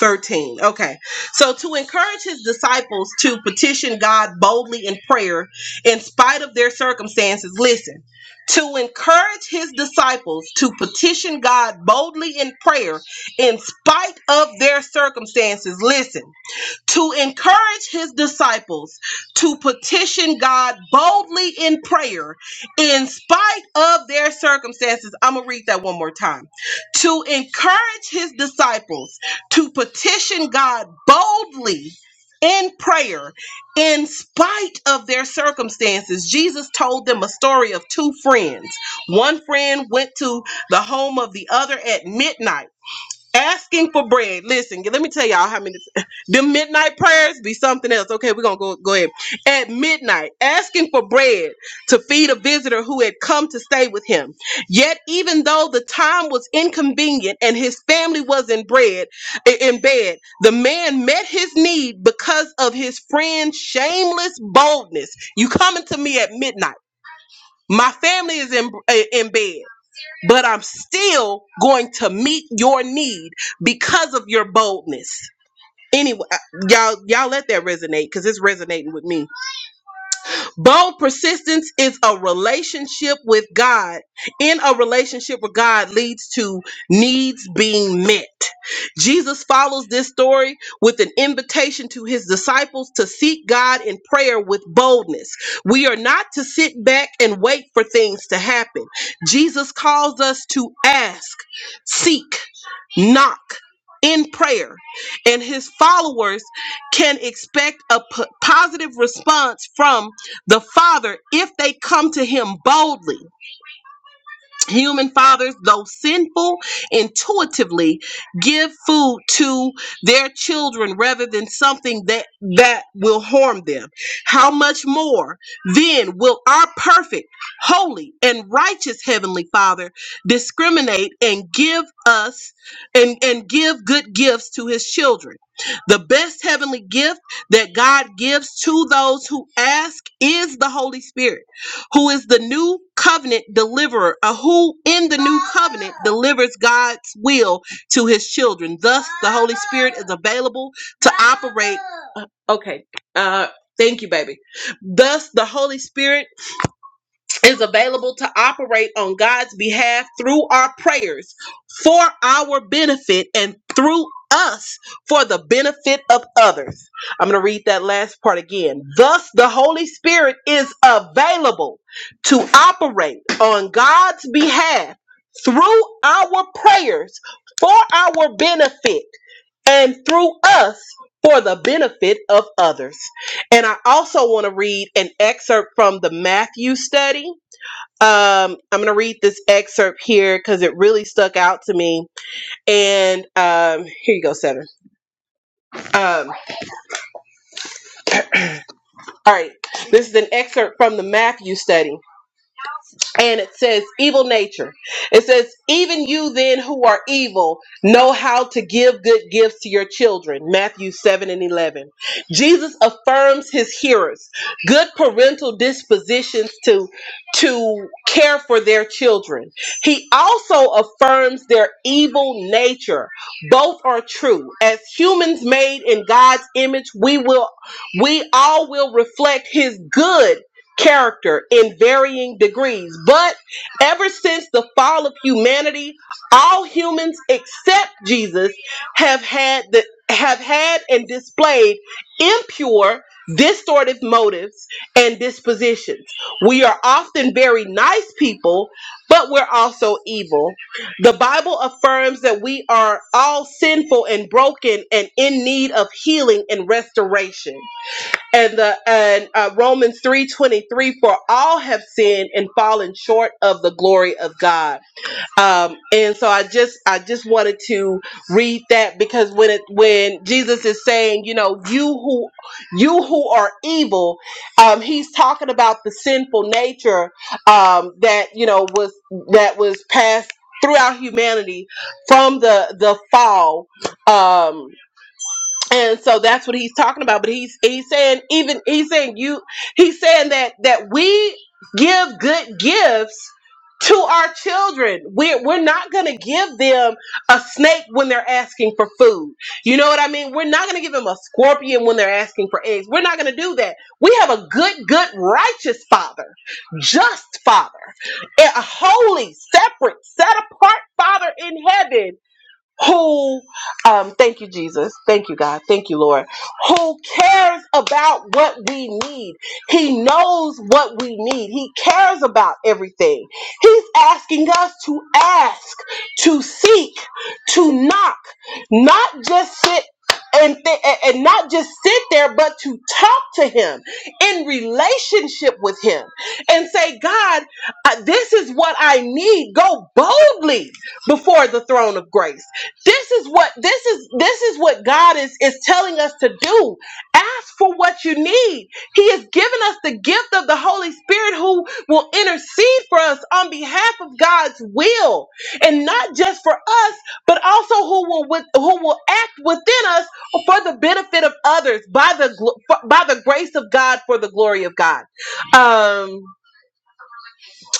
Speaker 1: 13. Okay. So to encourage his disciples to petition God boldly in prayer in spite of their circumstances, listen. To encourage his disciples to petition God boldly in prayer in spite of their circumstances, listen to encourage his disciples to petition God boldly in prayer in spite of their circumstances. I'm going to read that one more time. To encourage his disciples to petition God boldly in prayer in spite of their circumstances. Jesus told them a story of two friends. One friend went to the home of the other at midnight asking for bread. Listen, let me tell y'all how many (laughs) the midnight prayers be something else. Okay, we're gonna go go ahead. At midnight, asking for bread to feed a visitor who had come to stay with him. Yet, even though the time was inconvenient and his family was in bread i- in bed, the man met his need because of his friend's shameless boldness. You coming to me at midnight. My family is in eh, in bed but I'm still going to meet your need because of your boldness. Anyway, uh, y'all y'all let that resonate cuz it's resonating with me. Bold persistence is a relationship with God. In a relationship with God leads to needs being met. Jesus follows this story with an invitation to his disciples to seek God in prayer with boldness. We are not to sit back and wait for things to happen. Jesus calls us to ask, seek, knock in prayer and his followers can expect a p- positive response from the father if they come to him boldly Human fathers, though sinful, intuitively give food to their children rather than something that, that will harm them. How much more then will our perfect, holy, and righteous Heavenly Father discriminate and give us and, and give good gifts to his children? The best heavenly gift that God gives to those who ask is the Holy Spirit who is the new covenant deliverer, uh, who in the new covenant delivers God's will to his children. Thus, the Holy Spirit is available to operate. uh, Okay. Uh, thank you, baby. Thus, the Holy Spirit is available to operate on God's behalf through our prayers for our benefit and through us for the benefit of others. I'm going to read that last part again. Thus, the Holy Spirit is available to operate on God's behalf through our prayers for our benefit and through us for the benefit of others. And I also want to read an excerpt from the Matthew study um, I'm going to read this excerpt here because it really stuck out to me. And um, here you go, Seven. Um, all right. This is an excerpt from the Matthew study. and it says evil nature it says even you then who are evil know how to give good gifts to your children matthew 7 and 11 jesus affirms his hearers good parental dispositions to to care for their children he also affirms their evil nature both are true as humans made in god's image we will we all will reflect his good character in varying degrees. But ever since the fall of humanity, all humans except Jesus have had the have had and displayed impure, distorted motives and dispositions. We are often very nice people, but we're also evil. The Bible affirms that we are all sinful and broken and in need of healing and restoration and the and uh, Romans three twenty three for all have sinned and fallen short of the glory of God. Um, and so I just I just wanted to read that because when it when Jesus is saying you know you who you who are evil, um, he's talking about the sinful nature um, that you know was that was passed throughout humanity from the the fall. Um, and so that's what he's talking about but he's he's saying even he's saying you he's saying that that we give good gifts to our children we're, we're not going to give them a snake when they're asking for food you know what i mean we're not going to give them a scorpion when they're asking for eggs we're not going to do that we have a good good righteous father just father a holy separate set apart father in heaven who um thank you jesus thank you god thank you lord who cares about what we need he knows what we need he cares about everything he's asking us to ask to seek to knock not just sit and, th- and not just sit there, but to talk to him in relationship with him and say, God, uh, this is what I need. Go boldly before the throne of grace this is what this is this is what god is is telling us to do ask for what you need he has given us the gift of the holy spirit who will intercede for us on behalf of god's will and not just for us but also who will with, who will act within us for the benefit of others by the gl- for- by the grace of god for the glory of god um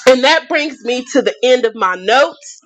Speaker 1: and that brings me to the end of my notes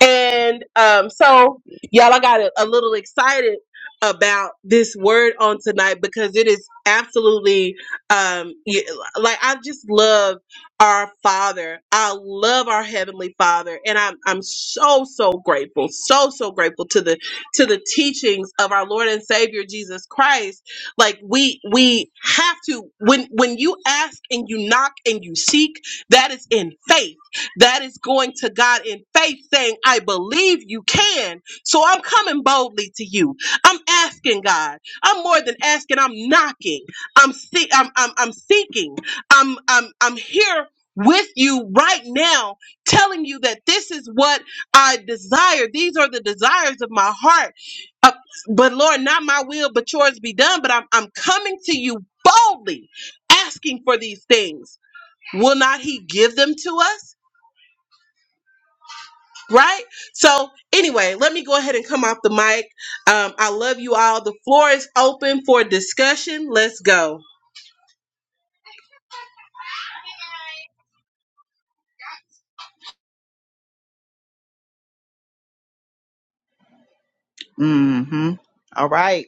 Speaker 1: and um, so, y'all, I got a, a little excited about this word on tonight because it is absolutely um y- like I just love our father. I love our heavenly father and I'm I'm so so grateful. So so grateful to the to the teachings of our Lord and Savior Jesus Christ. Like we we have to when when you ask and you knock and you seek, that is in faith that is going to God in faith, saying, I believe you can. So I'm coming boldly to you. I'm asking God. I'm more than asking, I'm knocking. I'm see I'm I'm, I'm seeking. I'm I'm I'm here with you right now, telling you that this is what I desire. These are the desires of my heart. Uh, but Lord, not my will, but yours be done. But I'm I'm coming to you boldly, asking for these things. Will not he give them to us? right? So, anyway, let me go ahead and come off the mic. Um, I love you all. The floor is open for discussion. Let's go.
Speaker 2: mm-hmm. All right.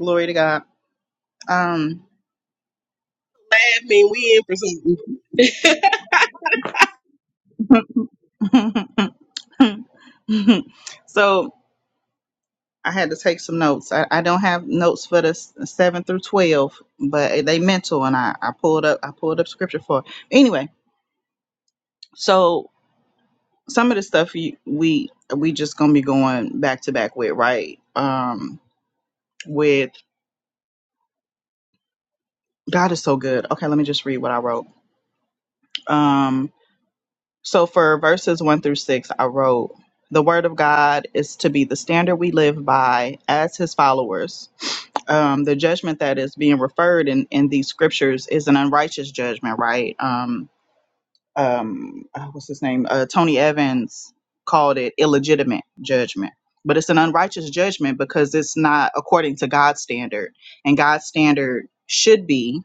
Speaker 2: Glory to God. Um
Speaker 1: I mean, we in for something.
Speaker 2: (laughs) so I had to take some notes. I, I don't have notes for the s- seven through twelve, but they mental and I, I pulled up I pulled up scripture for it. Anyway, so some of the stuff you, we we just gonna be going back to back with right um with god is so good okay let me just read what i wrote um so for verses one through six i wrote the word of god is to be the standard we live by as his followers um the judgment that is being referred in in these scriptures is an unrighteous judgment right Um, um uh, what's his name uh, tony evans called it illegitimate judgment but it's an unrighteous judgment because it's not according to god's standard and god's standard should be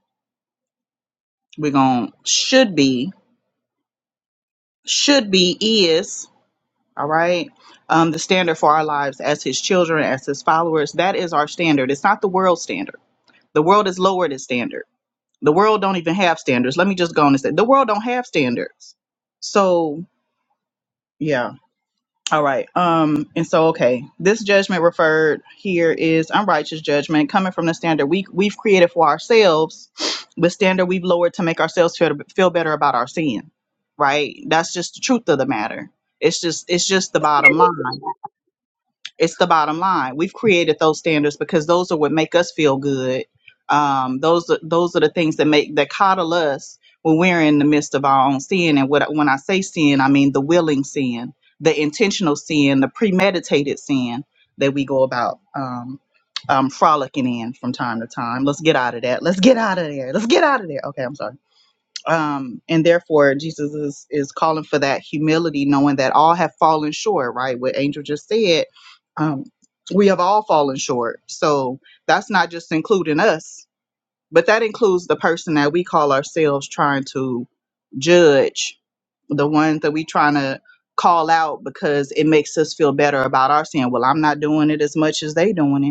Speaker 2: we're going should be should be is all right um the standard for our lives as his children as his followers that is our standard it's not the world standard the world is lowered its standard the world don't even have standards let me just go on and say the world don't have standards so yeah All right. Um, and so okay, this judgment referred here is unrighteous judgment coming from the standard we we've created for ourselves, the standard we've lowered to make ourselves feel feel better about our sin. Right? That's just the truth of the matter. It's just it's just the bottom line. It's the bottom line. We've created those standards because those are what make us feel good. Um, those are- those are the things that make that coddle us when we're in the midst of our own sin. And what when I say sin, I mean the willing sin, the intentional sin, the premeditated sin that we go about um, um, frolicking in from time to time. Let's get out of that. Let's get out of there. Let's get out of there. Okay, I'm sorry um, and therefore Jesus is, is calling for that humility, knowing that all have fallen short. Right, what Angel just said, um, we have all fallen short. So that's not just including us, but that includes the person that we call ourselves trying to judge, the ones that we trying to call out because it makes us feel better about our sin. Well, I'm not doing it as much as they doing it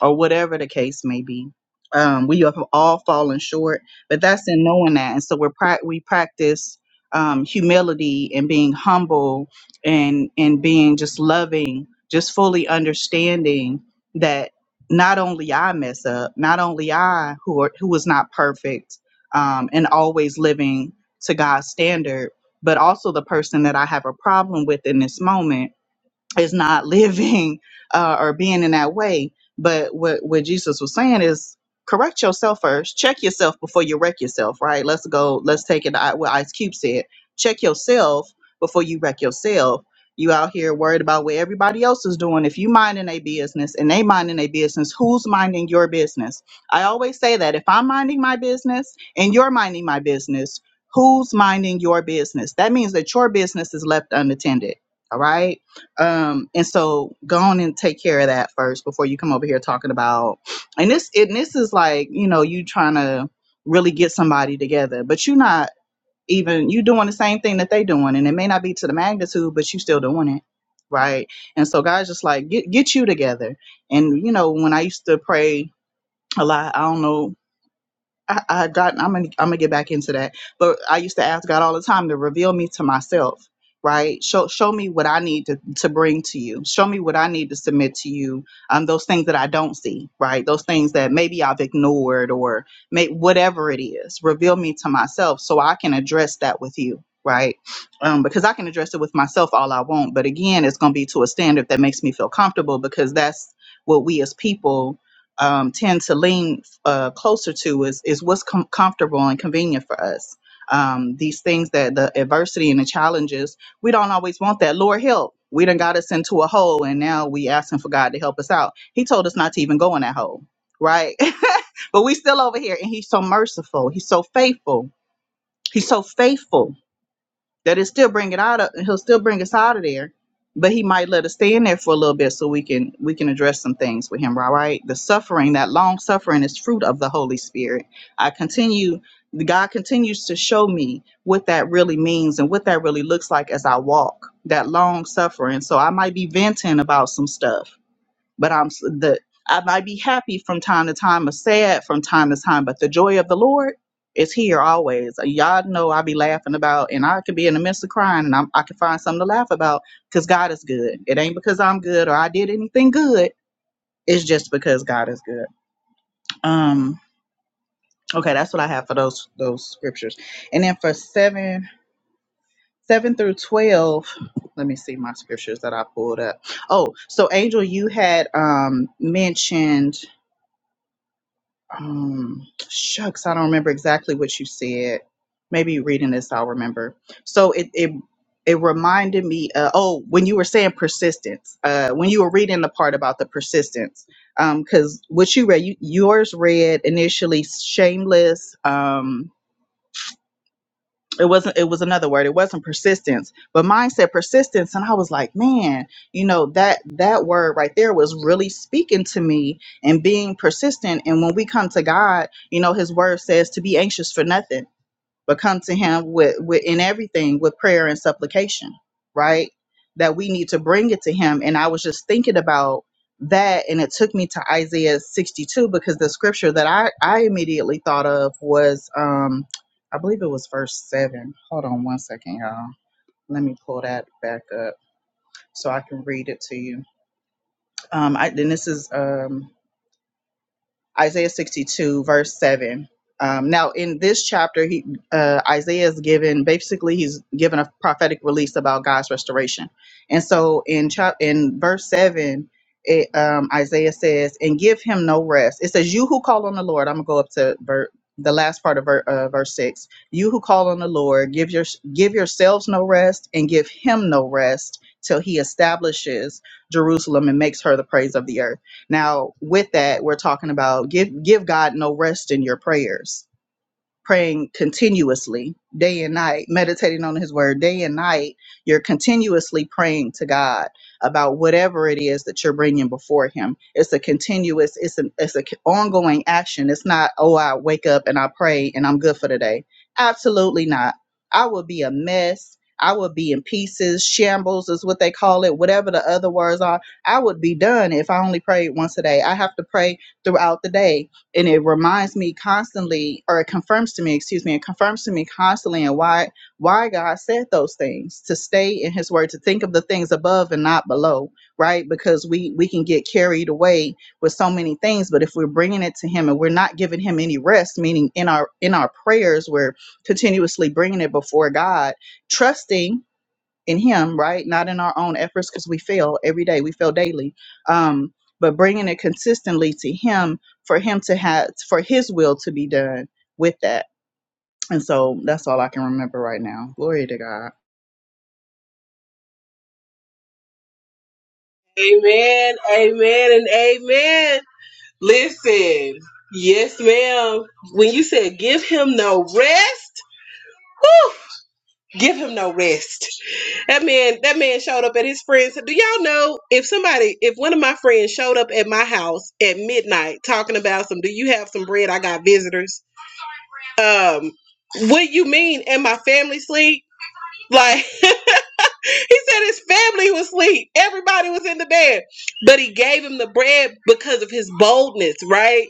Speaker 2: or whatever the case may be. Um, we have all fallen short, but that's in knowing that, and so we're prac we practice um, humility and being humble and and being just loving, just fully understanding that not only I mess up, not only I who are, who was not perfect um, and always living to God's standard, but also the person that I have a problem with in this moment is not (laughs) living uh, or being in that way. But what what Jesus was saying is correct yourself first. Check yourself before you wreck yourself. Right? Let's go. Let's take it. to I- What Ice Cube said: Check yourself before you wreck yourself. You out here worried about what everybody else is doing. If you minding a business and they minding a business, who's minding your business? I always say that if I'm minding my business and you're minding my business, who's minding your business? That means that your business is left unattended. All right um, and so go on and take care of that first before you come over here talking about and this and this is like, you know, you trying to really get somebody together, but you're not even you doing the same thing that they doing and it may not be to the magnitude, but you still doing it. Right. And so God's just like, get get you together. And you know, when I used to pray a lot, I don't know I, I got I'm gonna I'm gonna get back into that. But I used to ask God all the time to reveal me to myself, right? Show show me what I need to, to bring to you. Show me what I need to submit to you. Um those things that I don't see, right? Those things that maybe I've ignored or may whatever it is. Reveal me to myself so I can address that with you. Right. Um, because I can address it with myself all I want. But again, it's going to be to a standard that makes me feel comfortable because that's what we as people um, tend to lean uh, closer to is is what's com- comfortable and convenient for us. Um, these things that the adversity and the challenges, we don't always want that. Lord, help. We done got us into a hole, and now we asking for God to help us out. He told us not to even go in that hole, right? (laughs) but we still over here, and He's so merciful. He's so faithful. He's so faithful that it still bring it out of he'll still bring us out of there but he might let us stay in there for a little bit so we can we can address some things with him all right the suffering that long suffering is fruit of the holy spirit i continue god continues to show me what that really means and what that really looks like as i walk that long suffering so i might be venting about some stuff but I'm s- the I might be happy from time to time or sad from time to time, but the joy of the Lord is here always. Uh, Y'all know I be laughing about, and I could be in the midst of crying, and I'm, I can find something to laugh about because God is good. It ain't because I'm good or I did anything good. It's just because God is good. Um. Okay, that's what I have for those those scriptures, and then for seven seven through twelve. Let me see my scriptures that I pulled up. Oh, so Angel, you had um mentioned um shucks i don't remember exactly what you said maybe reading this i'll remember so it it it reminded me uh, oh when you were saying persistence uh when you were reading the part about the persistence um because what you read you, yours read initially shameless um it wasn't it was another word it wasn't persistence but mine said persistence and i was like man you know that that word right there was really speaking to me and being persistent and when we come to god you know his word says to be anxious for nothing but come to him with, with in everything with prayer and supplication right that we need to bring it to him and i was just thinking about that and it took me to isaiah 62 because the scripture that i i immediately thought of was um i believe it was verse 7 hold on one second y'all let me pull that back up so i can read it to you um I, and this is um Isaiah 62, verse 7. Um, now, in this chapter, he, uh, Isaiah is given basically he's given a prophetic release about God's restoration. And so, in chap in verse seven, it, um, Isaiah says, "And give him no rest." It says, "You who call on the Lord." I'm gonna go up to ver- the last part of ver- uh, verse six. You who call on the Lord, give your give yourselves no rest, and give him no rest till he establishes Jerusalem and makes her the praise of the earth. Now, with that, we're talking about give give God no rest in your prayers praying continuously day and night meditating on his word day and night you're continuously praying to god about whatever it is that you're bringing before him it's a continuous it's an it's a c- ongoing action it's not oh i wake up and i pray and i'm good for the day absolutely not i will be a mess I would be in pieces, shambles is what they call it, whatever the other words are. I would be done if I only prayed once a day. I have to pray throughout the day and it reminds me constantly or it confirms to me excuse me it confirms to me constantly and why why god said those things to stay in his word to think of the things above and not below right because we we can get carried away with so many things but if we're bringing it to him and we're not giving him any rest meaning in our in our prayers we're continuously bringing it before god trusting in him right not in our own efforts because we fail every day we fail daily um but bringing it consistently to him for him to have for his will to be done with that and so that's all i can remember right now glory to god
Speaker 1: Amen, amen, and amen. Listen, yes, ma'am. When you said give him no rest, whew, give him no rest. That man, that man showed up at his friend's. Do y'all know if somebody, if one of my friends showed up at my house at midnight talking about some, do you have some bread? I got visitors Um, what you mean? And my family sleep? Like, (laughs) He said his family was asleep. Everybody was in the bed. But he gave him the bread because of his boldness, right?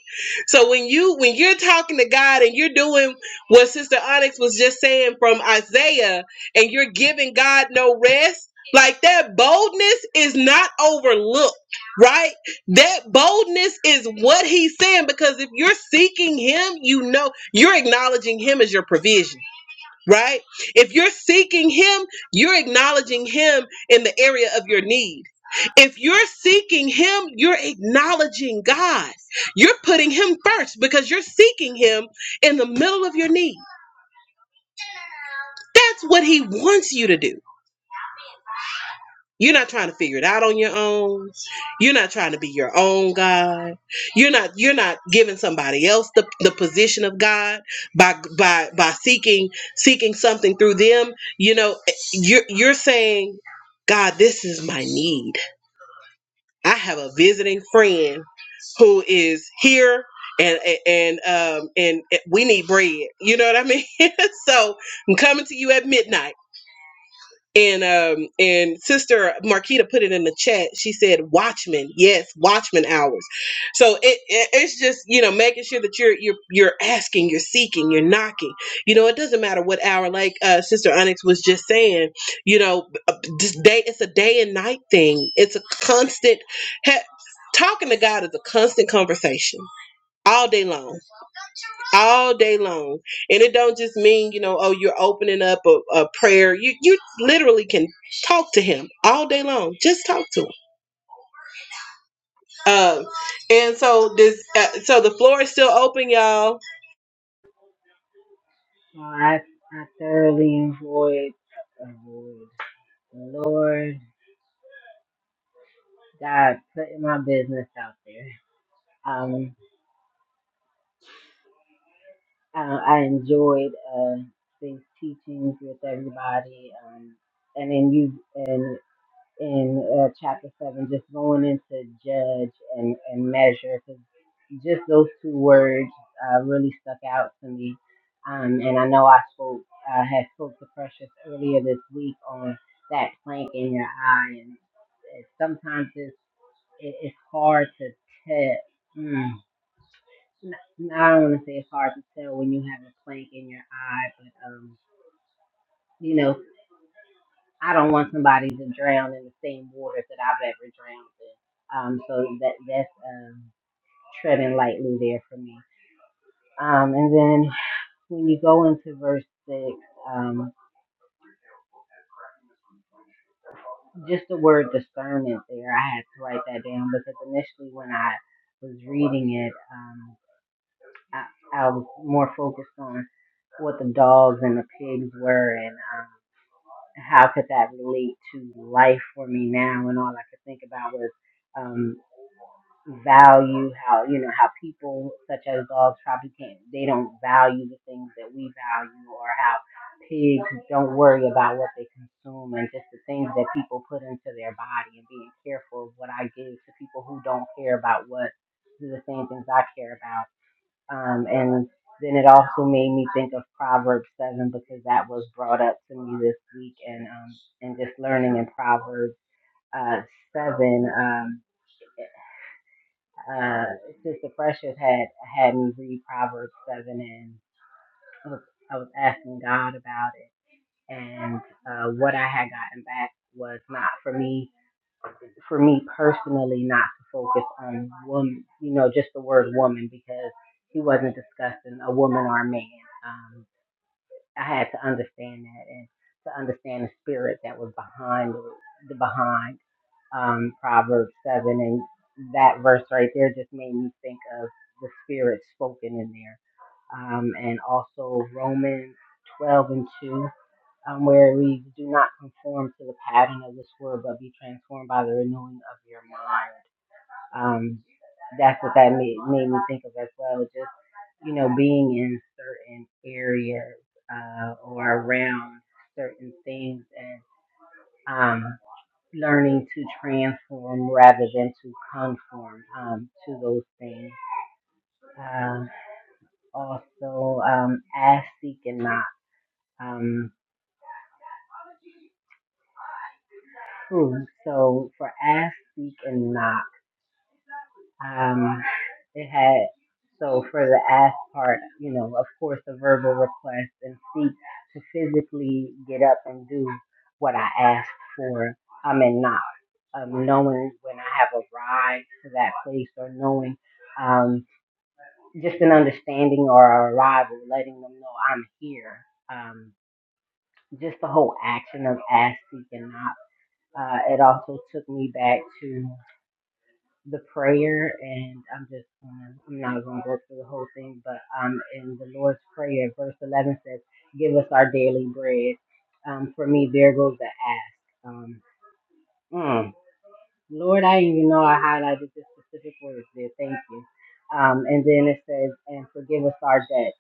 Speaker 1: So when you when you're talking to God and you're doing what Sister Onyx was just saying from Isaiah and you're giving God no rest, like that boldness is not overlooked, right? That boldness is what he's saying because if you're seeking him, you know you're acknowledging him as your provision right? If you're seeking Him, you're acknowledging Him in the area of your need. If you're seeking Him, you're acknowledging God. You're putting Him first because you're seeking Him in the middle of your need. That's what He wants you to do. You're not trying to figure it out on your own. You're not trying to be your own God. You're not you're not giving somebody else the, the position of God by by by seeking seeking something through them. You know, you're you're saying, God, this is my need. I have a visiting friend who is here and and um and we need bread. You know what I mean? (laughs) so I'm coming to you at midnight and um and sister Marquita put it in the chat. She said Watchmen, yes, Watchmen hours. So it, it it's just you know making sure that you're you're you're asking, you're seeking, you're knocking. You know it doesn't matter what hour. Like uh, sister Onyx was just saying, you know, uh, this day it's a day and night thing. It's a constant. He- talking to God is a constant conversation all day long all day long and it don't just mean you know oh you're opening up a, a prayer you you literally can talk to him all day long just talk to him um and so this uh, so the floor is still open y'all
Speaker 7: Well, I, I thoroughly enjoyed, enjoyed Lord God putting my business out there. Um, I, I enjoyed uh, these teachings with everybody, um, and then you and in uh, chapter 7, just going into judge and, and measure, because just those two words uh, really stuck out to me. Um, and I know I spoke, uh, had spoke to Precious earlier this week on that plank in your eye, and it- sometimes it's, it, it's hard to tell. Mm. N- I don't want to say it's hard to tell when you have a plank in your eye, but um, you know, I don't want somebody to drown in the same water that I've ever drowned in. Um, so that that's um, treading lightly there for me. Um, and then when you go into verse six, um, just the word discernment there, I had to write that down because initially when I was reading it, um, I, I was more focused on what the dogs and the pigs were and um, how could that relate to life for me now, and all I could think about was. um, value how you know how people such as dogs probably can't they don't value the things that we value or how pigs don't worry about what they consume and just the things that people put into their body and being careful of what I give to people who don't care about what the same things I care about. Um and then it also made me think of Proverbs seven because that was brought up to me this week and um and just learning in Proverbs uh seven um uh, Sister Precious had had me read Proverbs seven, and I was, I was asking God about it. And uh, what I had gotten back was not for me, for me personally, not to focus on woman, you know, just the word woman because he wasn't discussing a woman or a man. Um, I had to understand that and to understand the spirit that was behind the behind um, Proverbs seven and that verse right there just made me think of the spirit spoken in there, um, and also Romans twelve and two. Um, where we do not conform to the pattern of this world, but be transformed by the renewing of your mind. Um, that's what that made, made me think of as well. just you know, being in certain areas uh, or around certain things and um, learning to transform rather than to conform um, to those things. Uh, also, um, ask, seek, and knock. Um, hmm, so for ask, seek, and knock. Um, it had so for the ask part, you know, of course, a verbal request and seek to physically get up and do what I asked for. I'm in knock. Um, knowing when I have arrived to that place or knowing um, just an understanding or arrival, letting them know I'm here. Um, just the whole action of ask, seek, and knock. Uh, it also took me back to the prayer, and I'm just gonna, I'm not gonna go through the whole thing, but um, in the Lord's Prayer, verse 11 says, "Give us our daily bread." Um, for me, there goes the ask. Um, mm, Lord, I didn't even know I highlighted this specific word there. Thank you. Um, and then it says, "And forgive us our debt."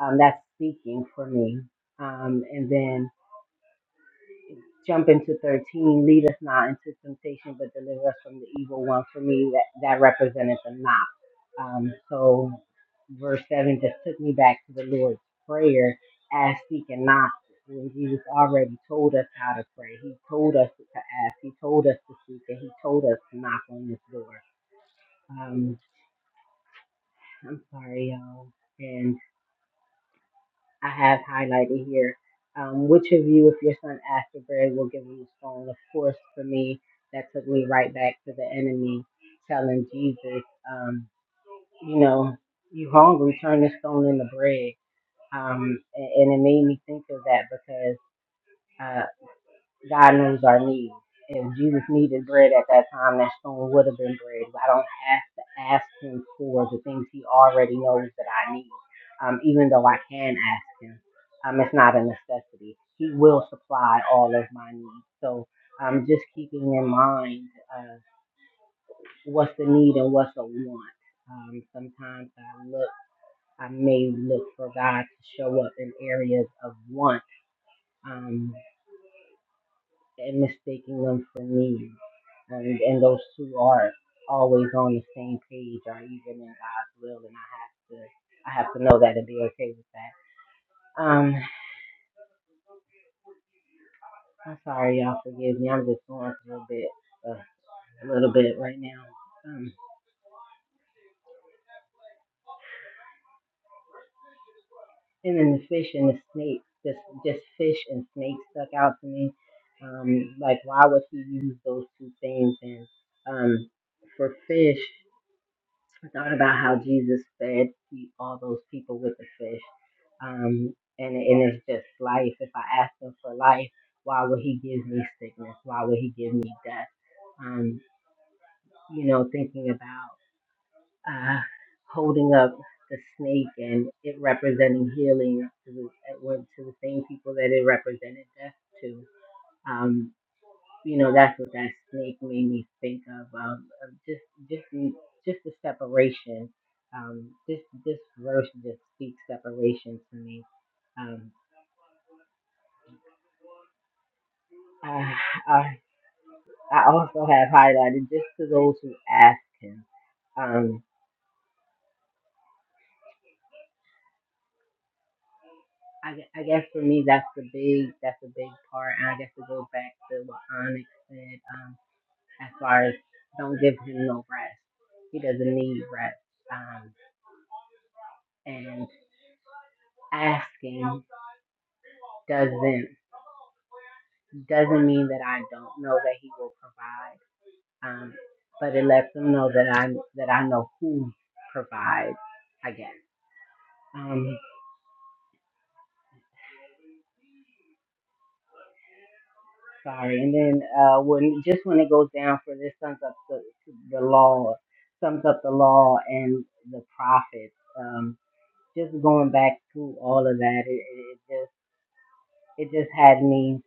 Speaker 7: Um, that's speaking for me. Um, and then Jump into 13. Lead us not into temptation, but deliver us from the evil one. For me, that, that represented the not. Um, so verse 7 just took me back to the Lord's Prayer Ask, seek and knock. When Jesus already told us how to pray, He told us to ask, He told us to seek, and He told us to knock on this door. Um, I'm sorry, y'all. And I have highlighted here. Um, which of you, if your son asks for bread, will give him a stone? Of course, for me, that took me right back to the enemy telling Jesus, um, you know, you hungry, turn this stone into bread. Um, and, and it made me think of that because. uh, God knows our needs. If Jesus needed bread at that time, that stone would have been bread. I don't have to ask him for the things he already knows that I need, um, even though I can ask him. Um, it's not a necessity. He will supply all of my needs. So um, just keeping in mind uh, what's the need and what's the want. Um, sometimes I look, I may look for God to show up in areas of want. Um, and mistaking them for me. And, and those two are always on the same page or even in God's will. And I have to, I have to know that and be okay with that. Um, I'm sorry, y'all. Forgive me. I'm just going through a bit, uh, a little bit right now. Um, and then the fish and the snake, just just fish and snake stuck out to me. Um, like why would he use those two things? And um, for fish. I thought about how Jesus fed the- all those people with the fish. Um, and, and it's just life. If I ask him for life, why would he give me sickness? Why would he give me death? Um, you know, thinking about uh, holding up the snake and it representing healing to the, it went to the same people that it represented death to. Um, you know that's what that snake made me think of um, of just just the- just the separation um this this verse just speaks separation to me um i i, I also have highlighted just to those who ask him um I, gue- I guess for me that's the big that's the big part and i guess to go back to what onyx said um as far as don't give him no rest he doesn't need rest um and asking doesn't. doesn't mean that I don't know that He will provide, um, but it lets them know that I that I know who provides. I guess. Um, sorry. And then uh, when just when it goes down for this sums up the, the law, sums up the law and the prophets. Um, just going back through all of that, it, it it just It just had me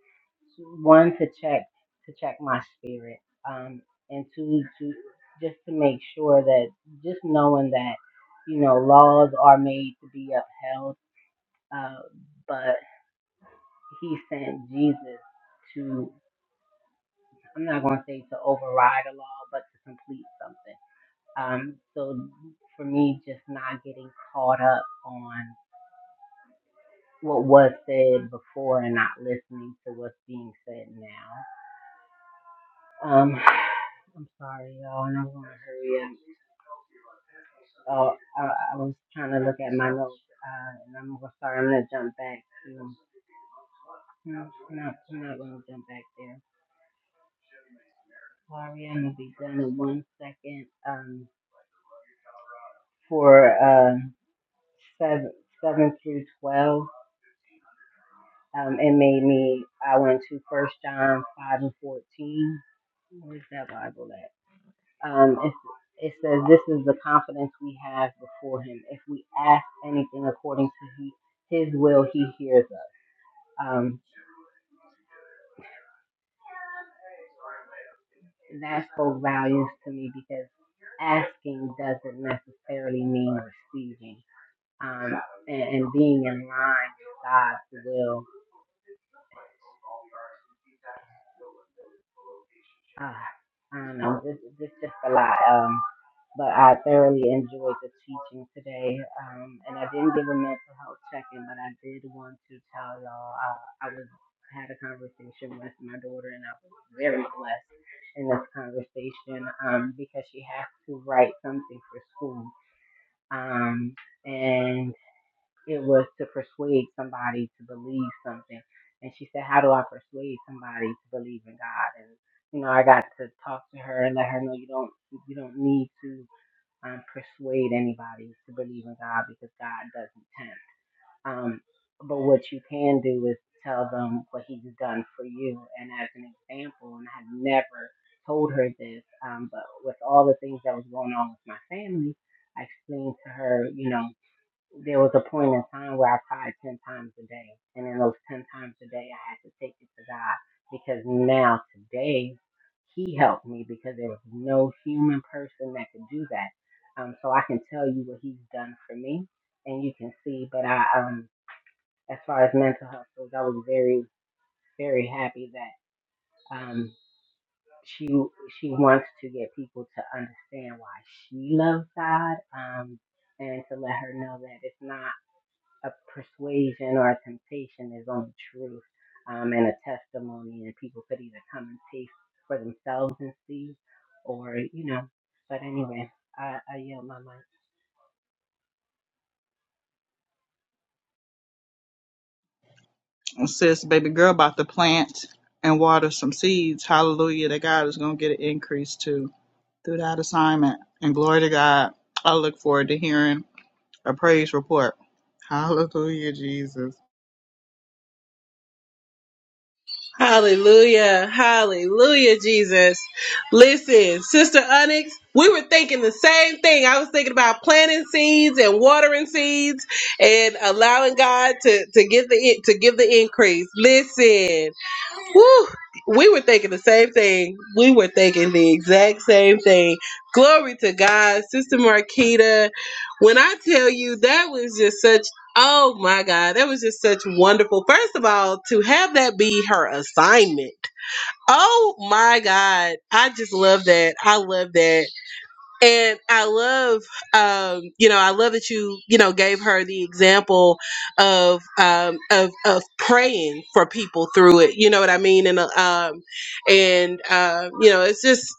Speaker 7: one to check to check my spirit, um, and two to just to make sure that just knowing that you know laws are made to be upheld, uh, but He sent Jesus to I'm not going to say to override a law, but to complete something. Um, so for me, just not getting caught up on what was said before and not listening to what's being said now Um, (sighs) I'm sorry, y'all, and I'm gonna hurry up. Oh, I, I was trying to look at my notes, uh, and I'm gonna sorry, I'm gonna jump back to. No, no, I'm not gonna jump back there. Sorry, I'm gonna be done in one second. Um, for uh, seven, seven through twelve, um, it made me. I went to First John five and fourteen. Where's that Bible at? Um, it's, it says, This is the confidence we have before Him. If we ask anything according to he, His will, He hears us. Um, that spoke values to me because asking doesn't necessarily mean receiving. Um, and, and being in line with God's will Ah, I don't know. This, this is just a lot. Um, but I thoroughly enjoyed the teaching today. Um, and I didn't give a mental health check-in, but I did want to tell y'all I, I was had a conversation with my daughter, and I was very blessed in this conversation um, because she has to write something for school. Um, and it was to persuade somebody to believe something. And she said, How do I persuade somebody to believe in God? And you know, I got to talk to her and let her know you don't you don't need to um, persuade anybody to believe in God because God doesn't tempt. Um, but what you can do is tell them what He's done for you. And as an example, and I had never told her this, um, but with all the things that was going on with my family, I explained to her, you know there was a point in time where I cried 10 times a day. And in those 10 times a day, I had to take it to God because now today, He helped me because there was no human person that could do that. Um, so I can tell you what He's done for me and you can see. But I, um, as far as mental health goes, I was very, very happy that um, she she wants to get people to understand why she loves God um, and to let her know that it's not a persuasion or a temptation is on truth um, and a testimony, and people could either come and taste for themselves and see, or you know. But anyway, I, I yield my mind.
Speaker 2: And sis baby girl about to plant and water some seeds hallelujah that god is going to get an increase too through that assignment and glory to god i look forward to hearing a praise report hallelujah jesus
Speaker 1: hallelujah hallelujah jesus listen sister onyx we were thinking the same thing i was thinking about planting seeds and watering seeds and allowing god to to give the to give the increase listen Woo! We were thinking the same thing. We were thinking the exact same thing. Glory to God, Sister Marquita. When I tell you that was just such oh my God, that was just such wonderful. First of all, to have that be her assignment. Oh my God. I just love that. I love that and I love, um, you know, I love that you, you know, gave her the example of um, of of praying for people through it. You know what I mean? And uh, um, and uh, you know, it's just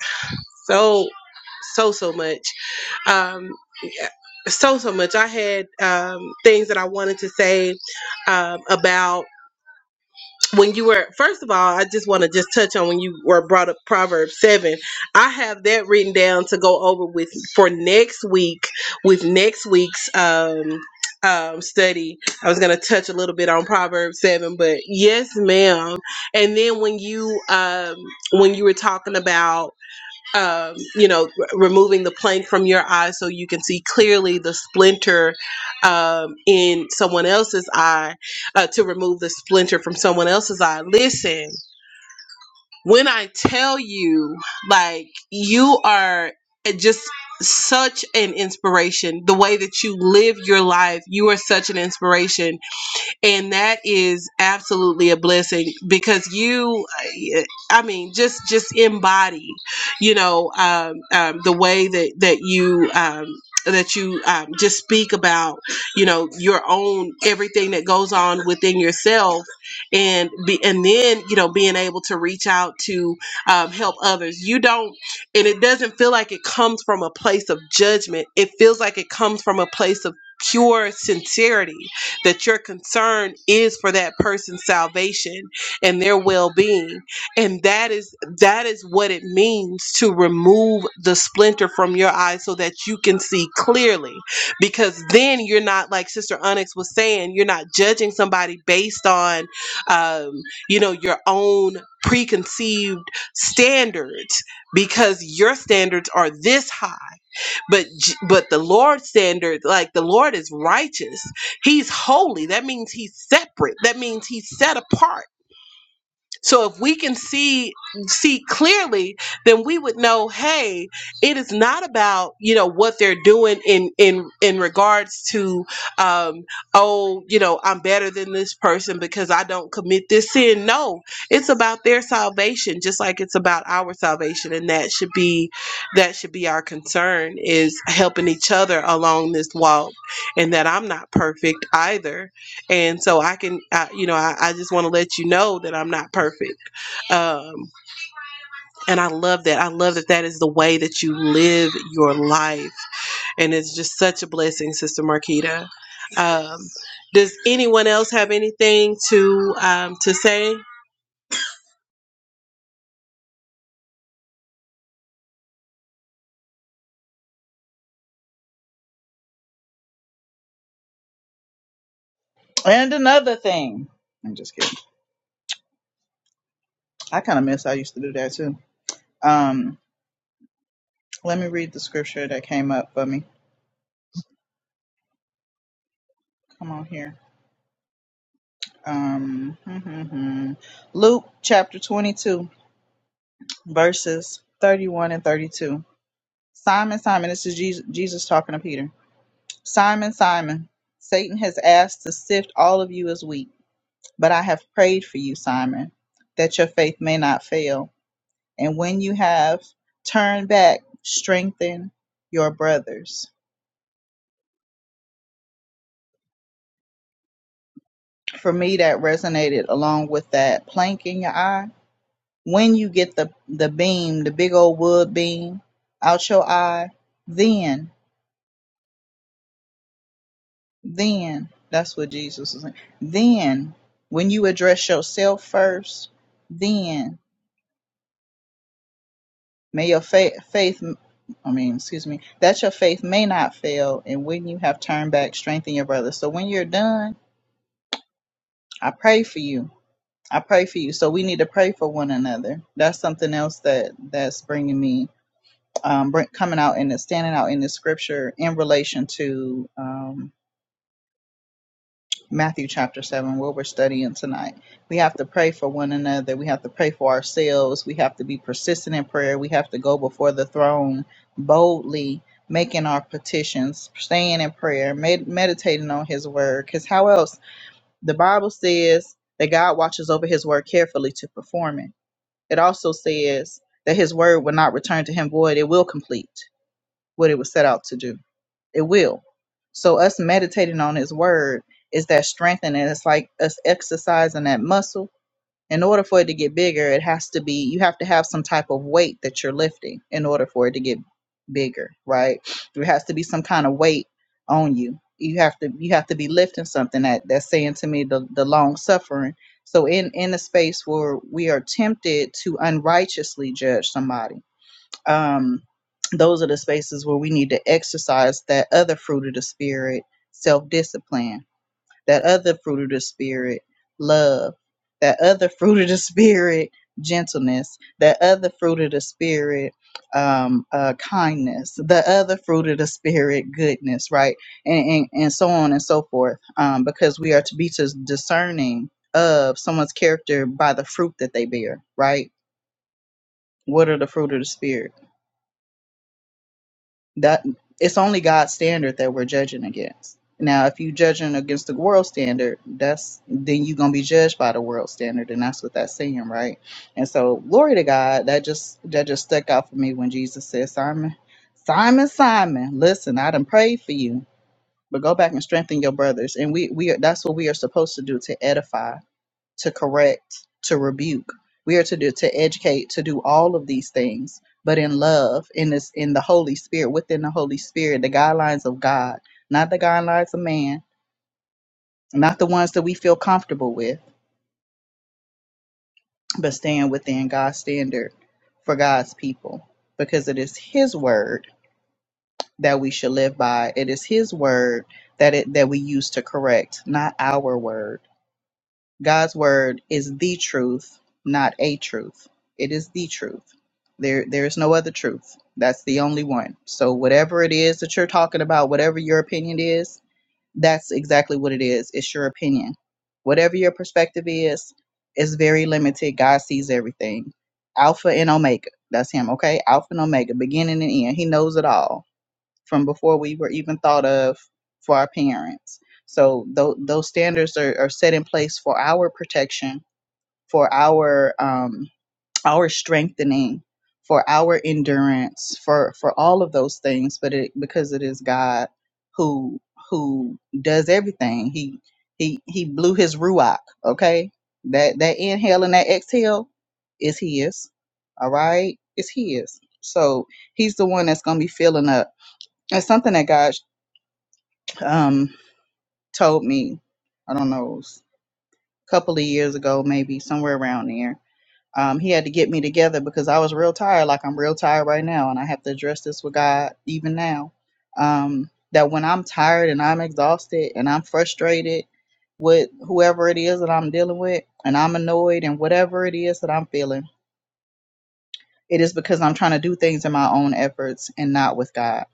Speaker 1: so so so much, um, yeah, so so much. I had um, things that I wanted to say um, about when you were first of all i just want to just touch on when you were brought up proverbs 7 i have that written down to go over with for next week with next week's um um study i was going to touch a little bit on proverbs 7 but yes ma'am and then when you um when you were talking about um, you know, r- removing the plank from your eye so you can see clearly the splinter um, in someone else's eye, uh, to remove the splinter from someone else's eye. Listen, when I tell you, like, you are eh, just such an inspiration, the way that you live your life, you are such an inspiration and that is absolutely a blessing because you uh, i mean just just embody you know um, um, the way that that you um, that you um, just speak about you know your own everything that goes on within yourself and be and then you know being able to reach out to um, help others you don't and it doesn't feel like it comes from a place of judgment it feels like it comes from a place of pure sincerity that your concern is for that person's salvation and their well-being and that is that is what it means to remove the splinter from your eye so that you can see clearly because then you're not like sister onyx was saying you're not judging somebody based on um, you know your own preconceived standards because your standards are this high but J- but the lord's standard like the lord is righteous he's holy that means he's separate that means he's set apart so if we can see see clearly, then we would know, hey, it is not about you know what they're doing in in in regards to, um, oh, you know, I'm better than this person because I don't commit this sin. No, it's about their salvation, just like it's about our salvation, and that should be that should be our concern is helping each other along this walk, and that I'm not perfect either and so i can I, you know i, I just want to let you know that i'm not perfect um, and i love that i love that that is the way that you live your life and it's just such a blessing sister marquita um, does anyone else have anything to um, to say
Speaker 2: and another thing i'm just kidding I kind of miss I used to do that too. Um, let me read the scripture that came up for me. Come on here. Um, (laughs) Luke chapter 22, verses 31 and 32. Simon, Simon, this is Jesus, Jesus talking to Peter. Simon, Simon, Satan has asked to sift all of you as wheat, but I have prayed for you, Simon, that your faith may not fail. And when you have turned back, strengthen your brothers. for me that resonated along with that plank in your eye. When you get the the beam, the big old wood beam out your eye, then then that's what Jesus is saying. Then when you address yourself first, then may your faith faith I mean, excuse me, that your faith may not fail, and when you have turned back, strengthen your brother. So when you're done, I pray for you. I pray for you. So we need to pray for one another. That's something else that that's bringing me um, bring, coming out and standing out in the scripture in relation to um, Matthew chapter 7, where we're studying tonight. We have to pray for one another. We have to pray for ourselves. We have to be persistent in prayer. We have to go before the throne boldly, making our petitions, staying in prayer, med- meditating on his word. Because how else? The Bible says that God watches over his word carefully to perform it. It also says that his word will not return to him void, it will complete what it was set out to do. It will. So us meditating on his word is that strengthening. It's like us exercising that muscle. In order for it to get bigger, it has to be you have to have some type of weight that you're lifting in order for it to get bigger, right? There has to be some kind of weight on you. You have to you have to be lifting something that that's saying to me the, the long suffering. So in in a space where we are tempted to unrighteously judge somebody um, those are the spaces where we need to exercise that other fruit of the spirit, self discipline, that other fruit of the spirit, love, that other (laughs) fruit of the spirit, gentleness, that other fruit of the spirit, um, uh, kindness, the other fruit of the spirit, goodness, right? And, and, and so on and so forth, um, because we are to be dis- discerning of someone's character by the fruit that they bear, right? What are the fruit of the spirit? that it's only God's standard that we're judging against. Now, if you judging against the world standard, that's then you're gonna be judged by the world standard, and that's what that's saying, right? And so, glory to God, that just that just stuck out for me when Jesus said, Simon, Simon, Simon, listen, I done prayed for you, but go back and strengthen your brothers. And we we are, that's what we are supposed to do to edify to correct, to rebuke. We are to do to educate, to do all of these things, but in love, in this in the Holy Spirit, within the Holy Spirit, the guidelines of God, not the guidelines of man, not the ones that we feel comfortable with, but staying within God's standard for God's people. Because it is his word that we should live by. It is his word that it that we use to correct, not our word. God's word is the truth, not a truth. It is the truth. There there is no other truth. That's the only one. So whatever it is that you're talking about, whatever your opinion is, that's exactly what it is. It's your opinion. Whatever your perspective is, it's very limited. God sees everything. Alpha and Omega. That's him, okay? Alpha and Omega, beginning and end. He knows it all from before we were even thought of for our parents. So tho- those standards are, are set in place for our protection, for our um, our strengthening, for our endurance, for for all of those things. But it, because it is God who who does everything, he he he blew his ruach. Okay, that that inhale and that exhale is his. All right, it's his. So he's the one that's gonna be filling up it's something that God um, told me, I don't know, a couple of years ago, maybe somewhere around there. Um, he had to get me together because I was real tired, like I'm real tired right now, and I have to address this with God even now. Um, that when I'm tired and I'm exhausted and I'm frustrated with whoever it is that I'm dealing with, and I'm annoyed and whatever it is that I'm feeling, it is because I'm trying to do things in my own efforts and not with God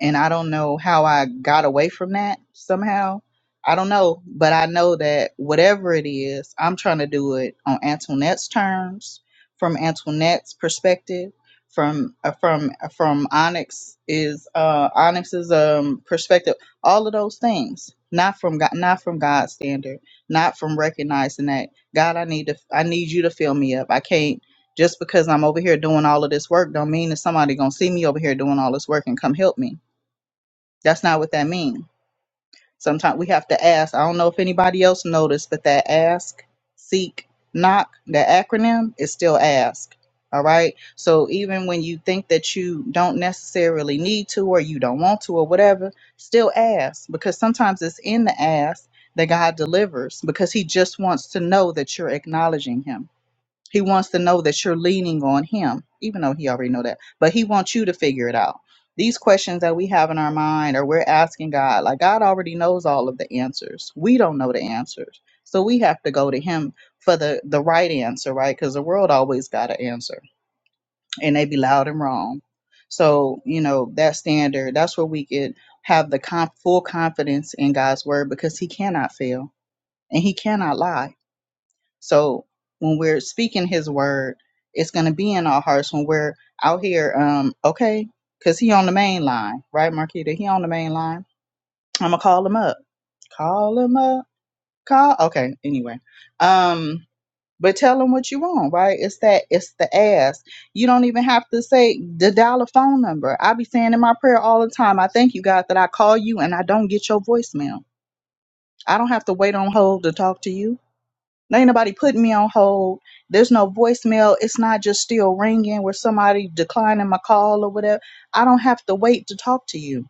Speaker 2: and I don't know how I got away from that somehow. I don't know, but I know that whatever it is, I'm trying to do it on Antoinette's terms, from Antoinette's perspective, from uh, from uh, from Onyx is uh, Onyx's um, perspective. All of those things, not from God, not from God's standard, not from recognizing that God, I need to, I need you to fill me up. I can't just because I'm over here doing all of this work, don't mean that somebody gonna see me over here doing all this work and come help me that's not what that means. Sometimes we have to ask. I don't know if anybody else noticed, but that ask, seek, knock, that acronym is still ask. All right. So even when you think that you don't necessarily need to or you don't want to or whatever, still ask because sometimes it's in the ask that God delivers because he just wants to know that you're acknowledging him. He wants to know that you're leaning on him, even though he already know that. But he wants you to figure it out. These questions that we have in our mind or we're asking God, like God already knows all of the answers. We don't know the answers. So we have to go to him for the the right answer, right? Because the world always got an answer and they be loud and wrong. So, you know, that standard, that's where we could have the con full confidence in God's word because he cannot fail and he cannot lie so when we're speaking His word, it's going to be in our hearts when we're out here. Um, okay, because He on the main line, right, Marquita? He on the main line. I'm gonna call him up. Call him up. Call. Okay. Anyway, um, but tell him what you want, right? It's that. It's the ask. You don't even have to say the dollar phone number. I be saying in my prayer all the time. I thank you, God, that I call you and I don't get your voicemail. I don't have to wait on hold to talk to you. There Ain't nobody putting me on hold. There's no voicemail. It's not just still ringing where somebody declining my call or whatever. I don't have to wait to talk to you.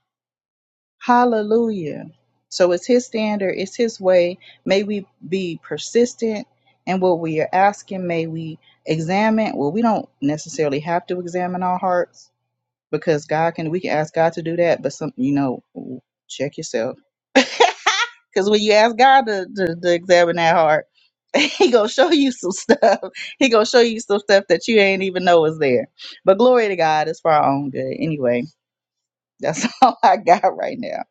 Speaker 2: Hallelujah. So it's His standard, it's His way. May we be persistent in what we are asking. May we examine. Well, we don't necessarily have to examine our hearts because God can, we can ask God to do that, but some, you know, check yourself because when you ask God to, to, to examine that heart, (laughs) He gonna show you some stuff. (laughs) He gonna show you some stuff that you ain't even know is there. But glory to God, it's for our own good. Anyway, that's (laughs) all I got right now.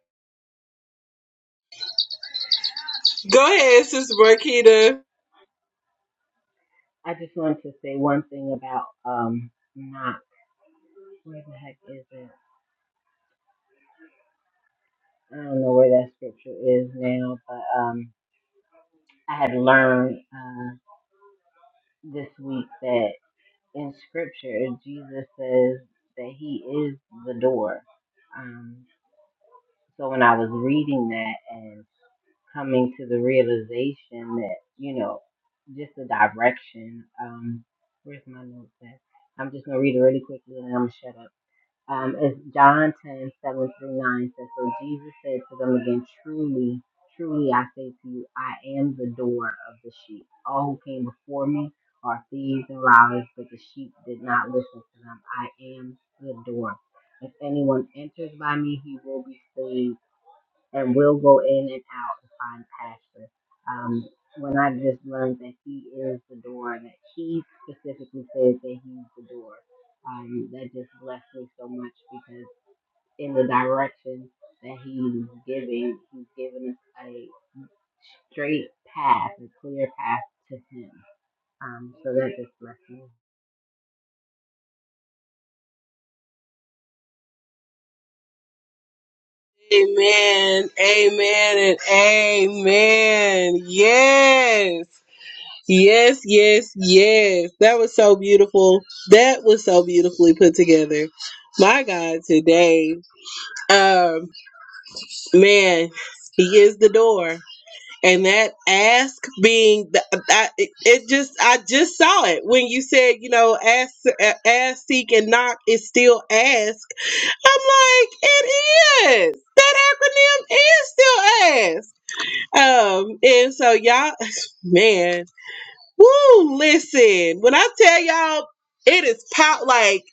Speaker 1: go ahead sister marquita
Speaker 7: I just wanted to say one thing about um not where the heck is it? I don't know where that scripture is now, but um I had learned uh, this week that in scripture Jesus says that he is the door. um. So when I was reading that and coming to the realization that, you know, just the direction, um, where's my notes at? I'm just gonna read it really quickly and I'm gonna shut up. Um, it's John 10, seven through 9 says, So Jesus said to them again, Truly, truly I say to you, I am the door of the sheep. All who came before me are thieves and robbers, but the sheep did not listen to them. I am the door. If anyone enters by me, he will be saved and will go in and out and find pasture. Um, when I just learned that he is the door, that he specifically says that he's the door, um, that just blessed me so much because in the direction that he's giving, he's giving us a straight path, a clear path to him. Um, so that just blessed me.
Speaker 1: Amen, amen, and amen. Yes, yes, yes, yes. That was so beautiful. That was so beautifully put together. My God, today, um, man, He is the door, and that ask being the, I, it, it just I just saw it when you said you know ask, ask, seek, and knock is still ask I'm like, it is. That acronym is still ass. Um, and so y'all, (laughs) (sighs) man, woo, listen, when I tell y'all it is pop like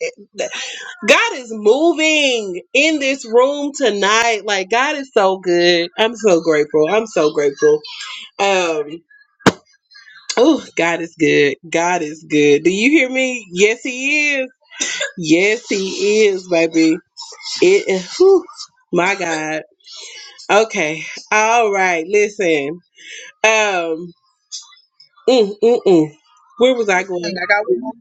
Speaker 1: God is moving in this room tonight. Like God is so good. I'm so grateful. I'm so grateful. Um Oh, God is good. God is good. Do you hear me? Yes, He is. Yes, He is, baby. It. eh, whew, my God. Okay. All right. Listen. Um. Mm, mm, mm. Where was I
Speaker 2: Dang,
Speaker 1: going?
Speaker 2: I got one more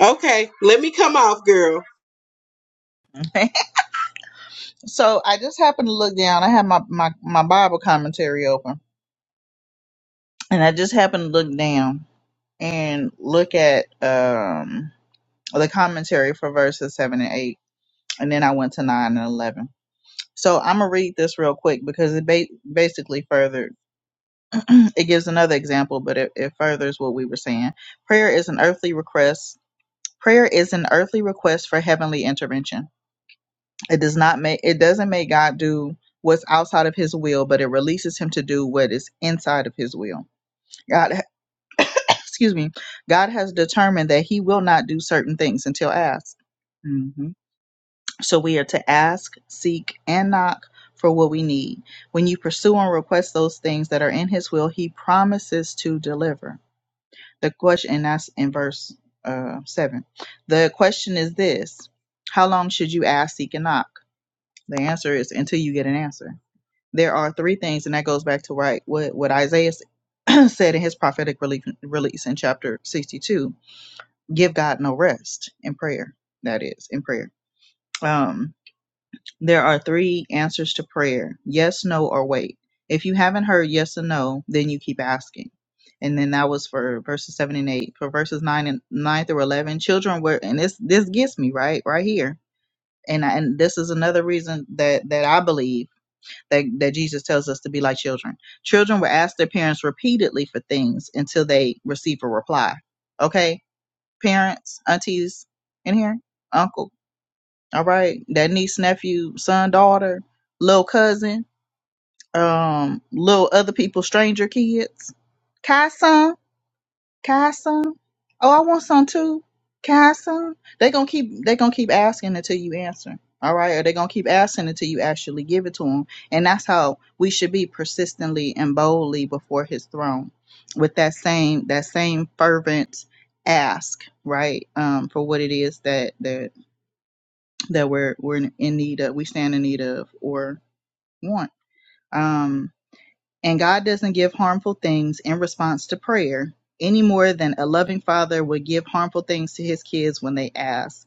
Speaker 1: Okay. Let me come off, girl.
Speaker 2: thing. (laughs) so I just happened to look down. I had my, my, my Bible commentary open, and I just happened to look down and look at um the commentary for verses seven and eight, and then I went to nine and eleven. So I'm gonna read this real quick because it ba- basically further (clears throat) it gives another example, but it, it furthers what we were saying. Prayer is an earthly request. Prayer is an earthly request for heavenly intervention. It does not make it doesn't make God do what's outside of his will, but it releases him to do what is inside of his will. God (clears throat) (coughs) excuse me. God has determined that he will not do certain things until asked. hmm So we are to ask, seek, and knock for what we need. When you pursue and request those things that are in his will, he promises to deliver. The question, and that's in verse uh, 7. The question is this How long should you ask, seek, and knock? The answer is until you get an answer. There are three things, and that goes back to right what, what Isaiah (clears throat) said in his prophetic relief, release in chapter 62 give God no rest in prayer. That is, in prayer. Um, there are three answers to prayer yes, no, or wait. If you haven't heard yes and no, then you keep asking. And then that was for verses seven and eight. For verses nine and nine through eleven, children were and this this gets me right right here. And and this is another reason that that I believe that that Jesus tells us to be like children. Children will ask their parents repeatedly for things until they receive a reply. Okay, parents, aunties, in here, uncle all right that niece nephew son daughter little cousin um little other people stranger kids kai some kai some oh i want some too kai some they gonna keep they gonna keep asking until you answer all right or they gonna keep asking until you actually give it to them and that's how we should be persistently and boldly before his throne with that same that same fervent ask right um for what it is that that that we're we're in need of, we stand in need of or want. Um, and God doesn't give harmful things in response to prayer any more than a loving father would give harmful things to his kids when they ask.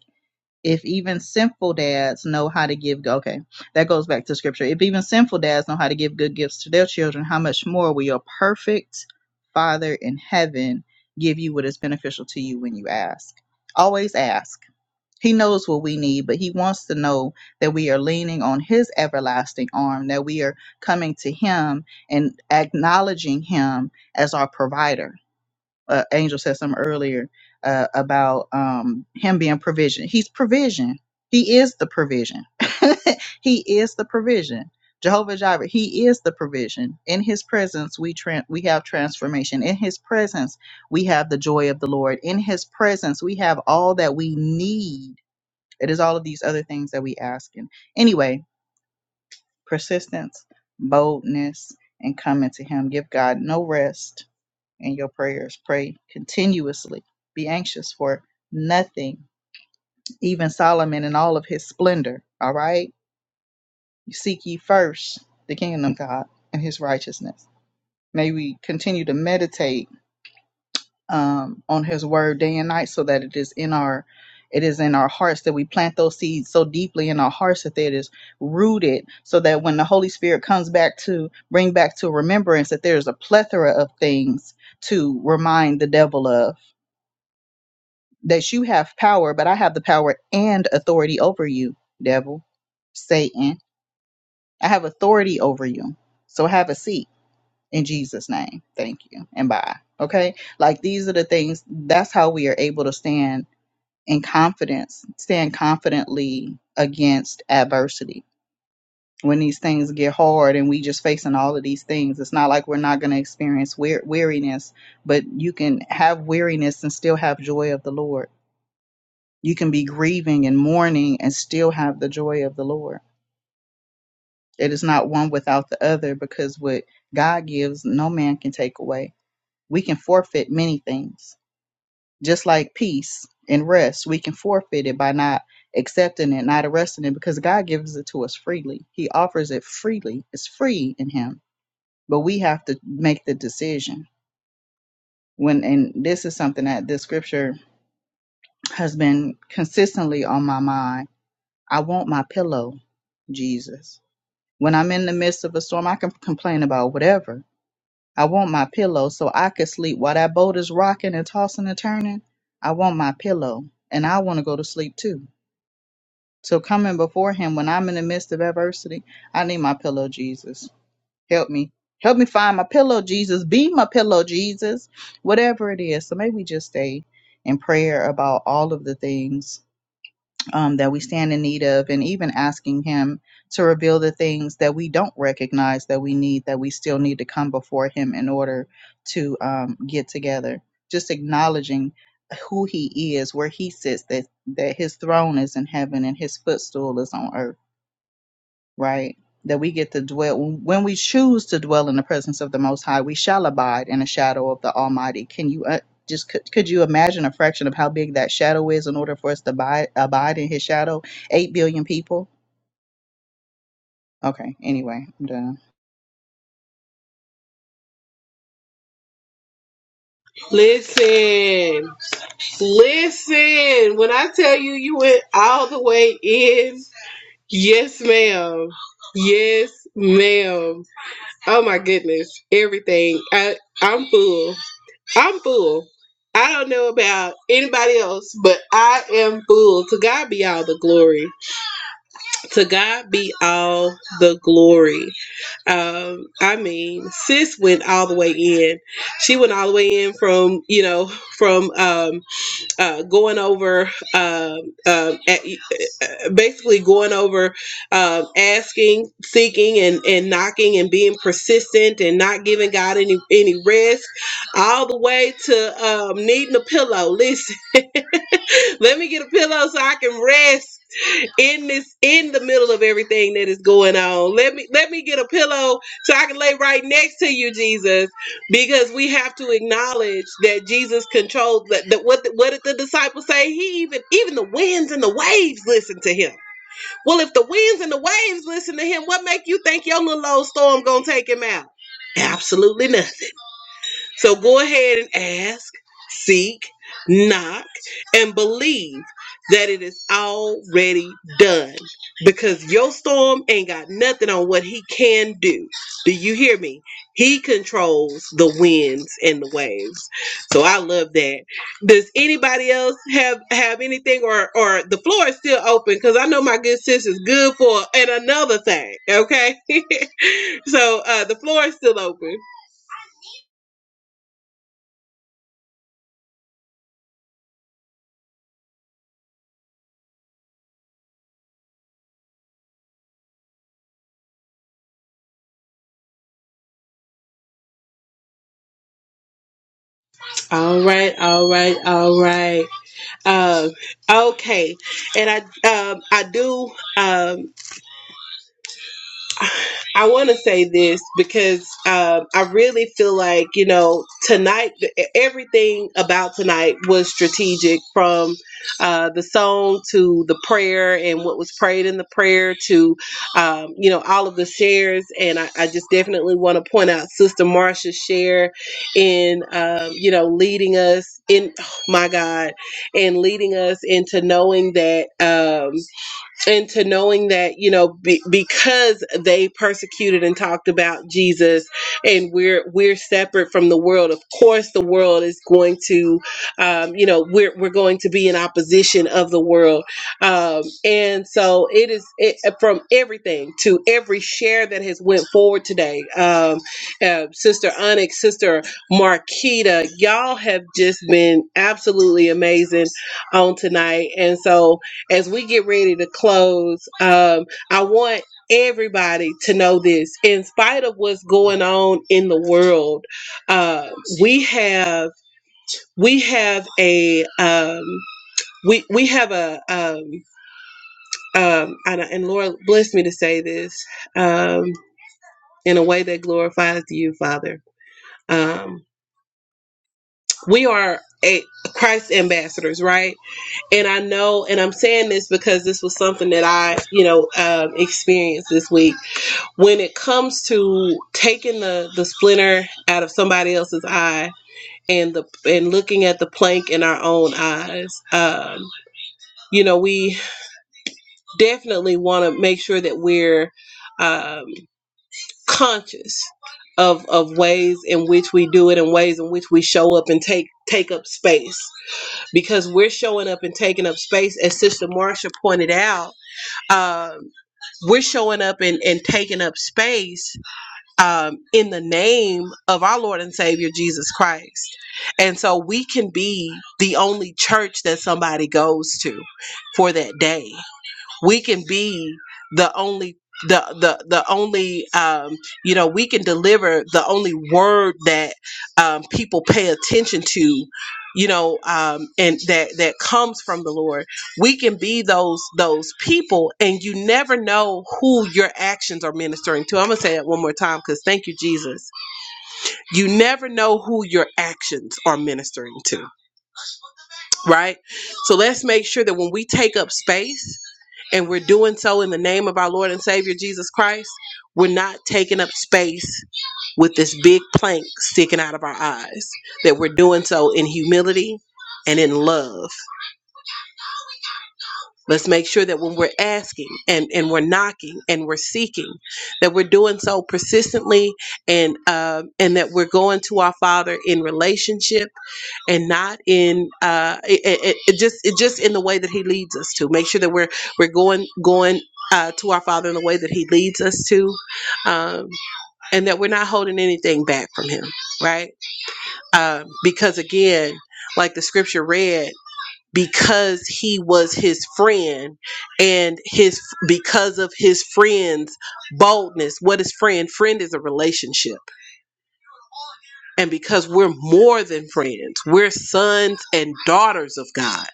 Speaker 2: If even sinful dads know how to give, okay, that goes back to scripture. If even sinful dads know how to give good gifts to their children, how much more will your perfect Father in heaven give you what is beneficial to you when you ask? Always ask he knows what we need, but He wants to know that we are leaning on His everlasting arm, that we are coming to Him and acknowledging Him as our provider. Uh, Angel said some earlier uh, about um, Him being provision. He's provision. He is the provision. (laughs) he is the provision. Jehovah Jireh, He is the provision. In His presence, we tran we have transformation. In His presence, we have the joy of the Lord. In His presence, we have all that we need it is all of these other things that we ask. And anyway, persistence, boldness, and coming to Him. Give God no rest in your prayers. Pray continuously. Be anxious for nothing. Even Solomon in all of his splendor. All right? Seek ye first the kingdom of God and his righteousness. May we continue to meditate um, on his word day and night so that it is in our it is in our hearts that we plant those seeds so deeply in our hearts that it is rooted so that when the holy spirit comes back to bring back to remembrance that there's a plethora of things to remind the devil of that you have power but i have the power and authority over you devil satan i have authority over you so have a seat in jesus name thank you and bye okay like these are the things that's how we are able to stand and confidence, stand confidently against adversity. When these things get hard and we just facing all of these things, it's not like we're not going to experience wear- weariness, but you can have weariness and still have joy of the Lord. You can be grieving and mourning and still have the joy of the Lord. It is not one without the other because what God gives, no man can take away. We can forfeit many things Just like peace and rest, we can forfeit it by not accepting it, not arresting it, because God gives it to us freely. He offers it freely. It's free in Him, but we have to make the decision. When and this is something that this scripture has been consistently on my mind. I want my pillow, Jesus. When I'm in the midst of a storm, I can complain about whatever. I want my pillow so I can sleep while that boat is rocking and tossing and turning. I want my pillow, and I want to go to sleep too So coming before him when I'm in the midst of adversity, I need my pillow, Jesus. Help me. Help me find my pillow, Jesus. Be my pillow, Jesus. Whatever it is. So may we just stay in prayer about all of the things um, that we stand in need of, and even asking Him to reveal the things that we don't recognize that we need, that we still need to come before Him in order to um, get together. Just acknowledging who He is, where He sits, that that His throne is in heaven and His footstool is on earth right? That we get to dwell, when we choose to dwell in the presence of the Most High, we shall abide in the shadow of the Almighty. Can you uh, just, could, could you imagine a fraction of how big that shadow is in order for us to abide, abide in His shadow? Eight billion people? Okay, anyway, I'm done.
Speaker 1: Listen. Listen. When I tell you, you went all the way in. Yes, ma'am. Yes, ma'am. Oh my goodness. Everything. I I'm full. I'm full. I don't know about anybody else, but I am full. To God be all the glory. To God be all the glory. Um, I mean, sis went all the way in. She went all the way in from you know from um, uh, going over um, um, at, uh, basically going over um, asking, seeking, and and knocking, and being persistent, and not giving God any any rest, all the way to um, needing a pillow. Listen, (laughs) let me get a pillow so I can rest in this in the middle of everything that is going on let me let me get a pillow so i can lay right next to you jesus because we have to acknowledge that jesus controlled that, that what the, what did the disciples say he even even the winds and the waves listen to him well if the winds and the waves listen to him what make you think your little old storm gonna take him out absolutely nothing so go ahead and ask, seek, knock, and believe that it is already done because your storm ain't got nothing on what he can do. Do you hear me? He controls the winds and the waves. So I love that. Does anybody else have have anything or or the floor is still open cuz I know my good sis is good for and another thing, okay? (laughs) so uh the floor is still open. All right, all right, all right. Um, okay, and I um, I do. um, I want to say this because um, I really feel like, you know, tonight, e-, everything about tonight was strategic from uh, the song to the prayer and what was prayed in the prayer to, um, you know, all of the shares. And I, I just definitely want to point out Sister Marsha's share in, um, you know, leading us in, oh my God, and leading us into knowing that. Um, into knowing that you know be, because they persecuted and talked about Jesus and we're we're separate from the world of course the world is going to um, you know we're we're going to be in opposition of the world um, and so it is it, from everything to every share that has went forward today um, uh, sister Onyx sister Marquita y'all have just been absolutely amazing on tonight and so as we get ready to close, um, I want everybody to know this. In spite of what's going on in the world, uh, we have we have a um, we we have a um, um, and, and Lord bless me to say this um, in a way that glorifies you, Father. Um, we are a Christ ambassadors, right? And I know, and I'm saying this because this was something that I, you know, um, experienced this week when it comes to taking the the splinter out of somebody else's eye and the and looking at the plank in our own eyes um you know we definitely want to make sure that we're um conscious of of ways in which we do it and ways in which we show up and take take up space because we're showing up and taking up space as sister marsha pointed out um we're showing up and, and taking up space um, in the name of our Lord and Savior Jesus Christ. And so we can be the only church that somebody goes to for that day we can be the only the the the only um you know we can deliver the only word that um people pay attention to you know um and that that comes from the lord we can be those those people and you never know who your actions are ministering to i'm gonna say that one more time because thank you jesus you never know who your actions are ministering to right so let's make sure that when we take up space and we're doing so in the name of our Lord and Savior Jesus Christ, we're not taking up space with this big plank sticking out of our eyes. That we're doing so in humility and in love. Let's make sure that when we're asking and, and we're knocking and we're seeking, that we're doing so persistently and um, and that we're going to our Father in relationship and not in uh, it, it, it just it just in the way that he leads us to make sure that we're we're going going uh, to our father in the way that he leads us to um, and that we're not holding anything back from him right um, because again like the scripture read because he was his friend and his because of his friend's boldness what is friend friend is a relationship and because we're more than friends we're sons and daughters of god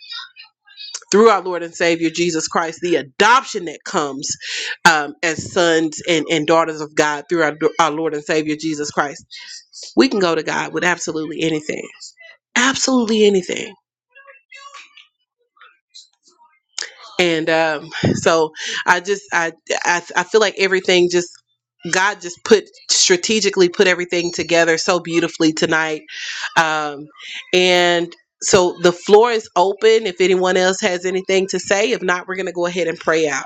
Speaker 1: through our Lord and Savior Jesus Christ, the adoption that comes um, as sons and, and daughters of God through our, our Lord and Savior Jesus Christ. We can go to God with absolutely anything, absolutely anything. And um, so I just I, I I feel like everything just God just put strategically put everything together so beautifully tonight. Um, and so the floor is open if anyone else has anything to say. If not, we're gonna go ahead and pray out.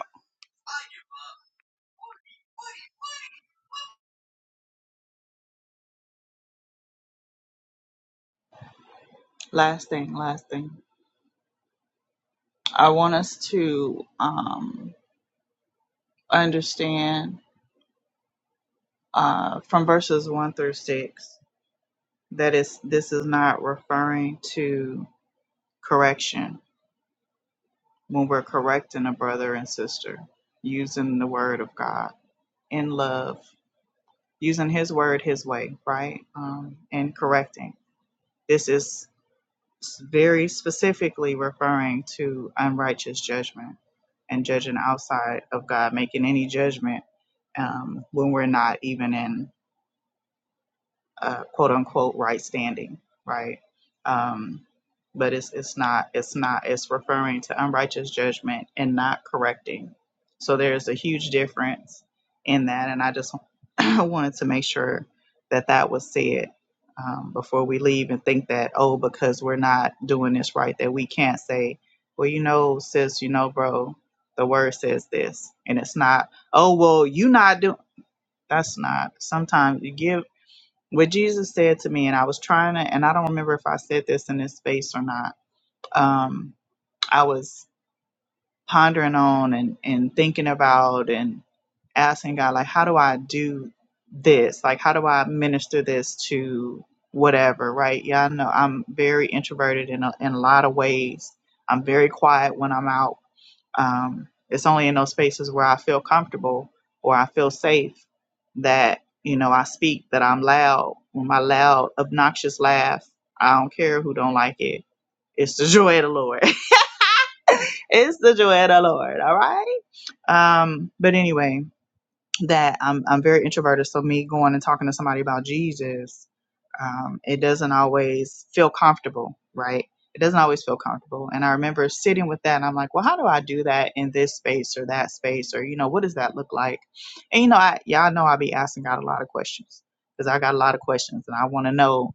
Speaker 2: Last thing, last thing. I want us to um, understand uh, from verses 1 through 6 that it's, this is not referring to correction. when we're correcting a brother and sister, using the word of God in love, using His word His way, right? Um, and correcting. This is very specifically referring to unrighteous judgment and judging outside of God, making any judgment um, when we're not even in uh, quote unquote right standing, right? Um, but it's it's not it's not it's referring to unrighteous judgment and not correcting. So there's a huge difference in that, and I just (clears throat) wanted to make sure that that was said um, before we leave and think that oh because we're not doing this right that we can't say well you know sis you know bro the word says this and it's not oh well you not doing that's not sometimes you give what Jesus said to me, and I was trying to, and I don't remember if I said this in this space or not. Um, I was pondering on and, and thinking about and asking God, like, how do I do this? Like, how do I minister this to whatever, right? Yeah, I know I'm very introverted in a, in a lot of ways. I'm very quiet when I'm out um, it's only in those spaces where I feel comfortable or I feel safe that, you know, I speak, that I'm loud. When my loud, obnoxious laugh, I don't care who don't like it. It's the (laughs) joy of the Lord. (laughs) it's the joy of the Lord. All right. Um, but anyway, that I'm I'm very introverted. So me going and talking to somebody about Jesus um, it doesn't always feel comfortable, right? It doesn't always feel comfortable. And I remember sitting with that and I'm like, well, how do I do that in this space or that space? Or, you know, what does that look like? And, you know, I, y'all know i be asking God a lot of questions because I got a lot of questions and I want to know.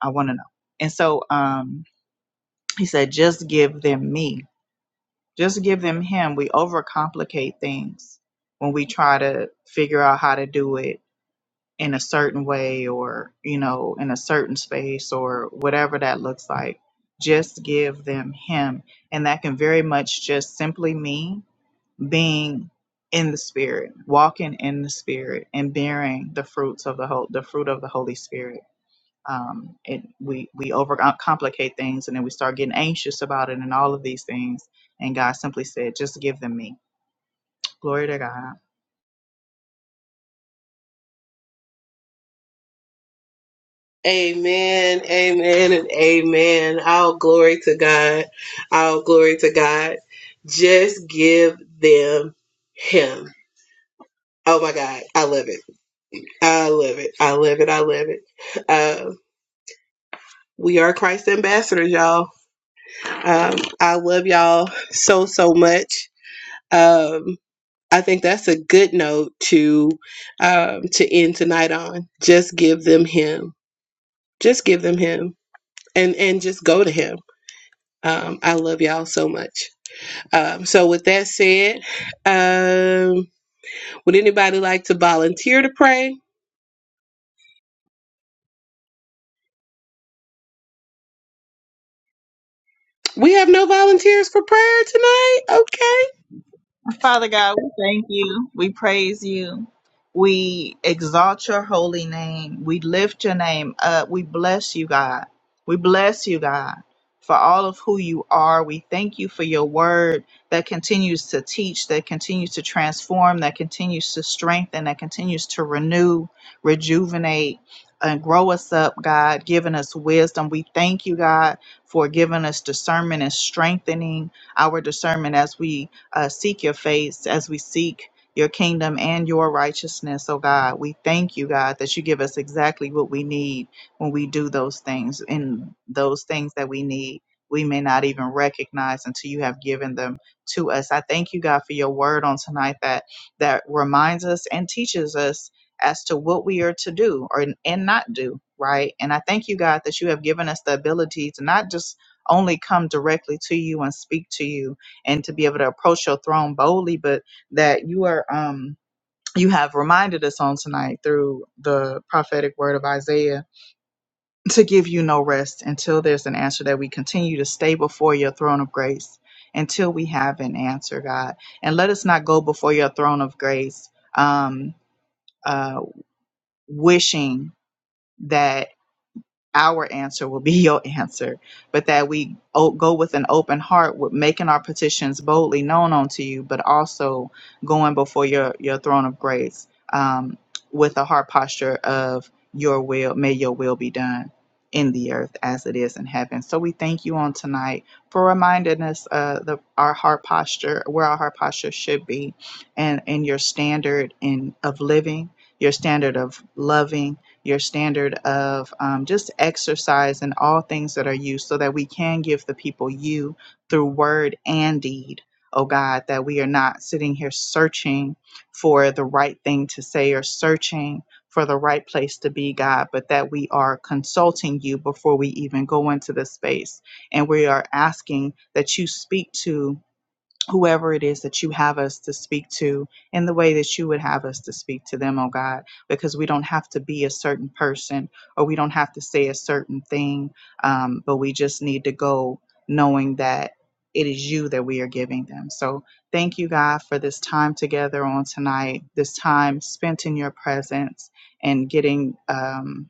Speaker 2: I want to know. And so um, he said, just give them me. Just give them him. We overcomplicate things when we try to figure out how to do it in a certain way or you know in a certain space or whatever that looks like just give them him and that can very much just simply mean being in the spirit walking in the spirit and bearing the fruits of the whole the fruit of the holy spirit um it we we overcomplicate things and then we start getting anxious about it and all of these things and god simply said just give them me glory to god
Speaker 1: Amen, amen, and amen. All glory to God. All glory to God. Just give them Him. Oh my God. I love it. I love it. I love it. I love it. Uh, we are Christ ambassadors, y'all. Um, I love y'all so, so much. um, I think that's a good note to um, to end tonight on. Just give them Him. Just give them Him, and and just go to Him. Um, I love y'all so much. Um, so with that said, um, would anybody like to volunteer to pray? We have no volunteers for prayer tonight. Okay.
Speaker 2: Father God, we thank you. We praise you. We exalt your holy name. We lift your name up. We bless you, God. We bless you, God, for all of who you are. We thank you for your word that continues to teach, that continues to transform, that continues to strengthen, that continues to renew, rejuvenate, and grow us up, God, giving us wisdom. We thank you, God, for giving us discernment and strengthening our discernment as we uh, seek your face as we seek your kingdom and your righteousness, oh God. We thank you, God, that you give us exactly what we need when we do those things and those things that we need. We may not even recognize until you have given them to us. I thank you, God, for your word on tonight that that reminds us and teaches us as to what we are to do or and not do, right? And I thank you, God, that you have given us the ability to not just only come directly to you and speak to you, and to be able to approach your throne boldly, but that you are um you have reminded us on tonight through the prophetic word of Isaiah to give you no rest until there's an answer that we continue to stay before your throne of grace until we have an answer, God. And let us not go before your throne of grace um uh wishing that our answer will be (laughs) your answer, but that we o- go with an open heart, with making our petitions boldly known unto you, but also going before your your throne of grace um, with a heart posture of your will. May your will be done in the earth as it is in heaven. So we thank you on tonight for reminding us uh, the our heart posture, where our heart posture should be, and and your standard in of living, your standard of loving your standard of um, just exercise and all things that are you, so that we can give the people you through word and deed, oh God, that we are not sitting here searching for the right thing to say or searching for the right place to be, God, but that we are consulting you before we even go into the space. And we are asking that you speak to whoever it is that you have us to speak to in the way that you would have us to speak to them, oh God, because we don't have to be a certain person or we don't have to say a certain thing, um, but we just need to go knowing that it is you that we are giving them. So thank you, God, for this time together on tonight, this time spent in your presence and getting. Um,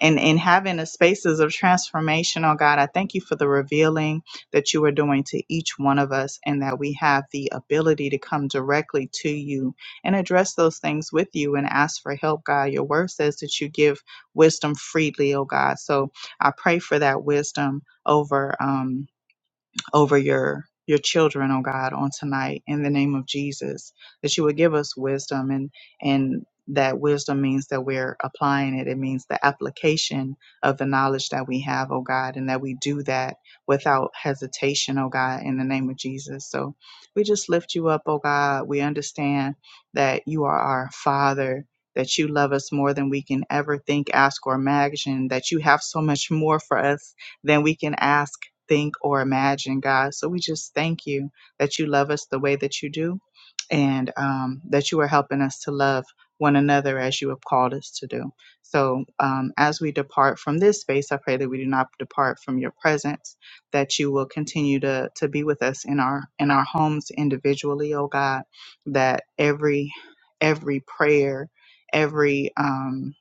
Speaker 2: and and having the spaces of transformation oh god i thank you for the revealing that you are doing to each one of us and that we have the ability to come directly to you and address those things with you and ask for help god your word says that you give wisdom freely oh god so i pray for that wisdom over um, over your your children, oh God, on tonight in the name of Jesus, that you would give us wisdom and and that wisdom means that we're applying it. It means the application of the knowledge that we have, oh God, and that we do that without hesitation, oh God, in the name of Jesus. So we just lift you up, oh God. We understand that you are our Father, that you love us more than we can ever think, ask, or imagine, that you have so much more for us than we can ask think, or imagine, God. So we just thank you that you love us the way that you do and um, that you are helping us to love one another as you have called us to do. So um, as we depart from this space, I pray that we do not depart from your presence, that you will continue to, to be with us in our in our homes individually, oh God, that every every prayer, every um,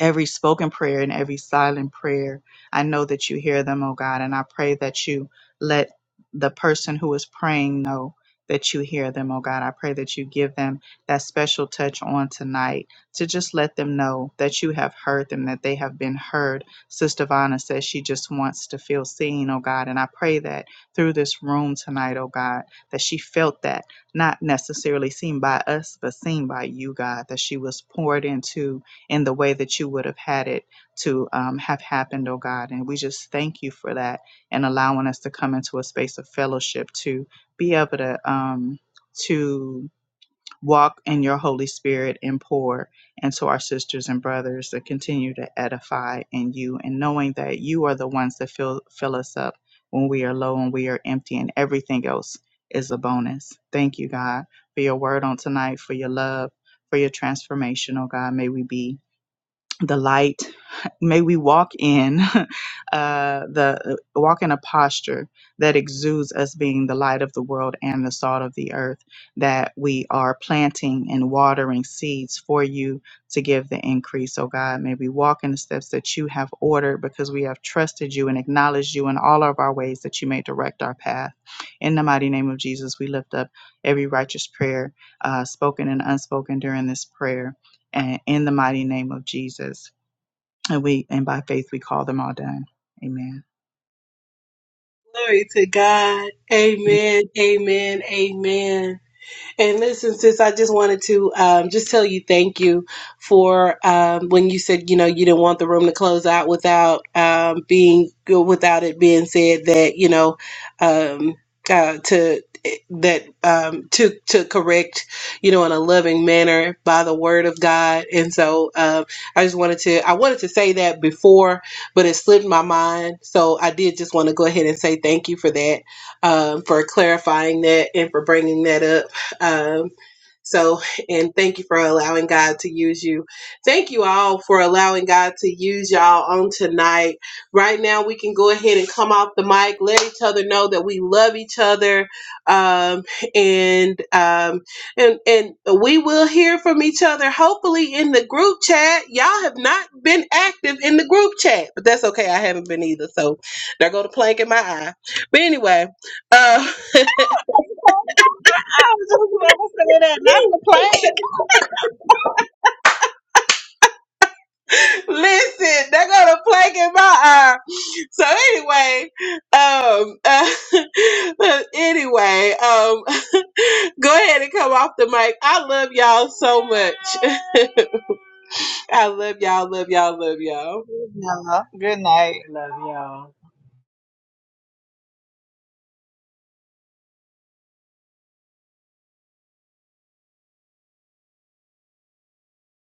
Speaker 2: every spoken prayer and every silent prayer. I know that you hear them, oh God, and I pray that you let the person who is praying know that you hear them, oh God. I pray that you give them that special touch on tonight to just let them know that you have heard them, that they have been heard. Sister Vonna says she just wants to feel seen, oh God. And I pray that through this room tonight, oh God, that she felt that, not necessarily seen by us, but seen by you, God, that she was poured into in the way that you would have had it to um, have happened, oh God. And we just thank you for that and allowing us to come into a space of fellowship to be able to um, to walk in your Holy Spirit and pour into our sisters and brothers to continue to edify in you and knowing that you are the ones that fill fill us up when we are low and we are empty and everything else is a bonus. Thank you, God, for your word on tonight, for your love, for your transformation, oh God. May we be the light. May we walk in (laughs) uh, the uh, walk in a posture that exudes us being the light of the world and the salt of the earth. That we are planting and watering seeds for you to give the increase. Oh God, may we walk in the steps that you have ordered because we have trusted you and acknowledged you in all of our ways that you may direct our path. In the mighty name of Jesus, we lift up every righteous prayer uh, spoken and unspoken during this prayer and in the mighty name of Jesus. And we and by faith we call them all done. Amen.
Speaker 1: Glory to God. Amen. Amen. Amen. And listen, sis, I just wanted to um, just tell you thank you for um, when you said, you know, you didn't want the room to close out without um, being without it being said that, you know, um, uh, to that um, to to correct, you know, in a loving manner by the word of God. And so um, I just wanted to I wanted to say that before, but it slipped my mind. So I did just want to go ahead and say thank you for that um, for clarifying that and for bringing that up um, so, and thank you for allowing God to use you. Thank you all for allowing God to use y'all on tonight. Right now, we can go ahead and come off the mic, let each other know that we love each other, um, and um, and and we will hear from each other. Hopefully, in the group chat, y'all have not been active in the group chat, but that's okay. I haven't been either, so there go the plank in my eye. But anyway, uh,
Speaker 2: I was just about to say that.
Speaker 1: (laughs)
Speaker 2: Now, thank-
Speaker 1: Listen, they're gonna plague in my eye. So anyway, um, uh, (laughs) anyway, um, (laughs) go ahead and come off the mic. I love y'all so much. (laughs) I love y'all, love y'all, love y'all.
Speaker 2: Okay.
Speaker 7: Love y'all.